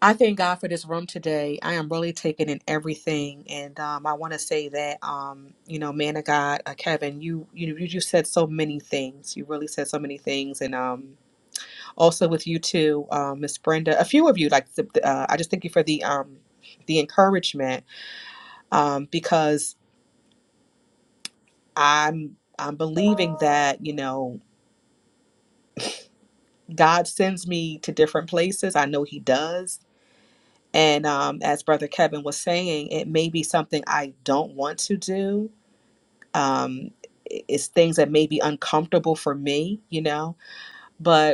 Speaker 7: I thank God for this room today. I am really taking in everything, and um, I want to say that um, you know, man of God, uh, Kevin, you you you just said so many things. You really said so many things, and um, also with you too, um, Miss Brenda, a few of you. Like, the, the, uh, I just thank you for the um, the encouragement um, because I'm I'm believing that you know God sends me to different places. I know He does And um, as Brother Kevin was saying, it may be something I don't want to do. Um, it's things that may be uncomfortable for me, you know, but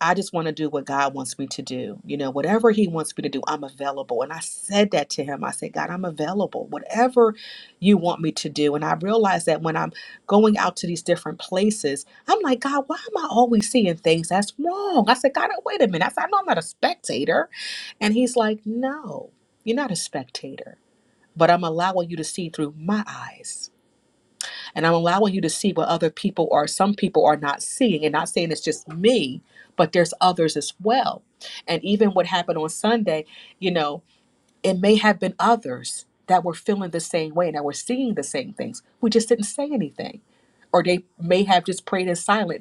Speaker 7: I just want to do what God wants me to do. You know, whatever He wants me to do, I'm available. And I said that to Him. I said, God, I'm available. Whatever you want me to do. And I realized that when I'm going out to these different places, I'm like, God, why am I always seeing things that's wrong? I said, God, wait a minute. I said, I know I'm not a spectator. And He's like, No, you're not a spectator, but I'm allowing you to see through my eyes. And I'm allowing you to see what other people or some people are not seeing and not saying it's just me, but there's others as well. And even what happened on Sunday, you know, it may have been others that were feeling the same way and that were seeing the same things. We just didn't say anything. Or they may have just prayed in silence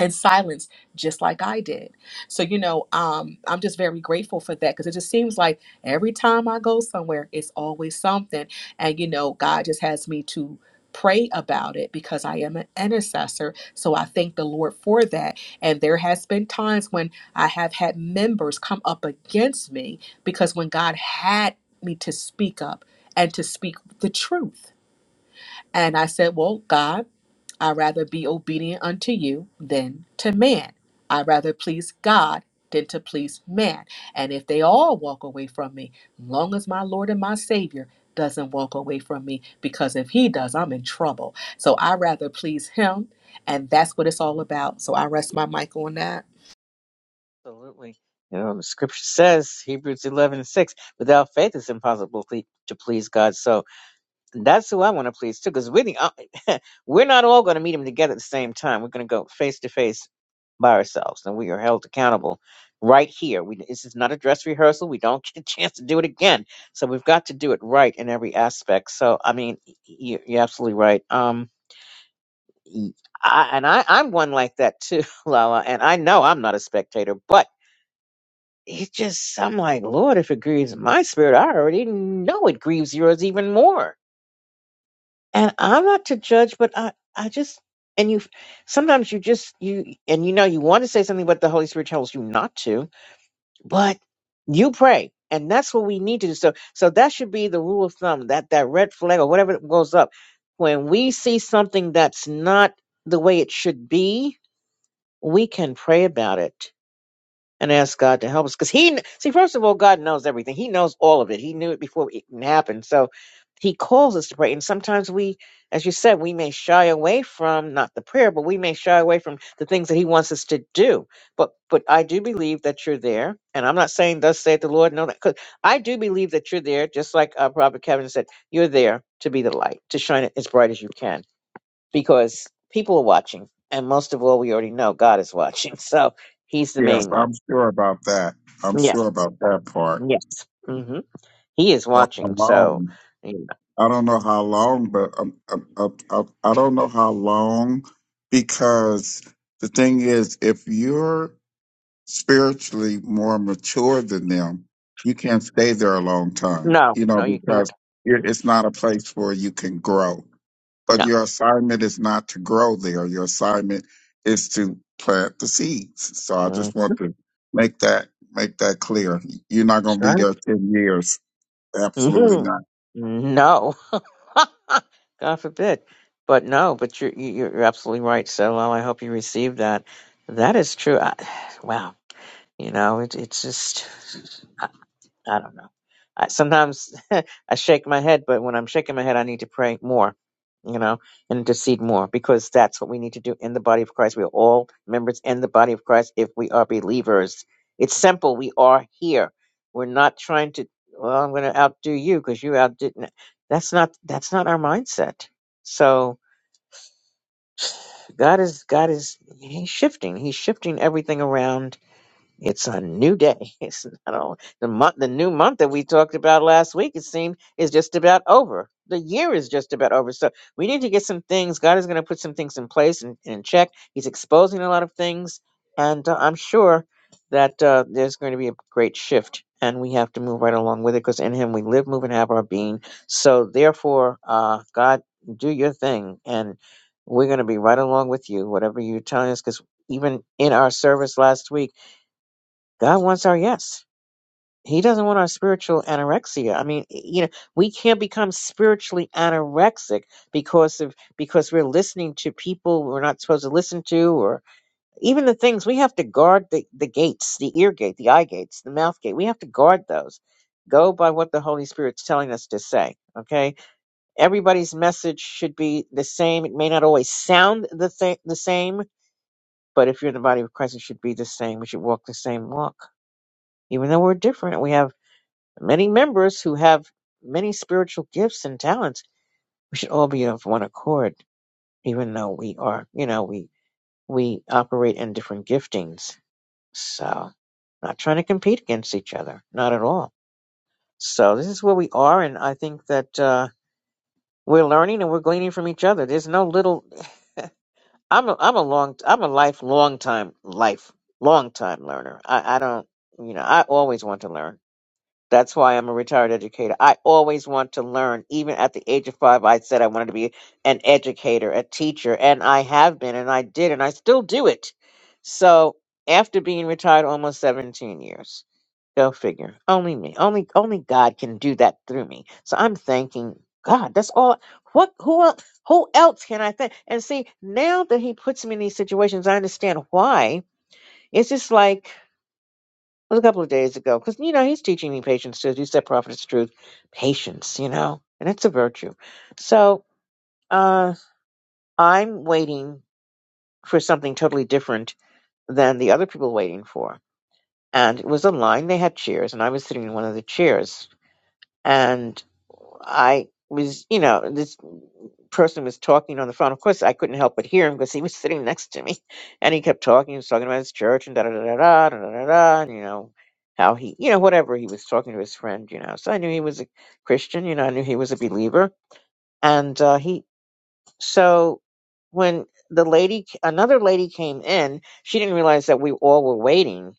Speaker 7: in silence just like i did so you know um i'm just very grateful for that because it just seems like every time i go somewhere it's always something and you know god just has me to pray about it because i am an intercessor so i thank the lord for that and there has been times when i have had members come up against me because when god had me to speak up and to speak the truth and i said well god I rather be obedient unto you than to man. I rather please God than to please man. And if they all walk away from me, long as my Lord and my Savior doesn't walk away from me, because if he does, I'm in trouble. So I rather please him. And that's what it's all about. So I rest my mic on that.
Speaker 1: Absolutely. You know, the scripture says, Hebrews 11 and 6, without faith it's impossible ple- to please God. So That's who I want to please too, because we're the, uh, we're not all going to meet him together at the same time. We're going to go face to face by ourselves, and we are held accountable right here. We, this is not a dress rehearsal. We don't get a chance to do it again, so we've got to do it right in every aspect. So, I mean, you, you're absolutely right. Um, y- I, and I, I'm one like that too, Lala. And I know I'm not a spectator, but it just, I'm like, Lord, if it grieves my spirit, I already know it grieves yours even more and I'm not to judge, but I, I just, and you, sometimes you just, you, and you know, you want to say something, but the Holy Spirit tells you not to, but you pray. And that's what we need to do. So, so that should be the rule of thumb that, that red flag or whatever it goes up. When we see something that's not the way it should be, we can pray about it and ask God to help us. Because He, see, first of all, God knows everything. He knows all of it. He knew it before it even happened. So He calls us to pray. And sometimes we, as you said, we may shy away from not the prayer, but we may shy away from the things that He wants us to do. But but I do believe that you're there. And I'm not saying thus saith the Lord. No, that because I do believe that you're there. Just like uh, Prophet Kevin said, you're there to be the light, to shine it as bright as you can, because people are watching. And most of all, we already know God is watching. So he's the
Speaker 10: yes,
Speaker 1: main one.
Speaker 10: I'm sure about that. I'm
Speaker 1: Yeah.
Speaker 10: sure about that part.
Speaker 1: Yes. hmm He is
Speaker 10: Oh,
Speaker 1: watching, so
Speaker 10: hello.
Speaker 1: you
Speaker 10: I don't know how long, but um, um, um, um, I don't know how long because the thing is, if you're spiritually more mature than them, you can't stay there a long
Speaker 1: know.
Speaker 10: time,
Speaker 1: no,
Speaker 10: you know,
Speaker 1: no, you can't.
Speaker 10: because it-
Speaker 1: Hmm?
Speaker 10: it's not a place where you can grow. But
Speaker 1: No.
Speaker 10: your assignment is not to grow there. Your assignment is to plant the seeds. So I
Speaker 1: Mm.
Speaker 10: just want to make that make that clear. You're not
Speaker 1: That's
Speaker 10: going to be there ten years.
Speaker 1: right.
Speaker 10: Absolutely
Speaker 1: hmm
Speaker 10: not.
Speaker 1: No. God forbid. But no, but you're you- you're absolutely right. So well, I hope you receive that. That is true. I, wow. You know, it, it's just. I don't know. I, sometimes I shake my head, but when I'm shaking my head, I need to pray more, you know, and intercede more because that's what we need to do in the body of Christ. We are all members in the body of Christ if we are believers. It's simple. We are here. We're not trying to. Well, I'm going to outdo you because you outdid. me." That's not. That's not our mindset. So God is. God is. He's shifting. He's shifting everything around it's a new day. It's not all, the month, the new month that we talked about last week. It seemed is just about over. The year is just about over. So we need to get some things. God is going to put some things in place and in check. He's exposing a lot of things, and uh, I'm sure that uh, there's going to be a great shift, and we have to move right along with it because in Him we live, move, and have our being. So therefore, uh, God, do your thing, and we're going to be right along with you, whatever you're telling us. Because even in our service last week. God wants our yes. He doesn't want our spiritual anorexia. I mean, you know, we can't become spiritually anorexic because of because we're listening to people we're not supposed to listen to, or even the things we have to guard the, the gates, the ear gate, the eye gates, the mouth gate. We have to guard those. Go by what the Holy Spirit's telling us to say. Okay, everybody's message should be the same. It may not always sound the th- the same, but if you're in the body of Christ, it should be the same. We should walk the same walk even though we're different, we have many members who have many spiritual gifts and talents. We should all be of one accord, even though we are, you know, we we operate in different giftings. So, not trying to compete against each other, not at all. So this is where we are, and I think that uh, we're learning and we're gleaning from each other. There's no little. I'm a I'm a long I'm a life long time life long time learner. I I don't you know I always want to learn. That's why I'm a retired educator. I always want to learn. Even at the age of five, I said I wanted to be an educator, a teacher, and I have been, and I did, and I still do it. So after being retired almost 17 years, go figure. Only me, only only God can do that through me. So I'm thanking God. That's all. What who el- who else can I thank? And see, now that He puts me in these situations, I understand why. It's just like it was a couple of days ago because you know he's teaching me patience too. As you said, prophet is truth, patience, you know, and it's a virtue. So uh, I'm waiting for something totally different than the other people waiting for, and it was a line. They had chairs, and I was sitting in one of the chairs, And. I was, you know, this person was talking on the phone. Of course, I couldn't help but hear him because he was sitting next to me, and he kept talking. He was talking about his church and da da da da da da da. da, and, You know how he, you know, whatever he was talking to his friend, you know. So I knew he was a Christian. You know, I knew he was a believer, and uh, he. So when the lady, another lady came in, she didn't realize that we all were waiting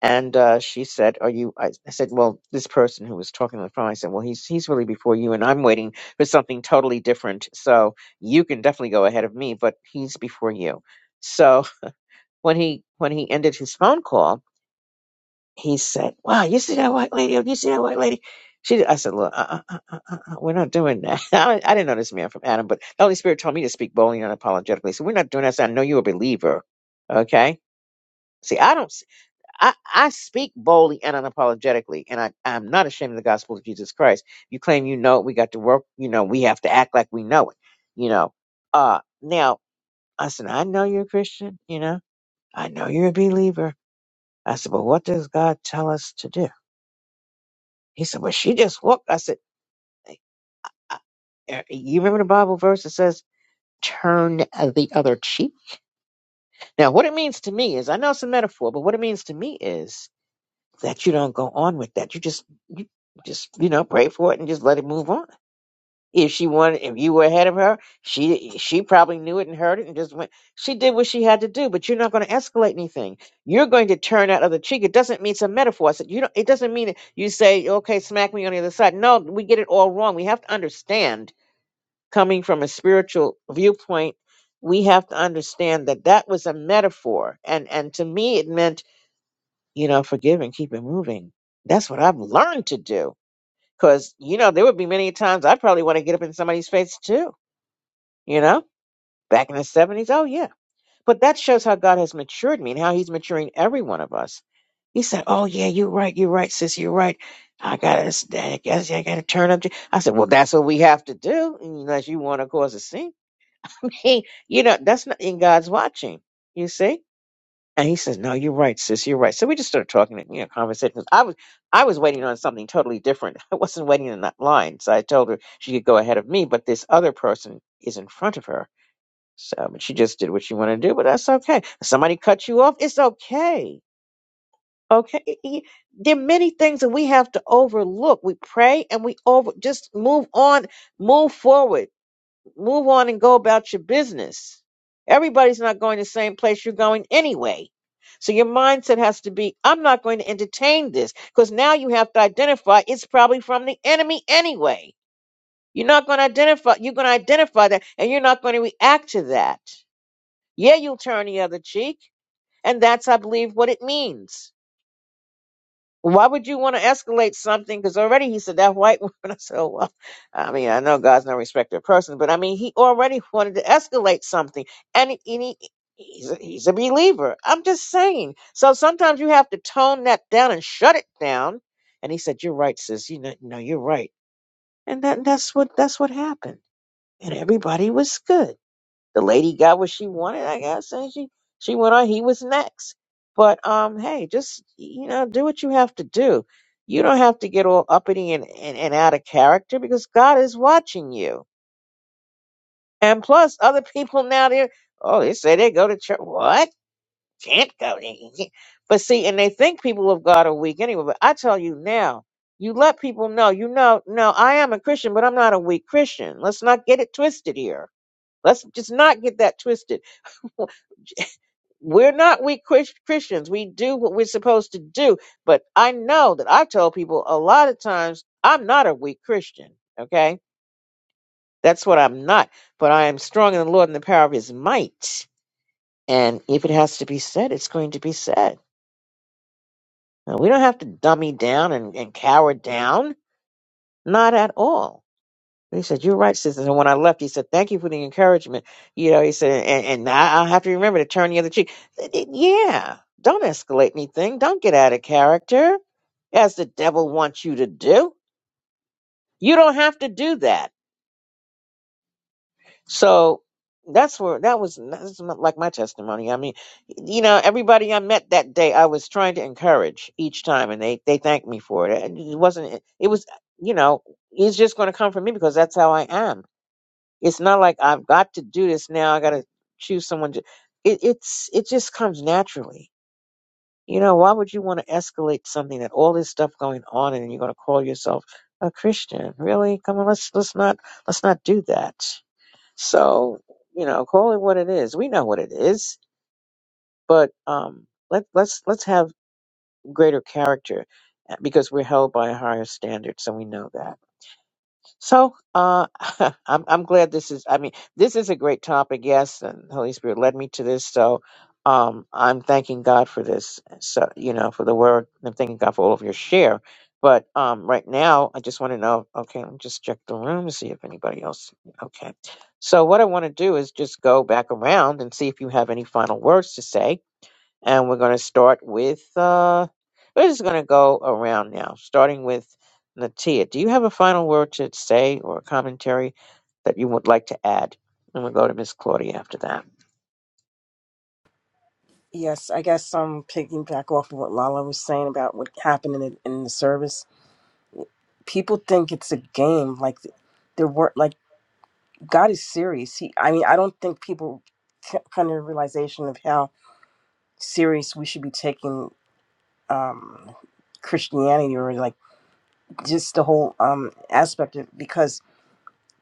Speaker 1: and uh, she said, "Are you?" I I said, "Well, this person who was talking on the phone." I said, "Well, he's he's really before you, and I'm waiting for something totally different. So you can definitely go ahead of me, but he's before you." So when he when he ended his phone call, he said, "Wow, you see that white lady? You see that white lady?" She, I said, "Look, uh, uh, uh, uh, uh, uh, we're not doing that. I, I didn't know this man from Adam, but the Holy Spirit told me to speak boldly and unapologetically. So we're not doing that. So I know you're a believer, okay?" See, I don't. I, I speak boldly and unapologetically, and I, I'm not ashamed of the gospel of Jesus Christ. You claim you know it, we got to work, you know, we have to act like we know it, you know. Uh, now, I said, I know you're a Christian, you know, I know you're a believer. I said, but what does God tell us to do? He said, well, she just walked. I said, "I- I- er, you remember the Bible verse that says, turn the other cheek? Now, what it means to me is, I know it's a metaphor, but what it means to me is, that you don't go on with that. You just you just you know pray for it and just let it move on. If she wanted, if you were ahead of her, she she probably knew it and heard it and just went. She did what she had to do, but you're not going to escalate anything. You're going to turn out other cheek. It doesn't mean some a metaphor. It's, you don't, it doesn't mean that you say okay, smack me on the other side. No, we get it all wrong. We have to understand coming from a spiritual viewpoint. We have to understand that that was a metaphor, and and to me it meant you know, forgive and keep it moving. That's what I've learned to do. Cause, you know, there would be many times I would probably want to get up in somebody's face too, you know, back in the 70s. Oh, yeah. But that shows how God has matured me and how he's maturing every one of us. He said, Oh, yeah, you're right. You're right, sis. You're right. I got to, I guess yeah, I got to turn up. to-" I said, Well, that's what we have to do unless you want to cause a scene. I mean, you know, that's not in God's watching. You see? And he says, "No, you're right, sis. You're right." So we just started talking, you know, conversation. 'Cause I was, I was waiting on something totally different. I wasn't waiting in that line, so I told her she could go ahead of me, but this other person is in front of her. So, but she just did what she wanted to do, but that's okay. Somebody cut you off, it's okay. Okay, Y- y- there are many things that we have to overlook. We pray and we over just move on, move forward Move on and go about your business. Everybody's not going the same place you're going anyway. So your mindset has to be, I'm not going to entertain this because now you have to identify it's probably from the enemy anyway. You're not going to identify, you're going to identify that and you're not going to react to that. Yeah, you'll turn the other cheek. And that's, I believe, what it means why would you want to escalate something? Because already he said that white woman. I said, oh, well, I mean, I know God's no respecter of person, but I mean, he already wanted to escalate something, and, he, and he- he's a, he's a believer. I'm just saying. So sometimes you have to tone that down and shut it down. And he said, you're right, sis. You know, no, you're right. And that that's what that's what happened. And everybody was good the lady got what she wanted, I guess, and she she went on. He was next, but um, hey, just you know, do what you have to do. You don't have to get all uppity and, and, and out of character because God is watching you. And plus, other people now they oh they say they go to church. What can't go? there. But see, and they think people of God are weak anyway. But I tell you now, you let people know. You know, no, I am a Christian, but I'm not a weak Christian. Let's not get it twisted here. Let's just not get that twisted We're not weak Chris- Christians. We do what we're supposed to do. But I know that I told people a lot of times I'm not a weak Christian. Okay. That's what I'm not. But I am strong in the Lord and the power of his might. And if it has to be said, it's going to be said. Now, we don't have to dummy down and, and cower down. Not at all. He said, You're right, sisters. And when I left, he said, Thank you for the encouragement. You know, he said, And, and I, I'll have to remember to turn the other cheek. Th- th- Yeah, don't escalate anything. Don't get out of character as the devil wants you to do. You don't have to do that. So that's where that was that's m- like my testimony. I mean, you know, everybody I met that day, I was trying to encourage each time, and they they thanked me for it. And It wasn't. It was, you know, it's just going to come from me because that's how I am It's not like I've got to do this now. I got to choose someone. To, it, it's it just comes naturally. You know, why would you want to escalate something that all this stuff going on and you're going to call yourself a Christian? Really? Come on, let's let's not let's not do that. So you know, call it what it is. We know what it is, but um, let let's let's have greater character uh, because we're held by a higher standard, so we know that. So uh, I'm I'm glad this is. I mean, this is a great topic. Yes, and the Holy Spirit led me to this. So um, I'm thanking God for this. So you know, for the word. I'm thanking God for all of your share. But um, right now, I just want to know. Okay, let me just check the room to see if anybody else. Okay. So what I want to do is just go back around and see if you have any final words to say and we're going to start with uh we're just going to go around now starting with natia do you have a final word to say or a commentary that you would like to add and we'll go to miss claudia after that
Speaker 6: Yes, I guess I'm picking back off of what Lala was saying about what happened in the, in the service. People think it's a game, like there were like God is serious. He, I mean, I don't think people c- come to the realization of how serious we should be taking um, Christianity or like just the whole um, aspect of because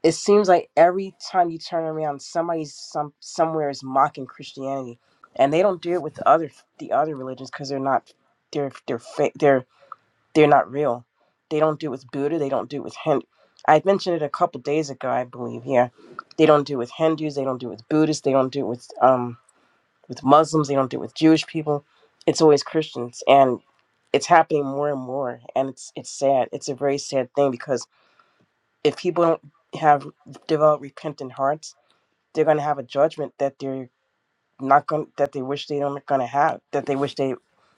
Speaker 6: it seems like every time you turn around, somebody's some somewhere is mocking Christianity, and they don't do it with the other the other religions because they're not they're they're fa- they're they're not real. They don't do it with Buddha. They don't do it with Hindu. I mentioned it a couple days ago, I believe. Yeah, they don't do it with Hindus. They don't do it with Buddhists. They don't do it with um with Muslims. They don't do it with Jewish people. It's always Christians, and it's happening more and more. And it's it's sad. It's a very sad thing because if people don't have developed repentant hearts, they're going to have a judgment that they're not going that they wish they don't gonna have that they wish they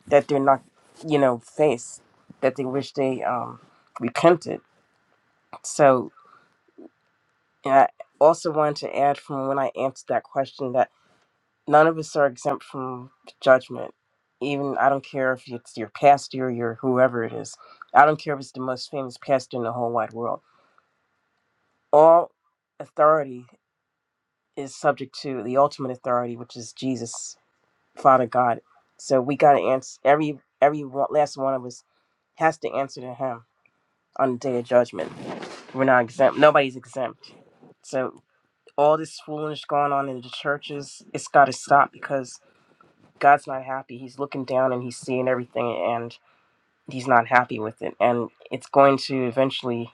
Speaker 6: that they're not you know face that they wish they um repented so and i also wanted to add from when i answered that question that none of us are exempt from judgment even i don't care if it's your pastor or your whoever it is i don't care if it's the most famous pastor in the whole wide world all authority is subject to the ultimate authority which is jesus Father God. So we got to answer every every one- last one of us has to answer to Him on the day of judgment. We're not exempt. Nobody's exempt. So all this foolishness going on in the churches, it's got to stop because God's not happy. He's looking down and He's seeing everything, and He's not happy with it. And it's going to eventually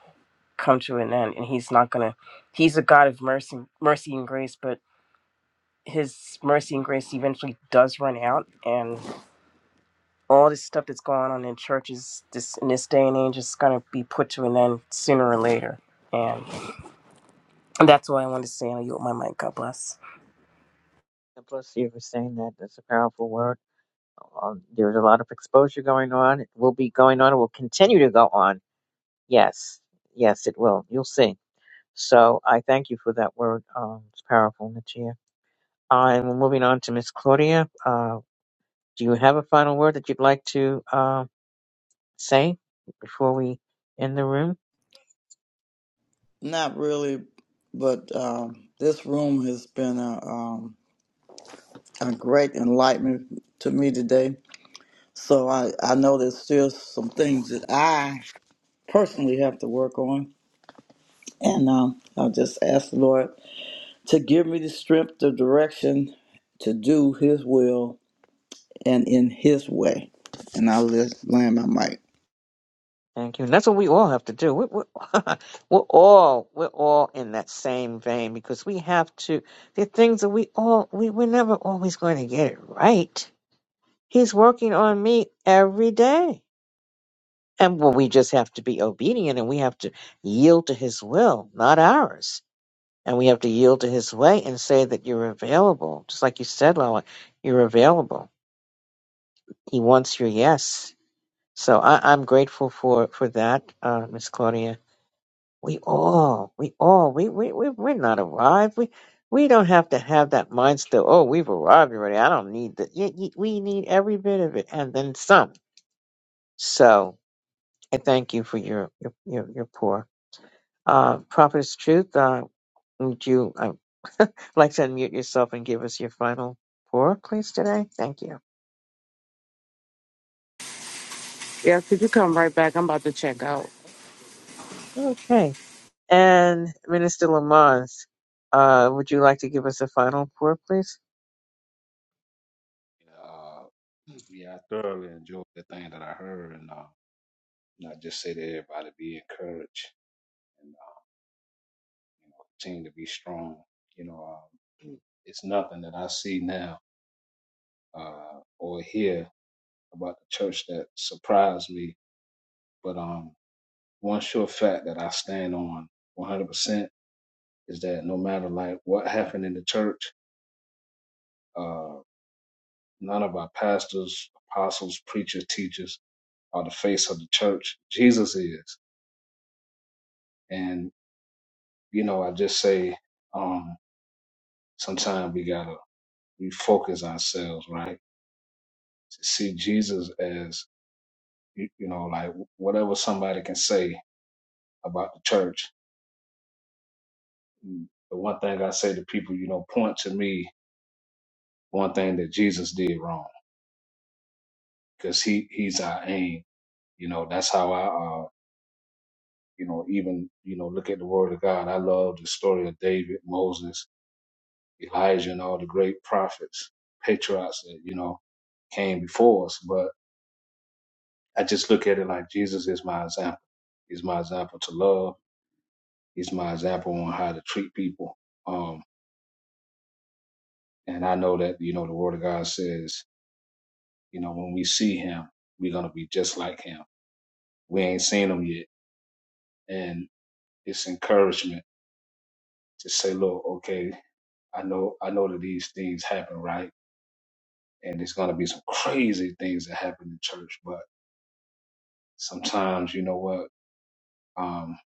Speaker 6: come to an end. And He's not gonna. He's a God of mercy, mercy and grace, but His mercy and grace eventually does run out, and all this stuff that's going on in churches this in this day and age is gonna be put to an end sooner or later. And that's all I wanted to say. I'll yield my mic. God bless.
Speaker 1: and plus you were saying that that's a powerful word Uh, there's a lot of exposure going on. It will be going on. It will continue to go on. Yes, yes, it will. You'll see. So I thank you for that word. Um, it's powerful, Natia. Uh, and we're moving on to Miss Claudia. Uh, do you have a final word that you'd like to uh, say before we end the room?
Speaker 5: Not really, but um, this room has been a, um, a great enlightenment to me today. So I, I know there's still some things that I personally have to work on. And um, I'll just ask the Lord to give me the strength, the direction to do His will and in His way. And I'll just land my mic.
Speaker 1: Thank you. And that's what we all have to do. We're, we're, we're all we're all in that same vein because we have to. There are things that we all we we're never always going to get it right He's working on me every day. And well, we just have to be obedient and we have to yield to his will, not ours. And we have to yield to his way and say that you're available. Just like you said, Lola, you're available. He wants your yes. So I, I'm grateful for, for that, uh, Miss Claudia. We all, we all, we, we, we, we're not arrived. We, we don't have to have that mindset, oh, we've arrived already. I don't need that. We need every bit of it and then some. So I thank you for your your your, your pour. Uh, Prophetess Truth, uh, would you uh, like to unmute yourself and give us your final pour, please, today? Thank you.
Speaker 2: Yeah, could you come right back? I'm about to check out.
Speaker 1: Okay. And Minister Lamont, uh, would you like to give us a final pour, please?
Speaker 3: Uh, yeah, I thoroughly enjoyed the thing that I heard, and uh, and I just say to everybody, be encouraged. you know, continue to be strong. You know, um, it's nothing that I see now uh, or hear about the church that surprised me. But um, one sure fact that I stand on 100% is that no matter like what happened in the church, uh, none of our pastors, apostles, preachers, teachers are the face of the church. Jesus is. And, you know, I just say, um, sometimes we gotta refocus ourselves, right? To see Jesus as You, you know, like whatever somebody can say about the church. Mm, The one thing I say to people, you know, point to me one thing that Jesus did wrong because he he's our aim. You know, that's how I, uh, you know, even you know, look at the Word of God. I love the story of David, Moses, Elijah, and all the great prophets, patriarchs that you know came before us. But I just look at it like Jesus is my example. He's my example to love. He's my example on how to treat people. Um, And I know that, you know, the word of God says, you know, when we see him, we're going to be just like him. We ain't seen him yet. And it's encouragement to say, look, okay, I know, I know that these things happen, right? And there's going to be some crazy things that happen in church. But sometimes, you know what? Um,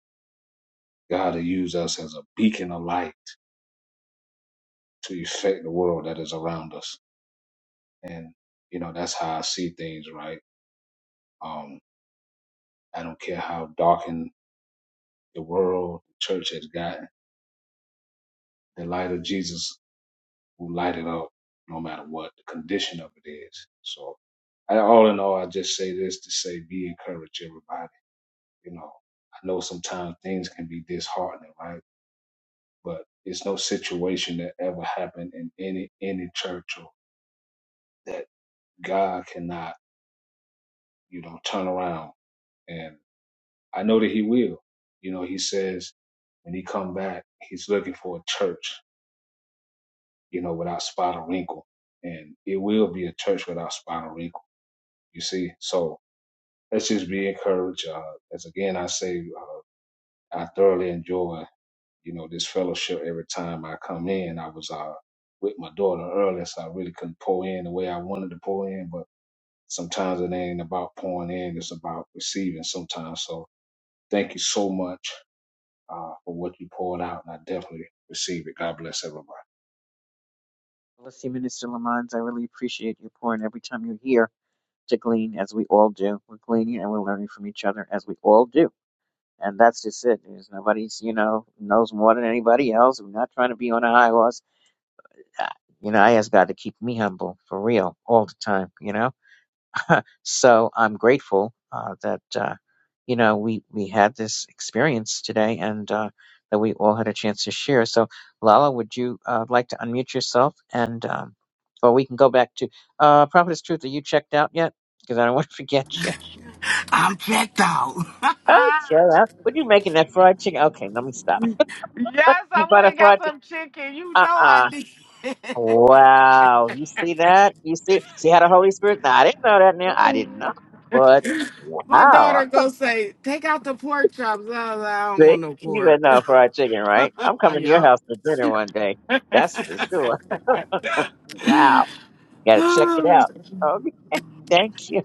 Speaker 3: God will use us as a beacon of light to affect the world that is around us. And, you know, that's how I see things, right? Um, I don't care how darkened the world, the church has got The light of Jesus will light it up no matter what the condition of it is. So I, all in all, I just say this to say be encouraged, everybody. You know, I know sometimes things can be disheartening, right? But it's no situation that ever happened in any any church or that God cannot, you know, turn around. And I know that He will. You know, He says when He come back, He's looking for a church, you know, without spot or wrinkle, and it will be a church without spot or wrinkle You see, so let's just be encouraged. Uh, as again, I say, uh, I thoroughly enjoy, you know, this fellowship every time I come in. I was uh, with my daughter earlier, so I really couldn't pour in the way I wanted to pour in. But sometimes it ain't about pouring in; it's about receiving. Sometimes, so thank you so much uh, for what you poured out, and I definitely receive it. God bless everybody.
Speaker 1: Well, Let's see, Minister Lamont, I really appreciate your point every time you're here to glean, as we all do. We're gleaning and we're learning from each other, as we all do. And that's just it. There's nobody's, you know, knows more than anybody else. We're not trying to be on a high horse. Uh, You know, I ask God to keep me humble for real all the time, you know? So I'm grateful uh, that uh, you know we we had this experience today, and uh, that we all had a chance to share. So Lala, would you uh, like to unmute yourself, and um, or we can go back to uh, Prophetess Truth? Are you checked out yet? Because I don't want to forget you.
Speaker 2: I'm checked out.
Speaker 1: Oh, sure. up. What are you making that fried chicken? Okay, let me stop.
Speaker 2: Yes,
Speaker 1: You
Speaker 2: I
Speaker 1: bought
Speaker 2: went
Speaker 1: a
Speaker 2: and got
Speaker 1: fried chicken?
Speaker 2: some chicken. You
Speaker 1: Uh
Speaker 2: know I
Speaker 1: uh
Speaker 2: did.
Speaker 1: Wow. You see that? You see see how the Holy Spirit? Now, I didn't know that now. I didn't know. But
Speaker 2: My
Speaker 1: wow.
Speaker 2: daughter go say, take out the pork chops. I, was like, I don't
Speaker 1: See,
Speaker 2: want no
Speaker 1: you better
Speaker 2: pork.
Speaker 1: know fried chicken, right? I'm
Speaker 2: Oh,
Speaker 1: coming to your
Speaker 2: yep.
Speaker 1: house for dinner one day. That's for sure. Wow. Got to check it out. Okay. Thank you.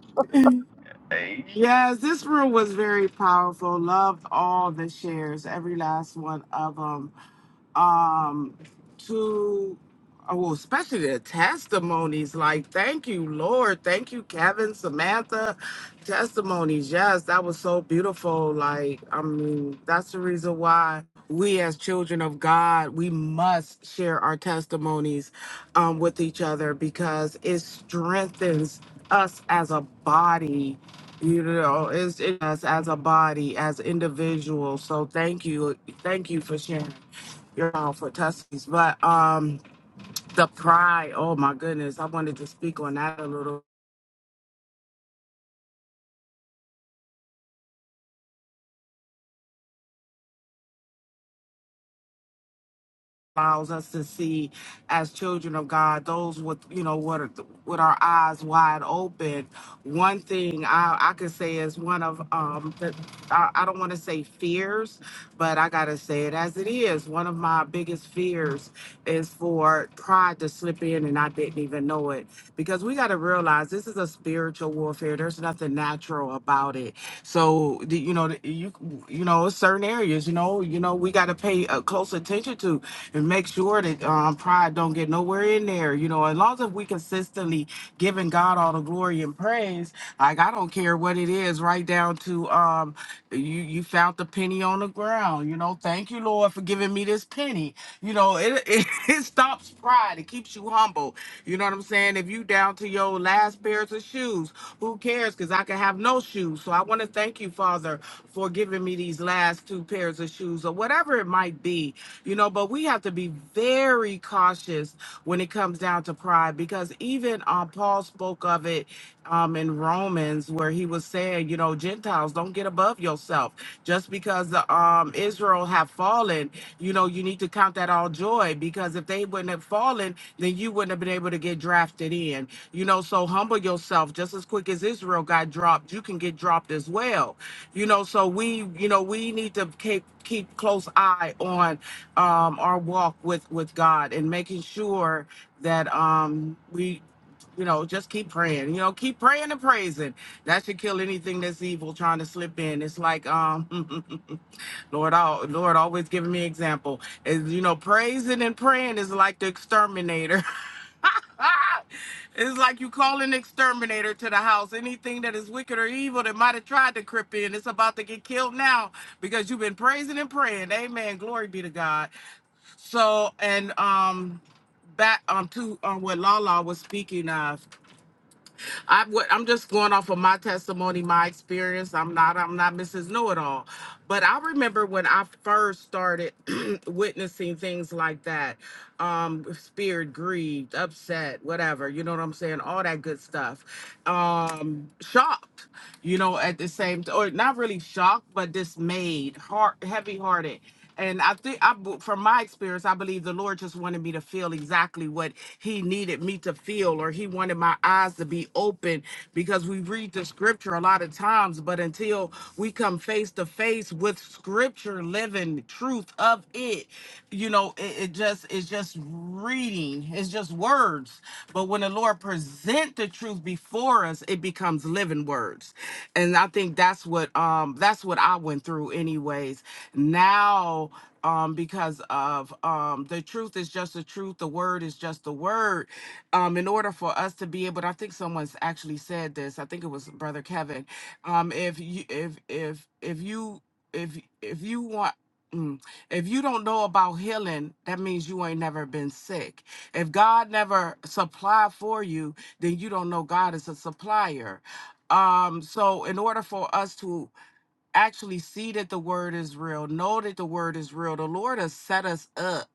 Speaker 2: yes, this room was very powerful. Loved all the shares, every last one of them. um to oh, well, especially their testimonies like thank you lord thank you kevin samantha testimonies yes that was so beautiful like i mean that's the reason why we as children of god we must share our testimonies um, with each other because it strengthens us as a body. You know, it's it us as a body, as individuals. So thank you, thank you for sharing your all for testimonies. But um, the pride, oh my goodness, I wanted to speak on that a little allows us to see as children of God, those with you know what are with our eyes wide open. One thing I, I could say is one of um the, I, I don't want to say fears, but I gotta say it as it is. One of my biggest fears is for pride to slip in and I didn't even know it. Because we gotta realize this is a spiritual warfare. There's nothing natural about it. So the- you know the- you you know certain areas you know you know we gotta pay uh, close attention to and make sure that um, pride don't get nowhere in there. You know, as long as we consistently giving God all the glory and praise, like I don't care what it is, right down to um, you you found the penny on the ground. You know, thank you, Lord, for giving me this penny. You know, it it, it stops pride. It keeps you humble. You know what I'm saying? If you down to your last pairs of shoes, who cares? Because I can have no shoes. So I want to thank you, Father, for giving me these last two pairs of shoes or whatever it might be. You know you know, but we have to be very cautious when it comes down to pride because even uh, Paul spoke of it um, in Romans where he was saying, you know, Gentiles, don't get above yourself. Just because the um, Israel have fallen, you know, you need to count that all joy because if they wouldn't have fallen, then you wouldn't have been able to get drafted in. You know, so humble yourself. Just as quick as Israel got dropped, you can get dropped as well. You know, so we, you know, we need to keep keep close eye on um, our walk with with God and making sure that um, we, you know, just keep praying. You know, keep praying and praising. That should kill anything that's evil trying to slip in. It's like um, Lord, al- Lord always giving me example. Is you know, praising and praying is like the exterminator. it's like you call an exterminator to the house. Anything that is wicked or evil that might have tried to creep in, it's about to get killed now because you've been praising and praying. Amen. Glory be to God. So and um back um to um, what Lala was speaking of. I would I'm just going off of my testimony, my experience. I'm not I'm not Mrs. Know It All, but I remember when I first started witnessing things like that, um, spirit, grieved, upset, whatever. You know what I'm saying? All that good stuff. Um, shocked. You know, at the same or not really shocked, but dismayed, heart heavy hearted and I think I, b- from my experience, I believe the Lord just wanted me to feel exactly what He needed me to feel, or He wanted my eyes to be open because we read the scripture a lot of times, but until we come face to face with scripture, living truth of it, you know, it, it just it's just reading, it's just words words, but when the Lord present the truth before us, it becomes living words. And I think that's what um that's what I went through anyways. Now um because of um the truth is just the truth, the word is just the word. Um in order for us to be able to, I think someone's actually said this. I think it was brother Kevin. Um if you if if if you if if you want mm, if you don't know about healing, that means you ain't never been sick. If God never supply for you, then you don't know God is a supplier. Um, so in order for us to actually see that the word is real, know that the word is real, the Lord has set us up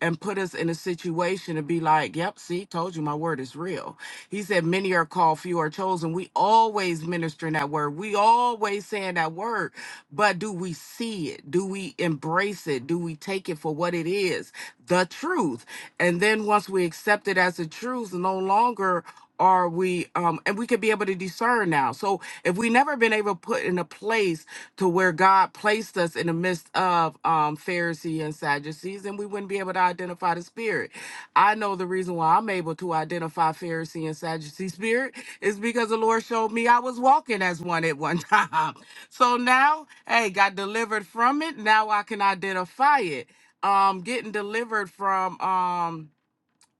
Speaker 2: and put us in a situation to be like, yep, see, told you my word is real he said, Many are called, few are chosen. We always ministering that word. We always saying that word. But do we see it? Do we embrace it? Do we take it for what it is? The truth. And then once we accept it as the truth, no longer are we um and we could be able to discern now so if we never been able to put in a place to where god placed us in the midst of um pharisees and sadducees then we wouldn't be able to identify the spirit I know the reason why I'm able to identify Pharisee and Sadducee spirit is because the Lord showed me I was walking as one at one time. So now, hey, got delivered from it. Now I can identify it. Um, getting delivered from um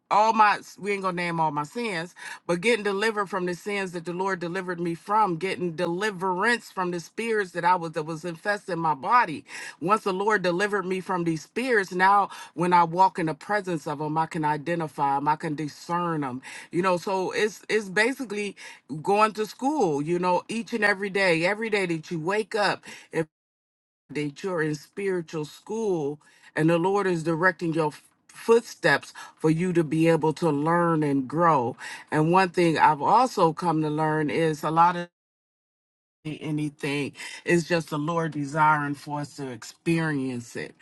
Speaker 2: all my we ain't gonna name all my sins, but getting delivered from the sins that the Lord delivered me from, getting deliverance from the spirits that I was that was infesting my body. Once the Lord delivered me from these spirits, now when I walk in the presence of them, I can identify them, I can discern them. You know, so it's it's basically going to school, you know, each and every day, every day that you wake up that you're in spiritual school and the Lord is directing your f- footsteps for you to be able to learn and grow. And one thing I've also come to learn is a lot of anything is just the Lord desiring for us to experience it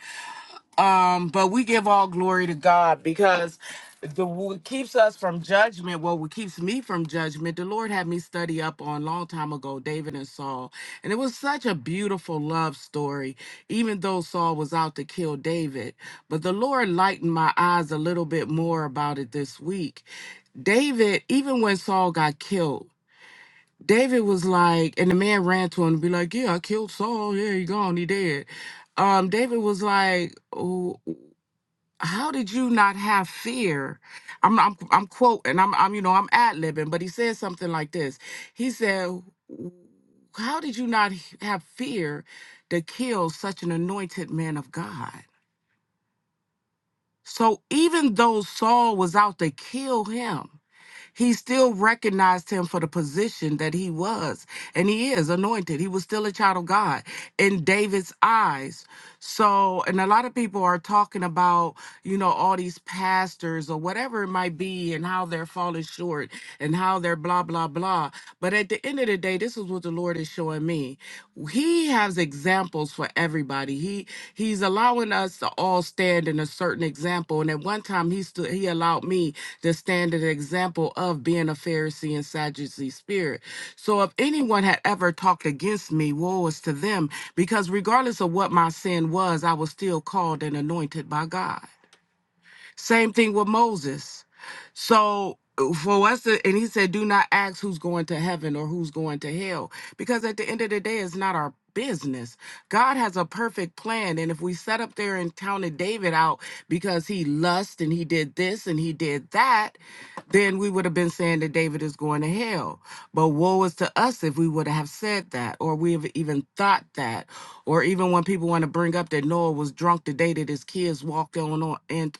Speaker 2: um, but we give all glory to God because the what keeps us from judgment, well, what keeps me from judgment, the Lord had me study up on long time ago, David and Saul. And it was such a beautiful love story, even though Saul was out to kill David. But the Lord lightened my eyes a little bit more about it this week. David, even when Saul got killed, David was like, and the man ran to him and be like, Yeah, I killed Saul. Yeah, he gone, he dead. Um, David was like, how did you not have fear? I'm I'm I'm quoting. I'm I'm you know I'm ad libbing, but he said something like this. He said, "W- "How did you not h- have fear to kill such an anointed man of God?" So even though Saul was out to kill him, he still recognized him for the position that he was. And he is anointed. He was still a child of God in David's eyes. So, and a lot of people are talking about, you know, all these pastors or whatever it might be and how they're falling short and how they're blah, blah, blah. But at the end of the day, this is what the Lord is showing me. He has examples for everybody. He, he's he's allowing us to all stand in a certain example. And at one time, he stood, he allowed me to stand in an example of being a Pharisee and Sadducee spirit. So if anyone had ever talked against me, woe is to them, because regardless of what my sin was, I was still called and anointed by God. Same thing with Moses. So uh, for us, to, and he said, do not ask who's going to heaven or who's going to hell, because at the end of the day, it's not our business. God has a perfect plan. And if we sat up there and counted David out because he lust and he did this and he did that, then we would have been saying that David is going to hell. But woe is to us if we would have said that, or we have even thought that, or even when people want to bring up that Noah was drunk the day that his kids walked on, on in,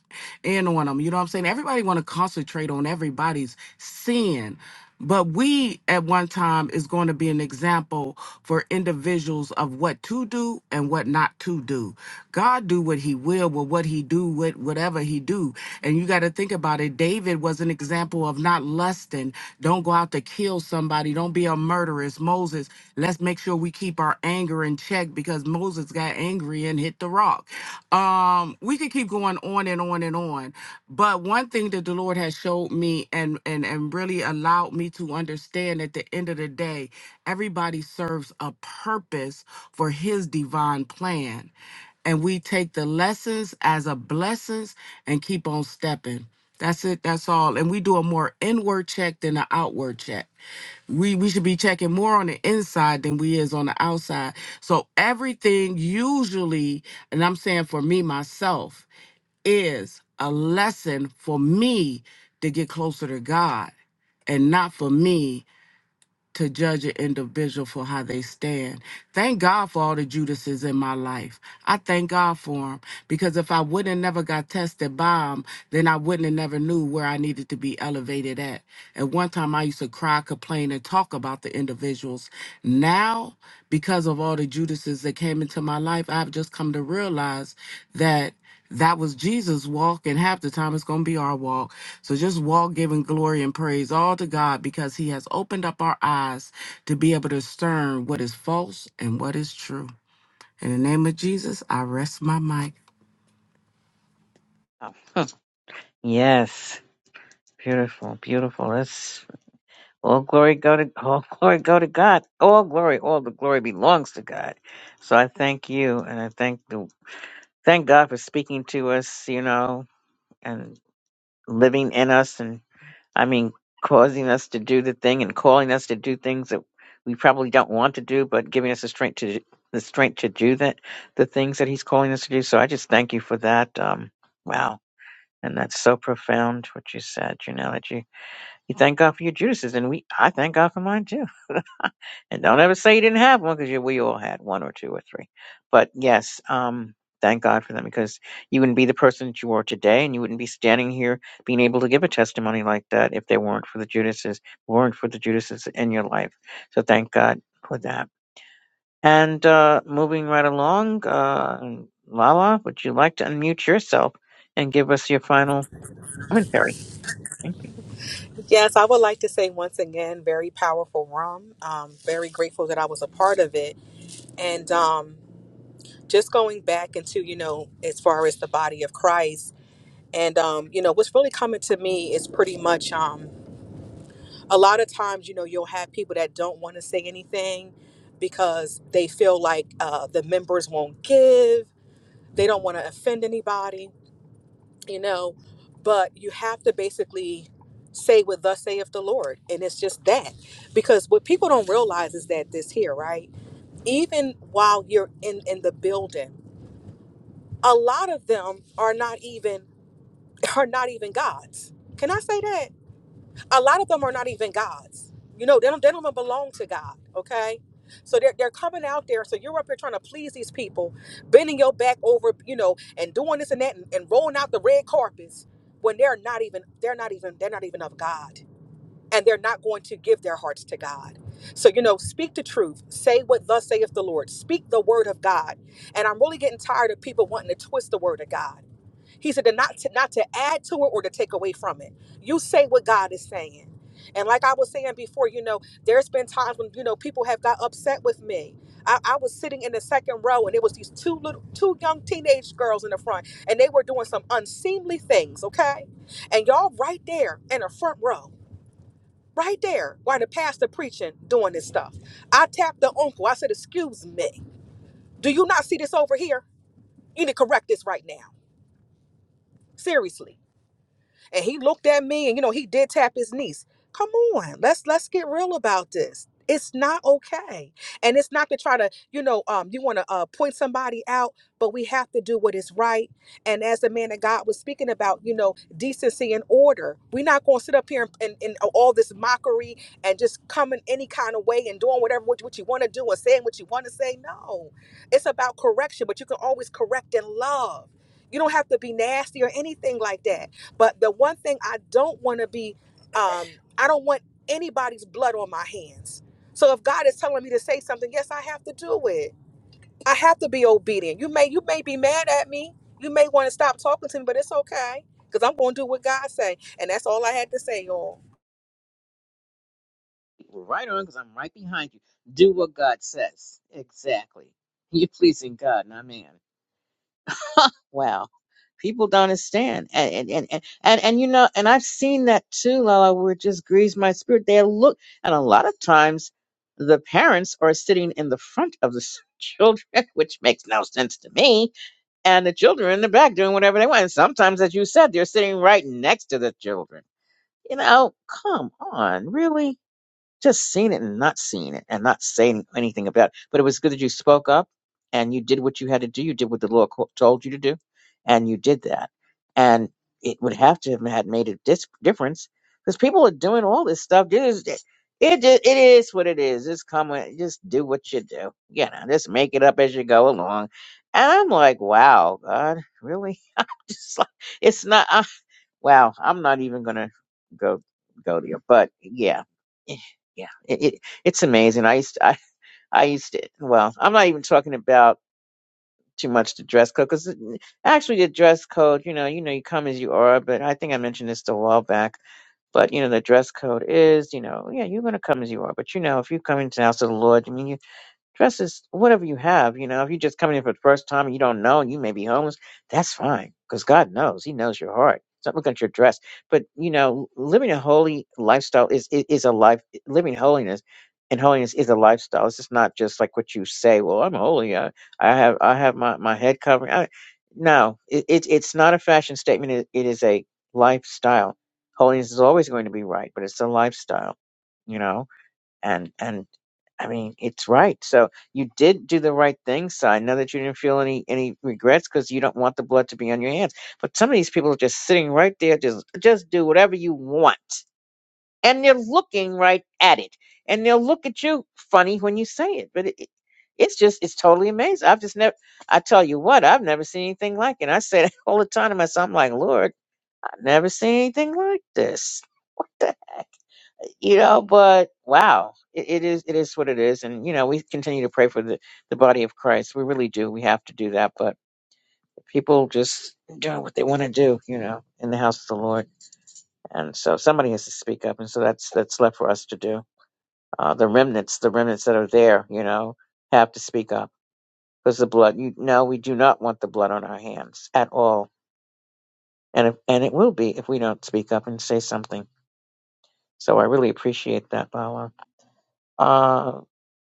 Speaker 2: in on him. You know what I'm saying? Everybody want to concentrate on everybody's sin. But we at one time is going to be an example for individuals of what to do and what not to do. God do what he will with what he do with whatever he do. And you got to think about it. David was an example of not lusting. Don't go out to kill somebody. Don't be a murderess. Moses, let's make sure we keep our anger in check because Moses got angry and hit the rock. Um, we could keep going on and on and on. But one thing that the Lord has showed me and and and really allowed me to understand at the end of the day, everybody serves a purpose for his divine plan. And we take the lessons as a blessings and keep on stepping. That's it. That's all. And we do a more inward check than an outward check we we should be checking more on the inside than we is on the outside so everything usually and i'm saying for me myself is a lesson for me to get closer to god and not for me to judge an individual for how they stand. Thank God for all the Judases in my life. I thank God for them because if I wouldn't have never got tested by them, then I wouldn't have never knew where I needed to be elevated at. At one time, I used to cry, complain, and talk about the individuals. Now, because of all the Judases that came into my life, I've just come to realize that. That was Jesus' walk, and half the time it's going to be our walk. So just walk giving glory and praise all to God because He has opened up our eyes to be able to discern what is false and what is true. In the name of Jesus, I rest my mic.
Speaker 1: Yes. Beautiful, beautiful. That's all glory go to all glory go to God. All glory, all the glory belongs to God. So I thank you and I thank the thank God for speaking to us, you know, and living in us I mean, causing us to do the thing and calling us to do things that we probably don't want to do, but giving us the strength to the strength to do that, the things that He's calling us to do. So I just thank you for that. Um, wow, and that's so profound what you said, Janelle. That you you thank God for your Judases, and we I thank God for mine too. And don't ever say you didn't have one because we all had one or two or three. But yes, um, thank God for them because you wouldn't be the person that you are today and you wouldn't be standing here being able to give a testimony like that if they weren't for the Judases, weren't for the Judases in your life. So thank God for that. And uh, moving right along, uh, Lala, would you like to unmute yourself and give us your final commentary? Thank
Speaker 7: Yes, I would like to say once again, very powerful rum. Um, very grateful that I was a part of it. And um, just going back into, you know, as far as the body of Christ. And um, you know, what's really coming to me is pretty much um, a lot of times, you know, you'll have people that don't want to say anything because they feel like uh, the members won't give, they don't want to offend anybody, you know. But you have to basically say what thus saith the Lord, and it's just that. Because what people don't realize is that this here, right? Even while you're in in the building, a lot of them are not even are not even gods. Can I say that? a lot of them are not even gods. You know, they don't, they don't even belong to God, okay? So they're, they're coming out there. So you're up here trying to please these people, bending your back over, you know, and doing this and that and, and rolling out the red carpets when they're not even, they're not even, they're not even of God. And they're not going to give their hearts to God. So, you know, speak the truth. Say what thus saith the Lord. Speak the word of God. And I'm really getting tired of people wanting to twist the word of God. He said to not to, not to add to it or to take away from it. You say what God is saying. And like I was saying before, you know, there's been times when you know people have got upset with me. I, I was sitting in the second row, and it was these two little, two young teenage girls in the front, and they were doing some unseemly things. Okay, and y'all right there in the front row, right there, while the pastor preaching, doing this stuff. I tapped the uncle. I said, "Excuse me, do you not see this over here? You need to correct this right now, seriously." And he looked at me and you know, he did tap his niece. Come on, let's let's get real about this. It's not okay. And it's not to try to, you know, um, you want to uh, point somebody out, but we have to do what is right. And as the man of God was speaking about, you know, decency and order, we're not going to sit up here and in all this mockery and just coming any kind of way and doing whatever what, what you want to do and saying what you want to say. No, it's about correction, but you can always correct in love. You don't have to be nasty or anything like that but the one thing I don't want to be, um, I don't want anybody's blood on my hands. So if God is telling me to say something, yes, I have to do it. I have to be obedient. You may you may be mad at me. You may want to stop talking to me, but it's okay because I'm going to do what God say, and that's all I had to say, y'all.
Speaker 1: you. Well, Right on, because I'm right behind you. Do what God says. Exactly. You're pleasing God, not man. Wow. People don't understand. And and, and and and and, you know, and I've seen that too, Lala, where it just grieves my spirit. They look and a lot of times the parents are sitting in the front of the s- children, which makes no sense to me. And the children are in the back doing whatever they want. And sometimes, as you said, they're sitting right next to the children. You know, come on, really? just seen it and not seen it and not saying anything about it. But it was good that you spoke up and you did what you had to do. You did what the law co- told you to do, and you did that. And it would have to have had made a dis- difference because people are doing all this stuff. It is, it, it, is- it is what it is. Just come with, just do what you do. You know, just make it up as you go along. And I'm like, wow, God, really? I'm just like, it's not. I, wow, I'm not even gonna go go to you. But yeah, yeah it, it it's amazing i used to, I, I used to well i'm not even talking about too much the dress code because actually the dress code you know you know you come as you are but i think i mentioned this a while back but you know the dress code is you know yeah you're going to come as you are but you know if you come into the house of the lord i mean you Dress as whatever you have. You know, if you're just coming in for the first time and you don't know and you may be homeless, that's fine because God knows. He knows your heart. He's not looking at your dress. But, you know, living a holy lifestyle is, is, is a life, living holiness and holiness is a lifestyle. It's just not just like what you say, well, I'm holy. I, I have, I have my, my head covering. I, no, it, it, it's not a fashion statement. It, it is a lifestyle. Holiness is always going to be right, but it's a lifestyle, you know? and and I mean, it's right. So you did do the right thing, So I know that you didn't feel any any regrets because you don't want the blood to be on your hands. But some of these people are just sitting right there, just just do whatever you want, and they're looking right at it, and they'll look at you funny when you say it. But it, it- it's just it's totally amazing. I've just never. I tell you what, I've never seen anything like it. I say that all the time to myself. I'm like, Lord, I've never seen anything like this. you know but wow it, it is it is what it is and you know we continue to pray for the the body of christ we really do we have to do that but people just doing what they want to do you know in the house of the lord and so somebody has to speak up and so that's that's left for us to do uh the remnants the remnants that are there you know have to speak up because the blood you no we do not want the blood on our hands at all and if, and it will be if we don't speak up and say something so i really appreciate that Bala. Uh,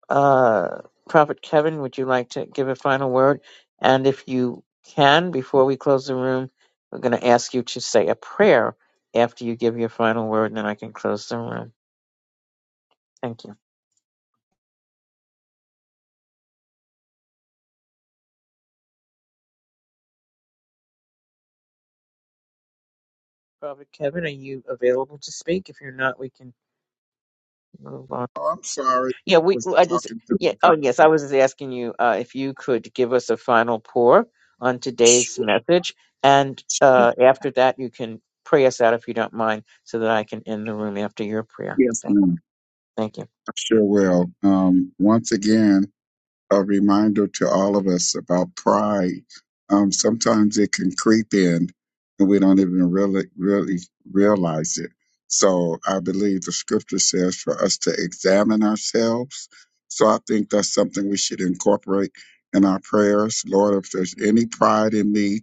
Speaker 1: Uh, Prophet Kevin, would you like to give a final word? And if you can, before we close the room, we're going to ask you to say a prayer after you give your final word, and then I can close the room. Thank you. Prophet Kevin, are you available to speak? If you're not, we can move on.
Speaker 10: Oh, I'm sorry.
Speaker 1: Yeah,
Speaker 10: I
Speaker 1: we.
Speaker 10: was
Speaker 1: well, I just.
Speaker 10: talking to
Speaker 1: Yeah.
Speaker 10: the
Speaker 1: Oh, yes. I
Speaker 10: doctor.
Speaker 1: was just asking you uh, if you could give us a final pour on today's
Speaker 10: Sure.
Speaker 1: message, and
Speaker 10: sure.
Speaker 1: uh, after that, you can pray us out if you don't mind, so that I can end the room after your prayer.
Speaker 10: Yes,
Speaker 1: Thank you.
Speaker 10: ma'am.
Speaker 1: Thank you.
Speaker 10: I sure will. Um, once again, a reminder to all of us about pride. Um, sometimes it can creep in and we don't even really, really realize it. So I believe the scripture says for us to examine ourselves. So I think that's something we should incorporate in our prayers. Lord, if there's any pride in me,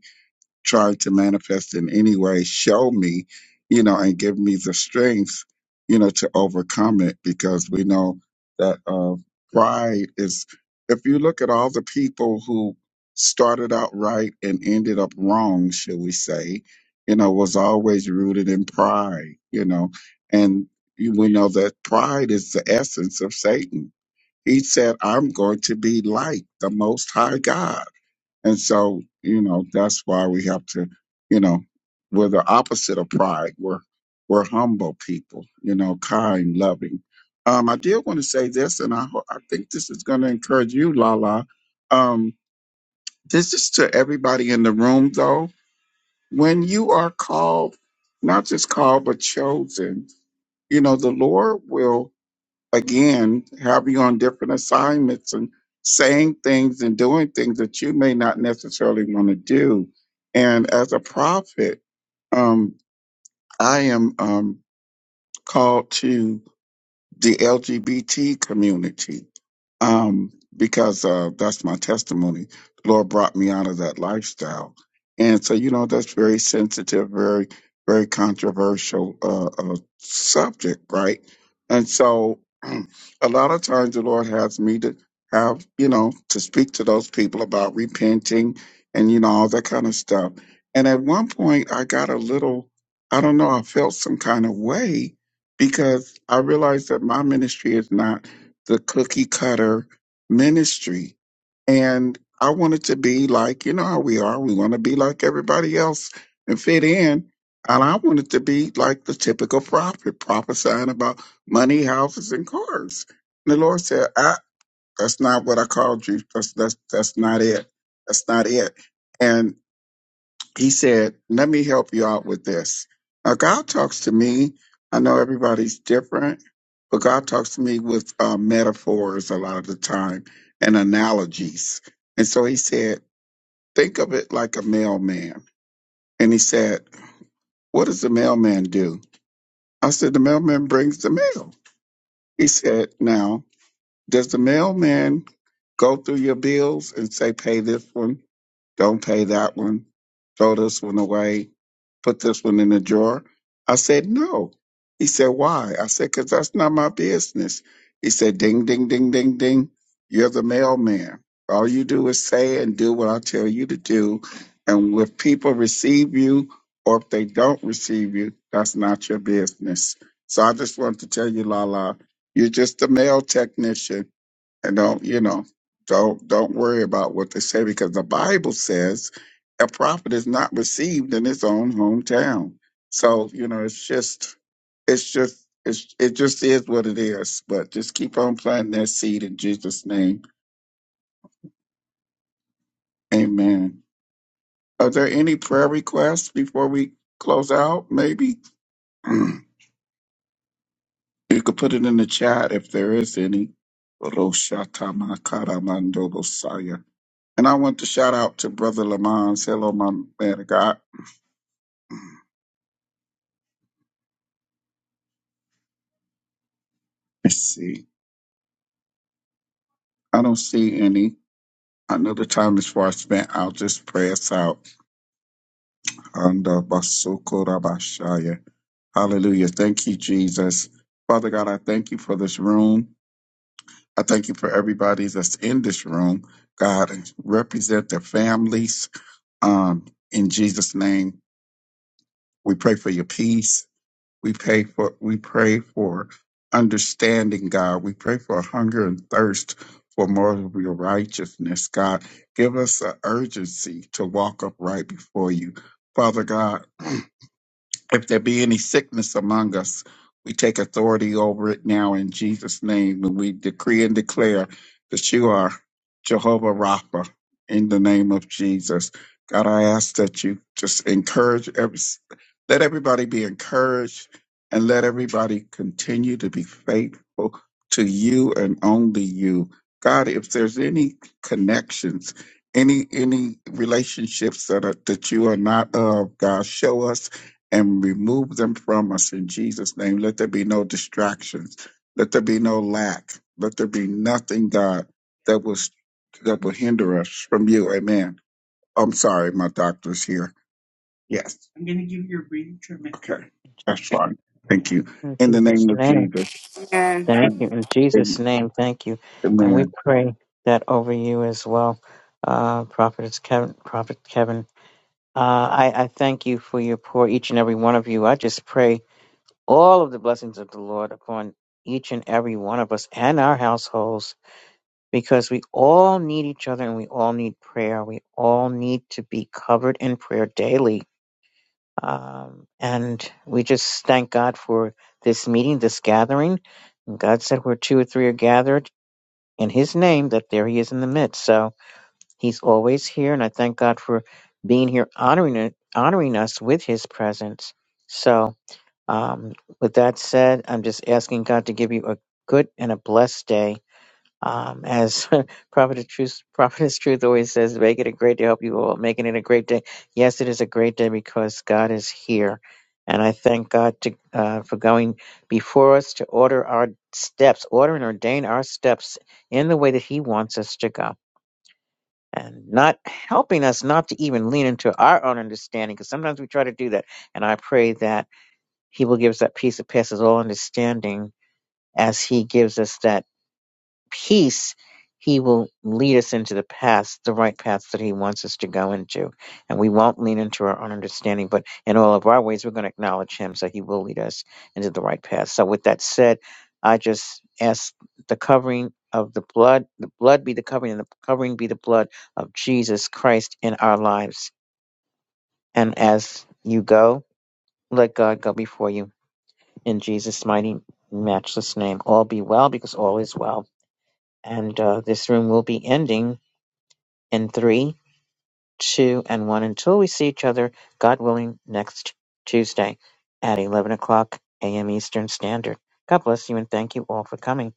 Speaker 10: trying to manifest in any way, show me, you know, and give me the strength, you know, to overcome it because we know that uh, pride is, if you look at all the people who started out right and ended up wrong, shall we say, you know, was always rooted in pride, you know, and you- we know that pride is the essence of Satan. He said, I'm going to be like the Most High God and so, you know, that's why we have to, you know, we're the opposite of pride. We're we're humble people, you know, kind, loving. Um, I did want to say this, and I ho- I think this is going to encourage you, Lala. Um, this is to everybody in the room, though. When you are called, not just called but chosen, you know, the Lord will again have you on different assignments and saying things and doing things that you may not necessarily want to do and as a prophet um, i am um, called to the lgbt community um, because uh, that's my testimony. The Lord brought me out of that lifestyle, and so you know that's very sensitive, very very controversial uh, uh, subject, right? And so a lot of times the Lord has me to have you know to speak to those people about repenting and you know all that kind of stuff. And at one point, I got a little, I don't know, I felt some kind of way because I realized that my ministry is not the cookie cutter ministry. And I wanted to be like, you know how we are. We want to be like everybody else and fit in. And I wanted to be like the typical prophet, prophesying about money, houses, and cars. And the Lord said, I, that's not what I called you. That's, that's, that's not it. That's not it. And he said, Let me help you out with this. Now, God talks to me. I know everybody's different, but God talks to me with uh, metaphors a lot of the time and analogies. And so he said, Think of it like a mailman. And he said, What does the mailman do? I said, The mailman brings the mail. He said, Now, does the mailman go through your bills and say, Pay this one, don't pay that one, throw this one away? put this one in the drawer? I said, no. He said, why? I said, because that's not my business. He said, ding, ding, ding, ding, ding. You're the mailman. All you do is say and do what I tell you to do. And if people receive you or if they don't receive you, that's not your business. So I just wanted to tell you, Lala, you're just a mail technician and don't you know don't don't worry about what they say because the bible says a prophet is not received in his own hometown so you know it's just it's just it's, it just is what it is but just keep on planting that seed in jesus name amen are there any prayer requests before we close out maybe you could put it in the chat if there is any And I want to shout out to Brother Lamont. Hello, my man of God. Let's see. I don't see any. Another time is far spent. I'll just pray us out. Anda basoko rabashaya. Hallelujah. Thank you, Jesus. Father God, I thank you for this room. I thank you for everybody that's in this room. God, represent their families. Um, in Jesus' name, we pray for your peace. We pay for we pray for understanding, God. We pray for a hunger and thirst for more of your righteousness, God. Give us an urgency to walk upright before you. Father God, If there be any sickness among us, we take authority over it now in Jesus' name, and we decree and declare that you are Jehovah Rapha in the name of Jesus. God, I ask that you just encourage every, let everybody be encouraged and let everybody continue to be faithful to you and only you. God, if there's any connections, any any relationships that are, that you are not of, God, show us and remove them from us in Jesus' name. Let there be no distractions. Let there be no lack. Let there be nothing, God, that will that will hinder us from you. Amen. I'm sorry, my doctor's here. Yes. I'm going to give you a breathing treatment. Okay, that's fine. Thank you.
Speaker 1: In
Speaker 10: In the
Speaker 1: Jesus'
Speaker 10: name of
Speaker 1: name,
Speaker 10: Jesus.
Speaker 1: thank you. In Jesus' name, thank you. And
Speaker 10: Amen.
Speaker 1: we pray that over you as well, uh, Prophet Kevin. Prophet Kevin, uh, I, I thank you for your pour, each and every one of you. I just pray all of the blessings of the Lord upon each and every one of us and our households, because we all need each other and we all need prayer. We all need to be covered in prayer daily Um, and we just thank God for this meeting, this gathering. And God said, where two or three are gathered in His name, that there He is in the midst. So He's always here. And I thank God for being here, honoring it, honoring us with His presence. So, um, with that said, I'm just asking God to give you a good and a blessed day um, as Prophet of Truth, Prophet of Truth always says, make it a great day. I hope you all making it a great day. Yes, it is a great day because God is here. And I thank God to, uh, for going before us to order our steps, order and ordain our steps in the way that He wants us to go. And not helping us not to even lean into our own understanding, because sometimes we try to do that. And I pray that He will give us that peace that passes all understanding as He gives us that peace, He will lead us into the paths, the right paths that He wants us to go into. And we won't lean into our own understanding, but in all of our ways, we're going to acknowledge Him so He will lead us into the right path. So, with that said, I just ask the covering of the blood, the blood be the covering, and the covering be the blood of Jesus Christ in our lives. And as you go, let God go before you in Jesus' mighty, matchless name. All be well because all is well. And uh, this room will be ending in three, two, and one until we see each other, God willing, next Tuesday at 11 o'clock a.m. Eastern Standard. God bless you and thank you all for coming.